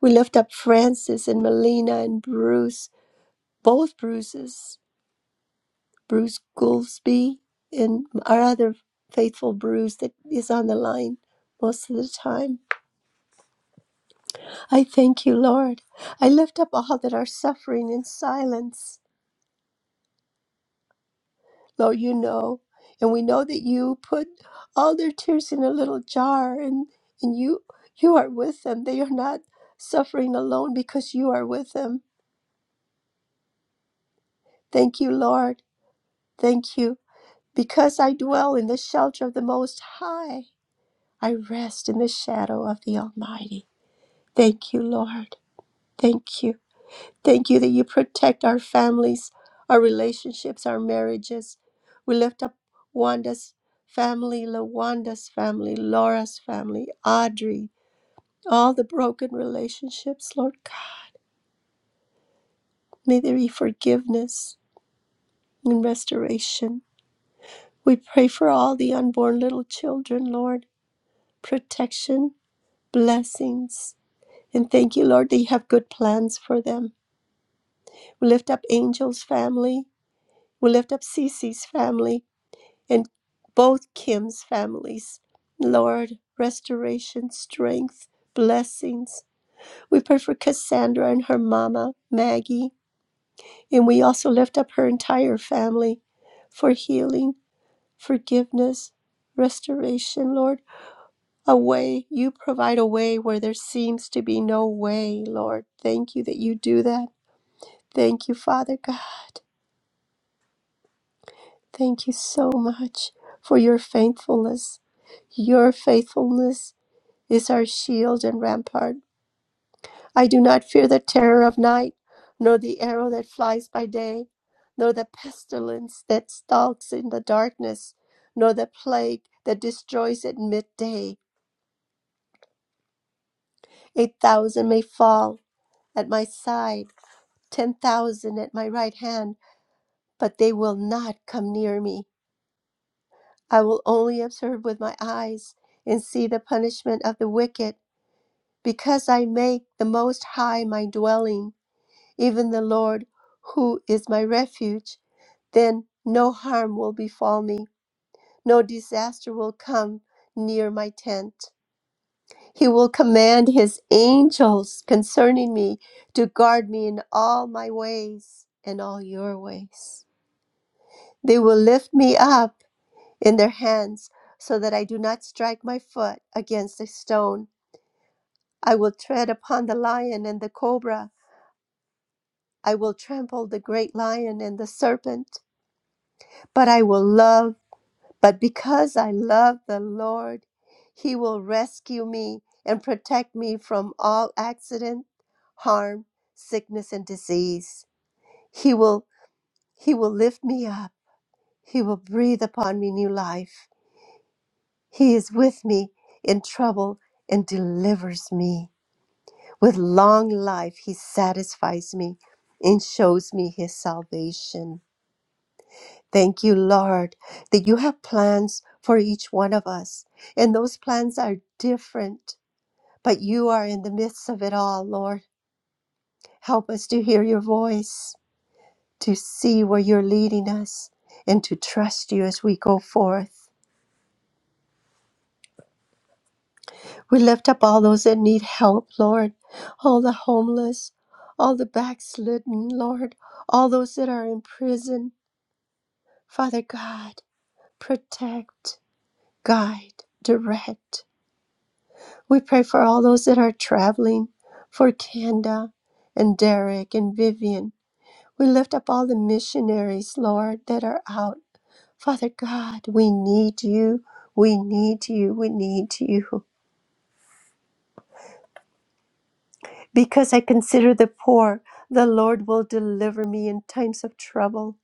Speaker 9: We lift up Francis and Melina and Bruce, both Bruces. Bruce Goolsbee and our other faithful Bruce that is on the line most of the time. I thank you, Lord. I lift up all that are suffering in silence. Lord, you know. And we know that you put all their tears in a little jar and, and you you are with them. They are not suffering alone because you are with them. Thank you, Lord. Thank you. Because I dwell in the shelter of the Most High, I rest in the shadow of the Almighty. Thank you, Lord. Thank you. Thank you that you protect our families, our relationships, our marriages. We lift up Wanda's family, Lawanda's family, Laura's family, Audrey, all the broken relationships, Lord God. May there be forgiveness and restoration. We pray for all the unborn little children, Lord, protection, blessings. And thank you, Lord, that you have good plans for them. We lift up Angel's family. We lift up Cece's family and both Kim's families. Lord, restoration, strength, blessings. We pray for Cassandra and her mama, Maggie, and we also lift up her entire family for healing, forgiveness, restoration, Lord. A way, you provide a way where there seems to be no way, Lord. Thank you that you do that. Thank you, Father God. Thank you so much for your faithfulness. Your faithfulness is our shield and rampart. I do not fear the terror of night, nor the arrow that flies by day, nor the pestilence that stalks in the darkness, nor the plague that destroys at midday. Eight thousand may fall at my side, ten thousand at my right hand, but they will not come near me. I will only observe with my eyes and see the punishment of the wicked, because I make the Most High my dwelling, even the Lord, who is my refuge. Then no harm will befall me, no disaster will come near my tent. He will command his angels concerning me to guard me in all my ways and all your ways. They will lift me up in their hands, so that I do not strike my foot against a stone. I will tread upon the lion and the cobra. I will trample the great lion and the serpent. But I will love, but because I love the Lord, he will rescue me and protect me from all accident, harm, sickness, and disease. He will, he will lift me up. He will breathe upon me new life. He is with me in trouble and delivers me. With long life, He satisfies me and shows me His salvation. Thank you, Lord, that you have plans for each one of us, and those plans are different, but you are in the midst of it all, Lord. Help us to hear your voice, to see where you're leading us, and to trust you as we go forth. We lift up all those that need help, Lord. All the homeless, all the backslidden, Lord. All those that are in prison. Father God, protect, guide, direct. We pray for all those that are traveling, for Kanda and Derek and Vivian. We lift up all the missionaries, Lord, that are out. Father God, we need you. We need you. We need you. Because I consider the poor, the Lord will deliver me in times of trouble.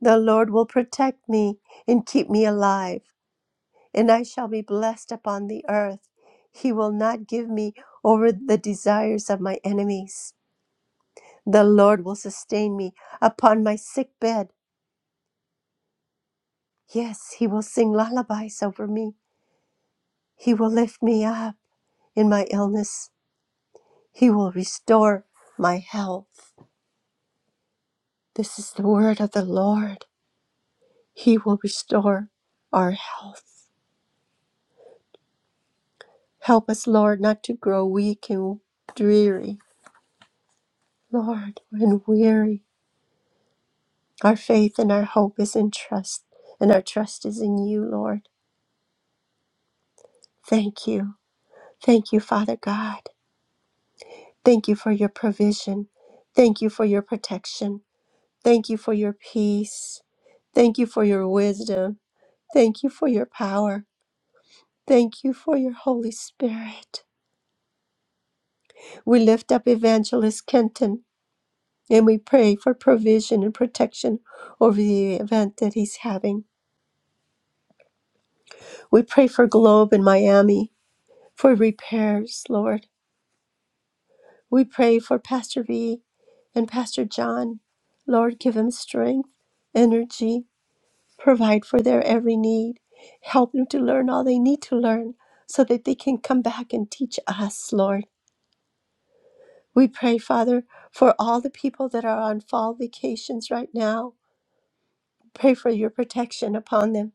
Speaker 9: The Lord will protect me and keep me alive, and I shall be blessed upon the earth. He will not give me over the desires of my enemies. The Lord will sustain me upon my sick bed. Yes, He will sing lullabies over me. He will lift me up in my illness. He will restore my health. This is the word of the Lord. He will restore our health. Help us, Lord, not to grow weak and dreary, Lord, and weary. Our faith and our hope is in trust, and our trust is in you, Lord. Thank you. Thank you, Father God. Thank you for your provision. Thank you for your protection. Thank you for your peace. Thank you for your wisdom. Thank you for your power. Thank you for your Holy Spirit. We lift up Evangelist Kenton And we pray for provision and protection over the event that he's having. We pray for Globe in Miami for repairs, Lord. We pray for Pastor V and Pastor John. Lord, give them strength, energy, provide for their every need. Help them to learn all they need to learn so that they can come back and teach us, Lord. We pray, Father, for all the people that are on fall vacations right now. Pray for your protection upon them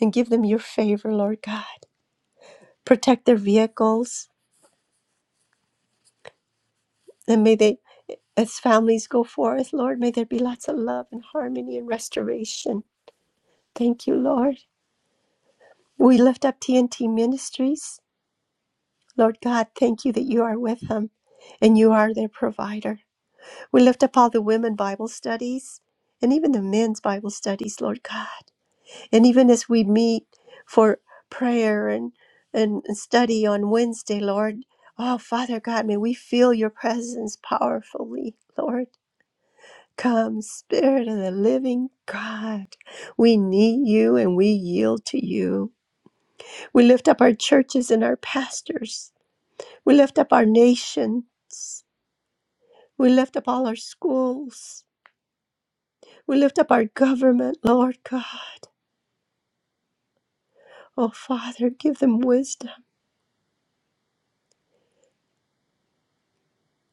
Speaker 9: and give them your favor, Lord God. Protect their vehicles and may they, as families go forth, Lord, may there be lots of love and harmony and restoration. Thank you, Lord. We lift up TNT Ministries. Lord God, thank you that you are with them and you are their provider. We lift up all the women Bible studies and even the men's Bible studies, Lord God. And even as we meet for prayer and, and study on Wednesday, Lord, oh, Father God, may we feel your presence powerfully, Lord. Come, Spirit of the living God. We need you and we yield to you. We lift up our churches and our pastors. We lift up our nations. We lift up all our schools. We lift up our government, Lord God. Oh, Father, give them wisdom.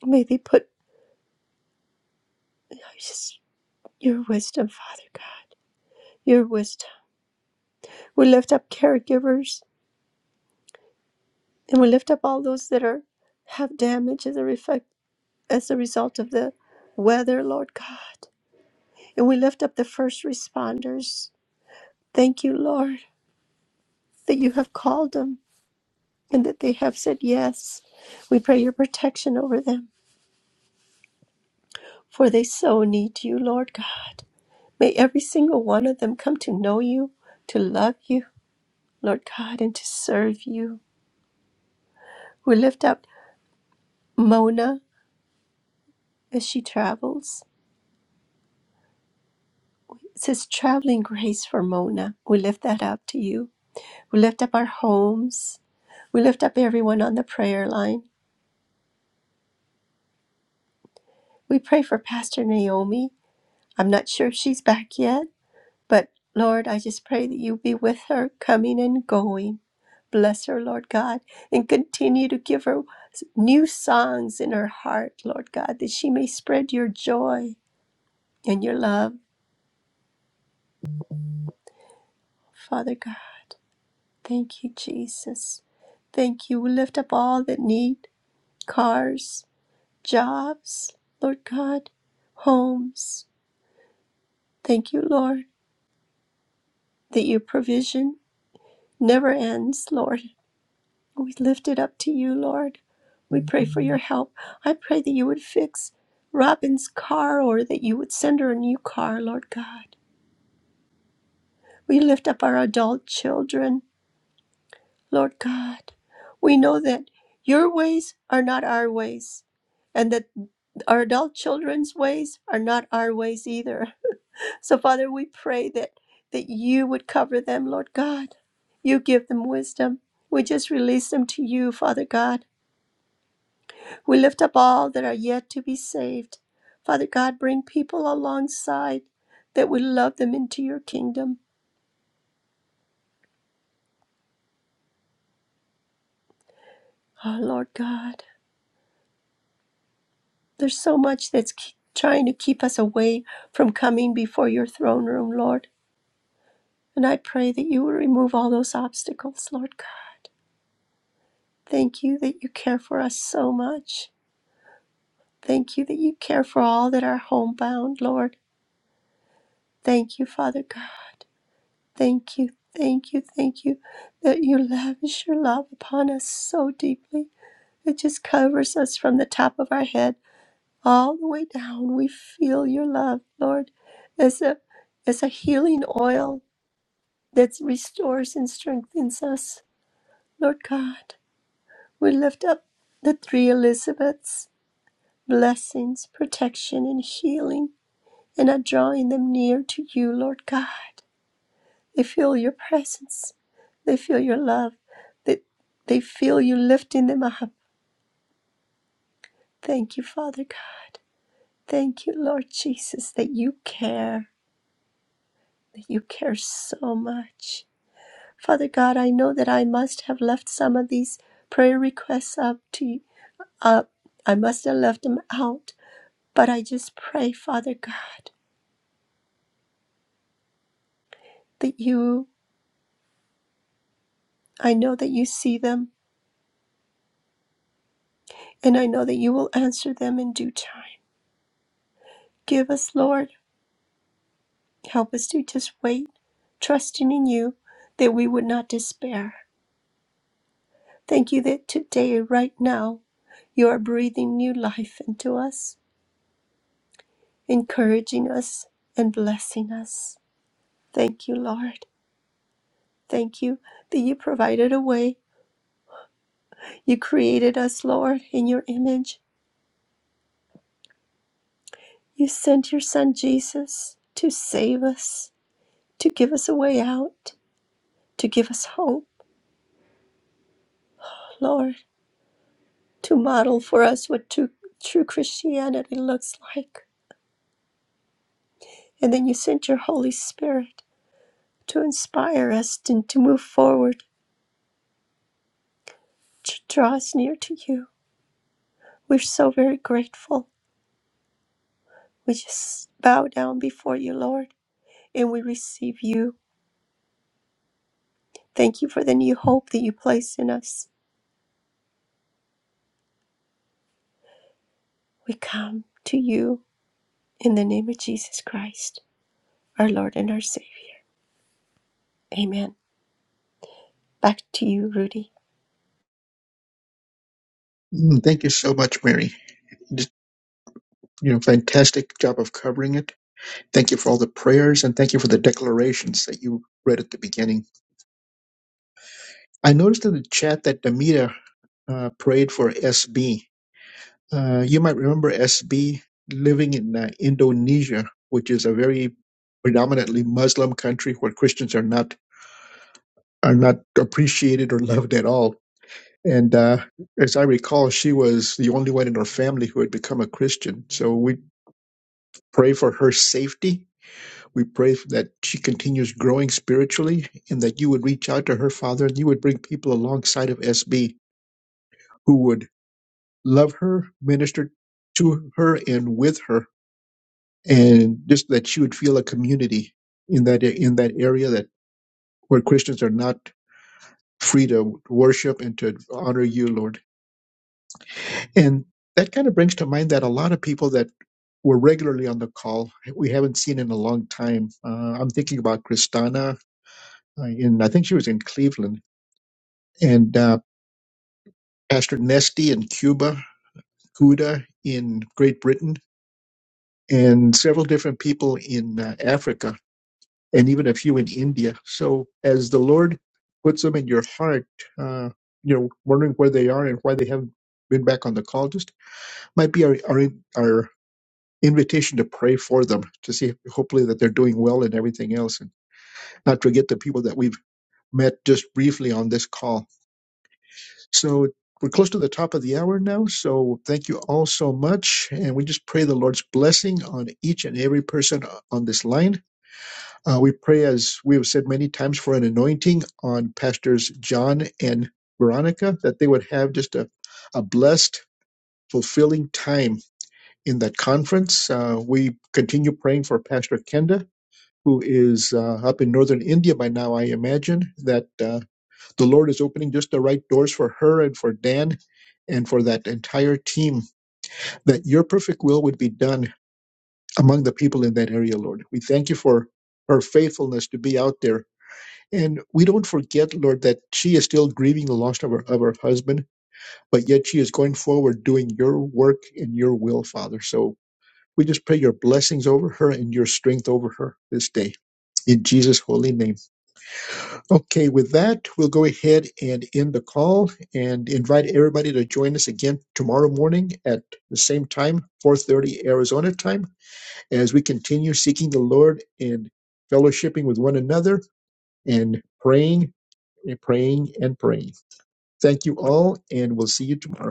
Speaker 9: May they put just. Your wisdom, Father God, your wisdom. We lift up caregivers and we lift up all those that are have damage as a reflect as a result of the weather, Lord God. And we lift up the first responders. Thank you, Lord, that you have called them and that they have said yes. We pray your protection over them, for they so need you, Lord God. May every single one of them come to know you, to love you, Lord God, and to serve you. We lift up Mona as she travels. It says, Traveling grace for Mona. We lift that up to you. We lift up our homes. We lift up everyone on the prayer line. We pray for Pastor Naomi. I'm not sure if she's back yet, but Lord, I just pray that you be with her coming and going. Bless her, Lord God, and continue to give her new songs in her heart, Lord God, that she may spread your joy and your love, Father God. Thank you, Jesus. Thank you. We lift up all that need cars, jobs, Lord God, homes. Thank you, Lord, that your provision never ends, Lord. We lift it up to you, Lord. We pray for your help. I pray that you would fix Robin's car or that you would send her a new car, Lord God. We lift up our adult children. Lord God, we know that your ways are not our ways, and that our adult children's ways are not our ways either. *laughs* So, Father, we pray that, that you would cover them, Lord God. You give them wisdom. We just release them to you, Father God. We lift up all that are yet to be saved. Father God, bring people alongside that would love them into your kingdom. Oh, Lord God. There's so much that's ke- trying to keep us away from coming before your throne room, Lord. And I pray that you will remove all those obstacles, Lord God. Thank you that you care for us so much. Thank you that you care for all that are homebound, Lord. Thank you, Father God. Thank you, thank you, thank you that you lavish your love upon us so deeply. It just covers us from the top of our head all the way down. We feel your love, Lord, as a as a healing oil that restores and strengthens us. Lord God, we lift up the three Elizabeths, blessings, protection, and healing, and are drawing them near to you, Lord God. They feel your presence. They feel your love. They, they feel you lifting them up. Thank you, Father God. Thank you, Lord Jesus, that you care that you care so much. Father God, I know that I must have left some of these prayer requests up to you. Up. I must have left them out. But I just pray, Father God, that you, I know that you see them, and I know that you will answer them in due time. Give us, Lord, help us to just wait, trusting in you that we would not despair. Thank you that today, right now, you are breathing new life into us. encouraging us and blessing us. Thank you, Lord. Thank you that you provided a way. You created us, Lord, in your image. You sent your son Jesus to save us, to give us a way out, to give us hope, Lord, to model for us what true, true Christianity looks like. And then you sent your Holy Spirit to inspire us and to move forward, to draw us near to you. We're so very grateful We just bow down before you, Lord, and we receive you. Thank you for the new hope that you place in us. We come to you in the name of Jesus Christ, our Lord and our Savior. Amen. Back to you, Rudy.
Speaker 2: Mm, thank you so much, Mary. You did, you know, fantastic job of covering it Thank you for all the prayers and thank you for the declarations that you read at the beginning. I noticed in the chat that Demita uh, prayed for SB. Uh, you might remember SB living in uh, Indonesia, which is a very predominantly Muslim country where Christians are not are not appreciated or loved at all. And uh, as I recall, she was the only one in her family who had become a Christian. So we pray for her safety We pray that she continues growing spiritually and that you would reach out to her, Father, and you would bring people alongside of SB who would love her, minister to her and with her, and just that she would feel a community in that in that area that where Christians are not free to worship and to honor you, Lord. And that kind of brings to mind that a lot of people that were regularly on the call we haven't seen in a long time. Uh, I'm thinking about Kristana uh, in I think she was in Cleveland and uh, Pastor Nesty in Cuba, Cuda in Great Britain, and several different people in uh, Africa, and even a few in India. So as the Lord puts them in your heart, uh, you know, wondering where they are and why they haven't been back on the call. Just might be our our, our invitation to pray for them to see hopefully that they're doing well and everything else and not forget the people that we've met just briefly on this call So we're close to the top of the hour now. So thank you all so much. And we just pray the Lord's blessing on each and every person on this line. Uh, we pray, as we have said many times, for an anointing on Pastors John and Veronica, that they would have just a, a blessed, fulfilling time in that conference. Uh, we continue praying for Pastor Kenda. Who is uh, up in northern India by now, I imagine, that uh, the Lord is opening just the right doors for her and for Dan and for that entire team, that your perfect will would be done among the people in that area, Lord. We thank you for her faithfulness to be out there. And we don't forget, Lord, that she is still grieving the loss of her, of her husband, but yet she is going forward doing your work and your will, Father. So we just pray your blessings over her and your strength over her this day. In Jesus' holy name. Okay, with that, we'll go ahead and end the call and invite everybody to join us again tomorrow morning at the same time, 4:30 Arizona time, as we continue seeking the Lord and fellowshipping with one another and praying and praying and praying. Thank you all, and we'll see you tomorrow.